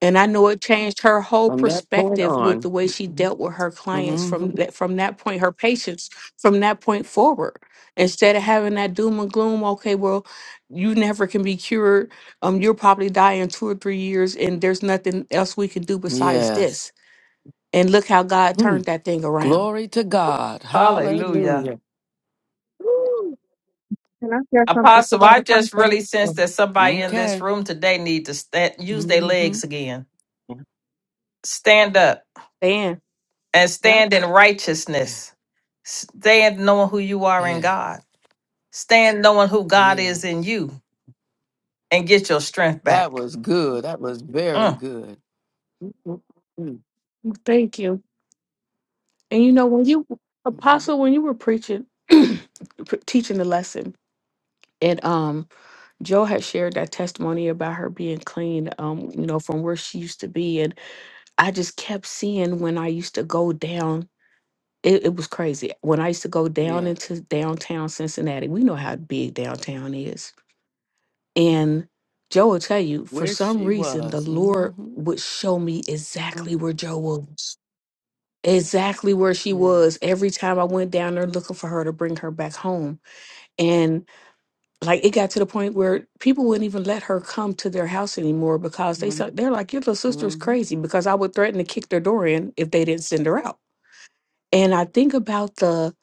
H: And I know it changed her whole
A: From that point
H: perspective with the
A: on.
H: way she dealt with her clients
A: hmm
H: from that from that point, her patients from that point forward. Instead of having that doom and gloom, okay, well, you never can be cured. Um, you'll probably die in two or three years, and there's nothing else we can do besides
A: Yes.
H: this. And look how God
A: Hmm.
H: turned that thing around.
A: Glory to God.
I: Hallelujah.
A: Hallelujah.
G: Can I share something to
I: Apostle,
G: that
I: I just
G: apostle?
I: really sense
G: Um,
I: that somebody in this
A: Okay.
I: room today need to stand, use their
A: hmm
I: legs again. Stand up
H: Dan.
I: and
H: Yep.
I: stand in
A: Yeah.
I: righteousness. Stand knowing who you are in
A: yeah,
I: God. Stand knowing who God is in
A: Yes.
I: you and get your strength
A: That
I: back.
A: was good. That was very
I: Mm.
A: good. Mm-hmm.
H: Thank you. And you know, when you
A: mm-hmm,
H: apostle, when you were preaching, pre- teaching the lesson, and um, Joe had shared that testimony about her being clean, um, you know, from where she used to be, and I just kept seeing when I used to go down. It, it was crazy when I used to go down
A: Yes.
H: into downtown Cincinnati. We know how big downtown is, and Joe will tell you for
A: Where
H: some
A: she
H: reason the
A: was.
H: Lord
A: hmm
H: would show me exactly where Joe was exactly where she was
A: Yes.
H: every time I went down there looking for her to bring her back home. And like it got to the point where people wouldn't even let her come to their house anymore because they
A: Mm-hmm.
H: said they're like, Your little sister's crazy because I would threaten to kick their door in if they didn't send her out. And I think about the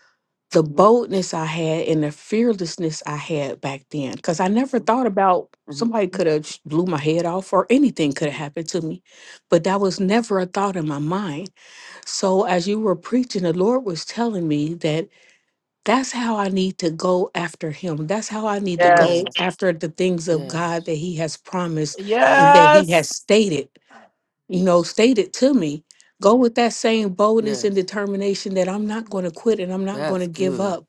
H: the
A: Mm-hmm.
H: boldness I had and the fearlessness I had back then. Cause I never thought about somebody could have blew my head off or anything could have happened to me. But that was never a thought in my mind so as you were preaching, the Lord was telling me that that's how I need to go after him. That's how I need to
I: Yes.
H: go
A: Yes.
H: after the things of God
A: Yes.
H: that he has promised and
A: Yes.
H: that he has stated, you know, stated to me. Go with that same boldness and
A: Yes.
H: determination that I'm not going to quit and I'm not going
A: That's
H: to give
A: good.
H: up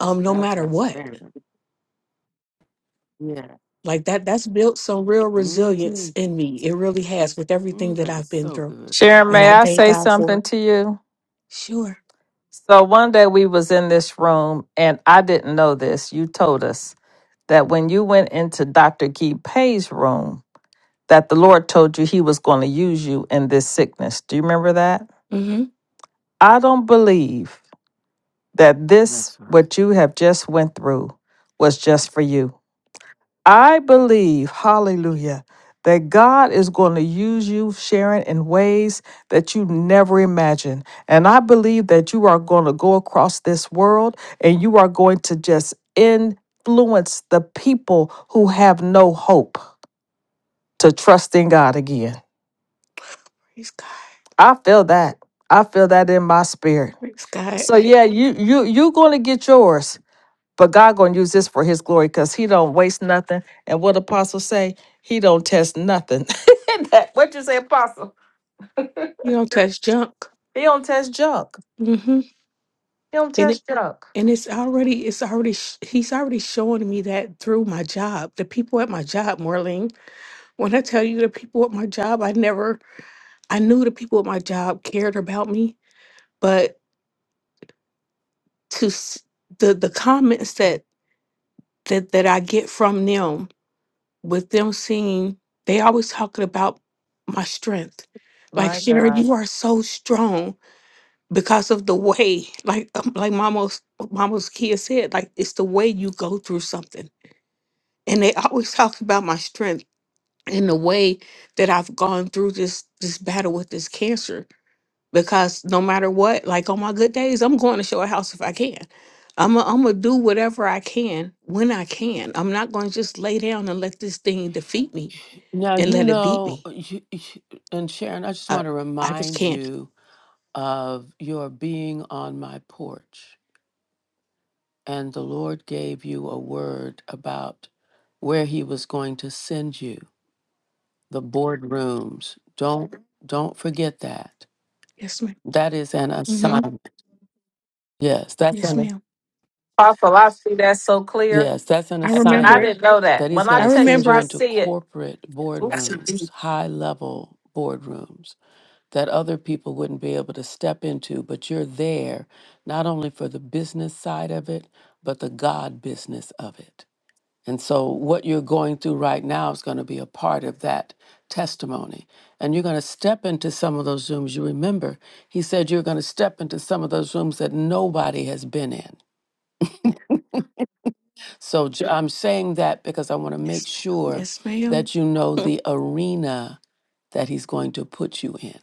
H: um no
A: That's
H: matter what.
A: outstanding. Yeah.
H: Like that that's built some real
A: hmm
H: resilience in me. It really has with everything
A: Mm,
H: that
A: that
H: I've
A: is
H: been
A: so
H: through.
A: good.
I: Sharon,
H: And
I: may
H: I
I: I
H: thank
I: say
H: God for
I: something
H: it.
I: to you?
H: Sure.
I: So one day we was in this room and I didn't know this. You told us that when you went into Dr. Guy Pay's room, that the Lord told you he was going to use you in this sickness. Do you remember that?
H: Mhm.
I: I don't believe that this
A: That's right.
I: what you have just went through was just for you. I believe, hallelujah, that God is going to use you, Sharon, in ways that you never imagined. And I believe that you are going to go across this world and you are going to just influence the people who have no hope to trust in God again.
H: Praise God.
I: I feel that. I feel that in my spirit.
H: Praise
I: So
H: God.
I: yeah, you you you're going to get yours. But God gonna use this for His glory because He don't waste nothing. And what apostles say, He don't test nothing. That- what you say, apostle?
H: You don't touch junk.
I: He don't test junk.
H: hmm
I: He don't
H: And it,
I: test junk.
H: and it's already it's already sh- he's already showing me that through my job. The people at my job, Marlene. When I tell you the people at my job, I never I knew the people at my job cared about me, but to s- the the comments that that that I get from them with them seeing they always talking about my strength. Like
I: My
H: Sharon,
I: God,
H: you are so strong because of the way like um, like mama's mama's kid said like it's the way you go through something and they always talk about my strength and the way that i've gone through this this battle with this cancer because no matter what like on my good days i'm going to show a house if i can i'm gonna I'm do whatever i can when i can i'm not going to just lay down and let this thing defeat me
A: Now,
H: and
A: you
H: let it beat
A: know, uh,
H: me
A: you, you- and Sharon, I just
H: I,
A: want to
H: I just
A: remind
H: can't.
A: you of your being on my porch. And the Lord gave you a word about where he was going to send you, the boardrooms. Don't don't forget that.
H: Yes, ma'am.
A: That is an
H: hmm
A: assignment. Yes, that's
H: Yes,
A: an
H: ma'am.
I: apostle, I see that so clear,
A: Yes, that's an
H: I
I: and I
H: remember
A: assignment
H: it.
I: didn't know that.
A: that he's
I: When I
A: going
H: I
A: to
I: tell you,
A: send you
H: remember
I: I
H: it.
A: into
I: see it.
A: corporate
I: Ooh.
A: boardrooms, high level boardrooms that other people wouldn't be able to step into, but you're there not only for the business side of it, but the God business of it. And so what you're going through right now is going to be a part of that testimony. And you're going to step into some of those rooms. You remember, he said you're going to step into some of those rooms that nobody has been in so j- I'm saying that because I want to make
H: Yes, ma'am.
A: sure
H: Yes, ma'am.
A: that you know the arena that he's going to put you in.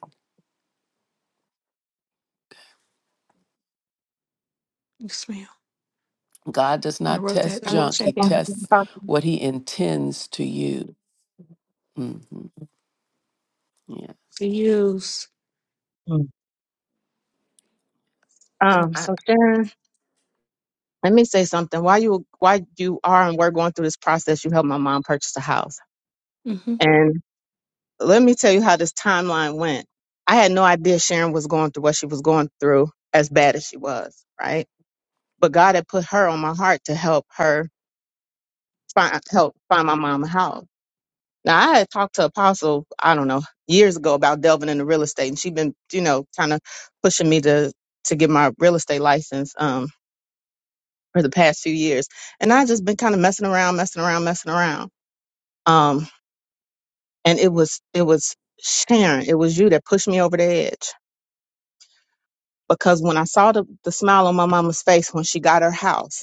H: Yes, ma'am.
A: God does
H: I
A: not
H: wrote that.
A: test
G: can
H: I
G: I
H: wrote
A: junk,
G: share
A: he
H: that down
G: something
A: tests
G: apostle?
A: what he intends to you. hmm
H: to
A: Yes,
H: use.
G: Mm.
K: And
G: Um,
K: I,
G: so Sharon, let me say something. While you while you are and we're going through this process, you helped my mom purchase a house.
H: Mm-hmm.
G: And let me tell you how this timeline went. I had no idea Sharon was going through what she was going through as bad as she was, right? but God had put her on my heart to help her find help find my mom a house. Now I had talked to Apostle, I don't know, years ago about delving into real estate, and she'd been, you know, kind of pushing me to to get my real estate license um for the past few years, and I just been kind of messing around, messing around, messing around. Um, and it was it was Sharon, it was you that pushed me over the edge because when I saw the the smile on my mama's face when she got her house.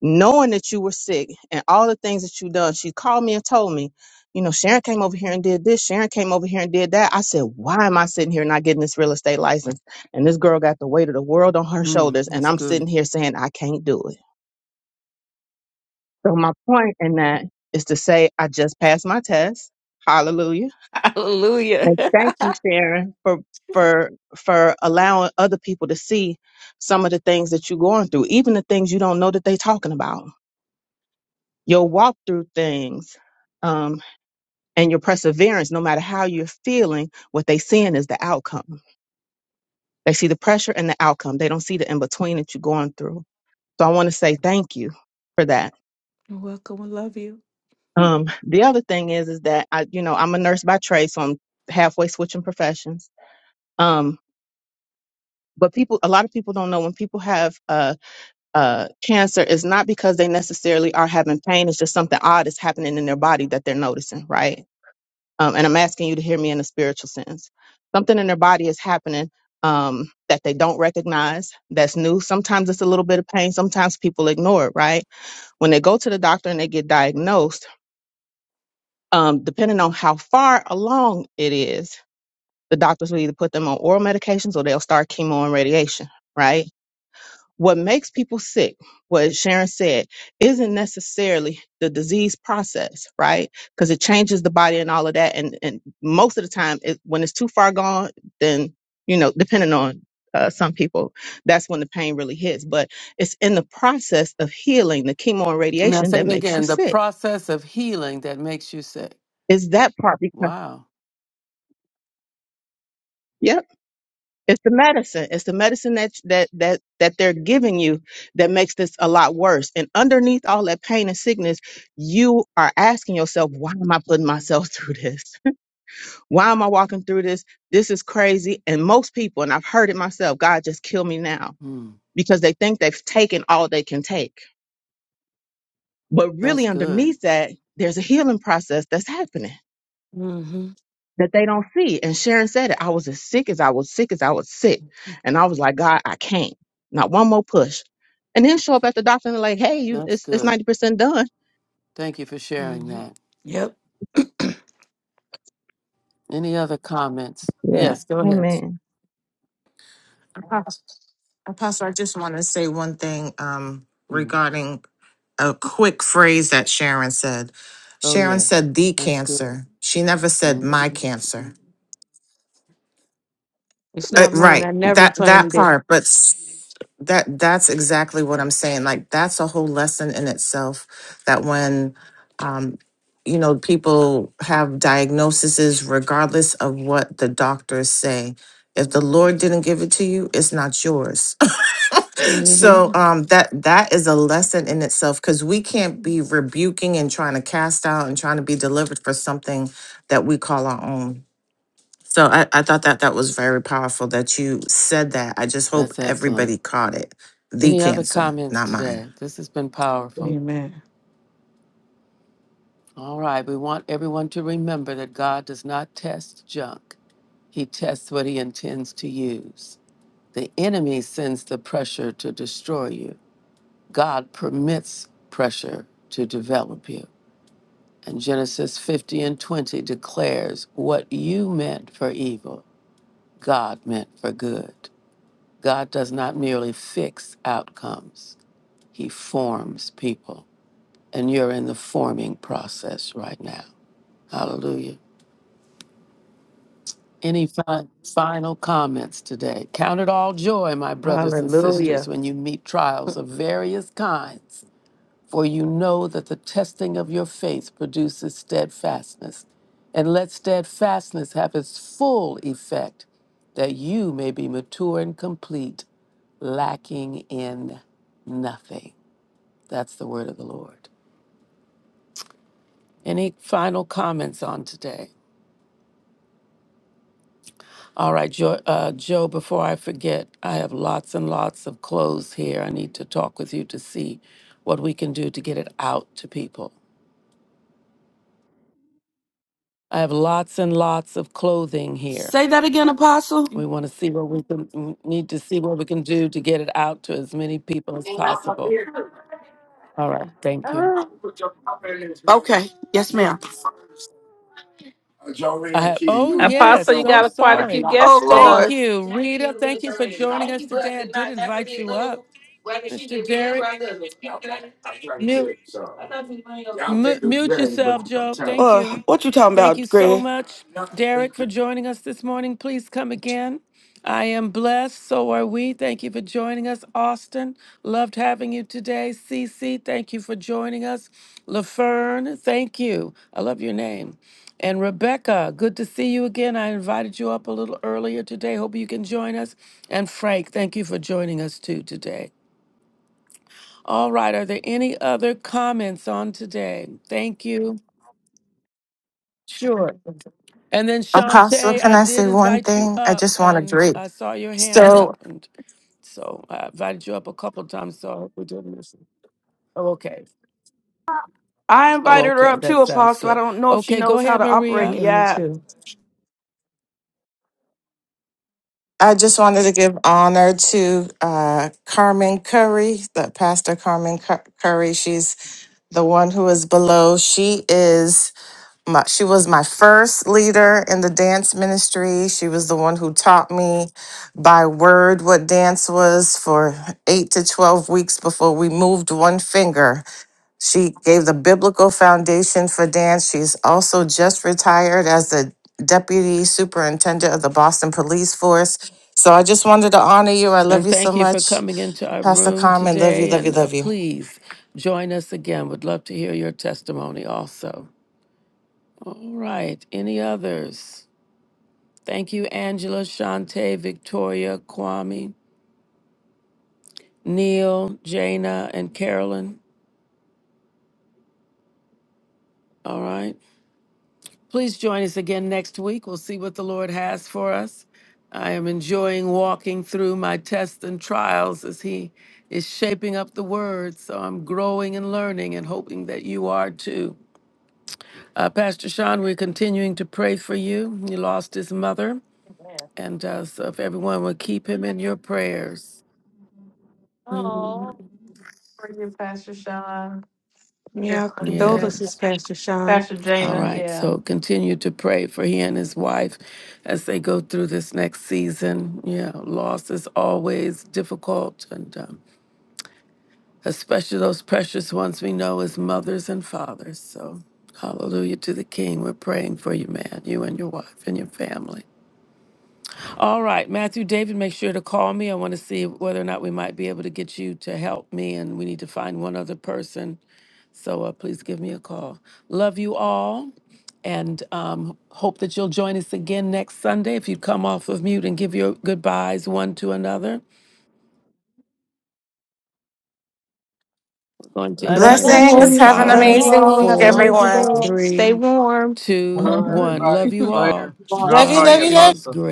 G: knowing that you were sick and all the things that you done. She called me and told me, you know, Sharon came over here and did this. Sharon came over here and did that. I said, why am I sitting here not getting this real estate license? And this girl got the weight of the world on her shoulders, and
A: it's
G: I'm
A: good.
G: sitting here saying I can't do it. So my point in that is to say I just passed my test. Hallelujah.
H: Hallelujah.
G: And thank you, Sharon, for for for allowing other people to see some of the things that you're going through, even the things you don't know that they're talking about your walk through things um, and your perseverance, no matter how you're feeling, what they seeing is the outcome. They see the pressure and the outcome. They don't see the in between that you're going through. So I want to say thank you for that.
H: You're welcome. I love you.
G: Um, the other thing is, is that I, you know, I'm a nurse by trade, so I'm halfway switching professions. Um, but people, a lot of people don't know when people have uh, uh, cancer, it's not because they necessarily are having pain. It's just something odd is happening in their body that they're noticing, right? Um, and I'm asking you to hear me in a spiritual sense. Something in their body is happening um, that they don't recognize, that's new. Sometimes it's a little bit of pain. Sometimes people ignore it, right? When they go to the doctor and they get diagnosed, um, depending on how far along it is, the doctors will either put them on oral medications or they'll start chemo and radiation, right? what makes people sick, what Sharon said, isn't necessarily the disease process, right? Because it changes the body and all of that. And and most of the time, it, when it's too far gone, then you know, depending on uh, some people, that's when the pain really hits. But it's in the process of healing, the chemo and
A: Now,
G: radiation
A: say
G: that
A: it
G: makes you
A: again the
G: sick.
A: process of healing that makes you sick.
G: Is that part because?
A: Wow,
G: It's the medicine. It's the medicine that that that that they're giving you that makes this a lot worse. And underneath all that pain and sickness, you are asking yourself, why am I putting myself through this? Why am I walking through this? This is crazy. And most people, and I've heard it myself, God just kill me now because they think they've taken all they can take. But
A: that's
G: really
A: good.
G: underneath that, there's a healing process that's happening
H: Mm-hmm.
G: that they don't see. And Sharon said it. I was as sick as I was sick as I was sick. And I was like, God, I can't. Not one more push. And then show up at the doctor and like, hey, you
A: That's
G: it's it's
A: good.
G: ninety percent done.
A: Thank you for sharing
H: Mm-hmm.
A: that.
H: Yep.
A: Any other comments?
G: Yeah.
A: Yes, go ahead.
G: Amen.
K: Apostle, Apostle, I just want to say one thing um
A: Mhm.
K: regarding a quick phrase that Sharon said.
A: Oh,
K: Sharon
A: yes,
K: said the
A: that's good.
K: cancer. She never said my
A: Mhm.
K: cancer.
H: It's
K: Uh,
H: not my
K: right.
H: never
K: That that
H: did.
K: part, but s- that that's exactly what I'm saying. Like that's a whole lesson in itself that when um you know people have diagnoses regardless of what the doctors say. If the Lord didn't give it to you, it's not yours. so
H: Mm-hmm.
K: um that that is a lesson in itself cuz we can't be rebuking and trying to cast out and trying to be delivered for something that we call our own. So I, I thought that that was very powerful that you said that. I just hope
A: That's excellent.
K: everybody caught it. The
A: Any other
K: cancer,
A: comments
K: not mine.
A: today? This has been powerful.
H: Amen.
A: All right, we want everyone to remember that God does not test junk. He tests what he intends to use. The enemy sends the pressure to destroy you. God permits pressure to develop you. And Genesis 50 and 20 declares what you meant for evil, God meant for good. God does not merely fix outcomes, He forms people. and you're in the forming process right now. Hallelujah. Any fi- final comments today? Count it all joy, my brothers and sisters,
H: Hallelujah.
A: when you meet trials of various kinds, for you know that the testing of your faith produces steadfastness. And let steadfastness have its full effect, that you may be mature and complete, lacking in nothing. That's the word of the Lord. Any final comments on today? All right, Joe, uh, Joe, before I forget, I have lots and lots of clothes here. I need to talk with you to see what we can do to get it out to people. I have lots and lots of clothing here.
C: Say that again, Apostle.
A: We want to see what we can, we need to see what we can do to get it out to as many people as
C: Uh,
A: possible. All right, thank you.
C: Okay. Yes, ma'am.
A: I have, oh,
C: Oh
A: yes,
I: Apostle, you
A: so
I: got a, quite a few
A: sorry.
I: guests
C: Lord. Uh,
A: Thank
I: below.
A: you, Rita. Thank you for joining us today. I did invite you up, Mr. Jared. Mute. Mu mute yourself, Joe. Thank you.
C: what you talking
A: Thank you
C: about,
A: so much,
C: Greg?
A: Derek, for joining us this morning. Please come again. I am blessed. So are we. Thank you for joining us. Austin, loved having you today. Cece, thank you for joining us. LaFern, thank you. I love your name. And Rebecca, good to see you again. I invited you up a little earlier today. Hope you can join us. And Frank, thank you for joining us too today. All right, are there any other comments on today? Thank you. Sure. And then
K: Apostle,
A: Shantae,
K: can
A: I
K: I
A: did
K: say one
A: invite you
K: thing? I
A: up,
K: just want to
A: and
K: greet.
A: I saw your hand up,
K: So
A: and so I invited you up a couple times. So I hope we didn't miss it. Oh, okay.
C: I
A: Oh,
C: invited her
A: okay.
C: up
A: That
C: too,
A: sounds
C: Apostle. I
A: good.
C: don't know if she
A: Okay, go
C: knows how
A: ahead,
C: to operate
A: Maria,
H: Yeah,
C: the
H: me
C: app.
H: too.
K: I just wanted to give honor to uh, Carmen Curry, the pastor Carmen Cur- Curry. She's the one who is below. She is. my, she was my first leader in the dance ministry. She was the one who taught me by word what dance was for eight to 12 weeks before we moved one finger. She gave the biblical foundation for dance. She's also just retired as the deputy superintendent of the Boston Police Force. So I just wanted to honor you. I love
A: and
K: you so
A: thank you for
K: much,
A: coming into our
K: Pastor
A: room
K: Carmen. Love you,
A: today.
K: love you,
A: And uh,
K: love you.
A: please join us again. Would love to hear your testimony also. All right. Any others? Thank you, Angela, Shantae, Victoria, Kwame, Neil, Jana, and Carolyn. All right. Please join us again next week. We'll see what the Lord has for us. I am enjoying walking through my tests and trials as He is shaping up the Word. So I'm growing and learning and hoping that you are too. Uh, Pastor Sean, we're continuing to pray for you. He lost his mother.
I: Yeah.
A: And uh, so if everyone would keep him in your prayers.
I: Oh, for you, Pastor Sean.
H: Yeah,
I: Yeah.
H: condolences,
A: Yes.
H: Pastor Sean.
I: Pastor
A: All
I: Jana,
A: right.
I: yeah.
A: So continue to pray for he and his wife as they go through this next season. Yeah, loss is always difficult, and um, especially those precious ones we know as mothers and fathers. So, hallelujah to the King. We're praying for you, man, you and your wife and your family. All right, Matthew David, make sure to call me. I want to see whether or not we might be able to get you to help me, and we need to find one other person. So uh, please give me a call. Love you all, and um, hope that you'll join us again next Sunday. If you'd come off of mute and give your goodbyes one to another, we're going to
I: Love you, love
A: end in
I: you.
K: Blessings.
H: Blessings.
K: Have an
I: Love
H: Love
I: you
A: five,
H: you
K: amazing
I: all.
H: all.
K: week,
H: Have an
I: Shalom,
A: four,
H: amazing
K: everyone.
H: day.
I: shalom.
H: Stay
A: three,
H: warm.
A: two,
E: Hello,
A: one. Love
E: everybody.
A: you all.
E: Later. And I'll
K: Love you,
E: call
A: God
K: love
E: you
K: you, love you.
A: is
E: Apostle.
A: good.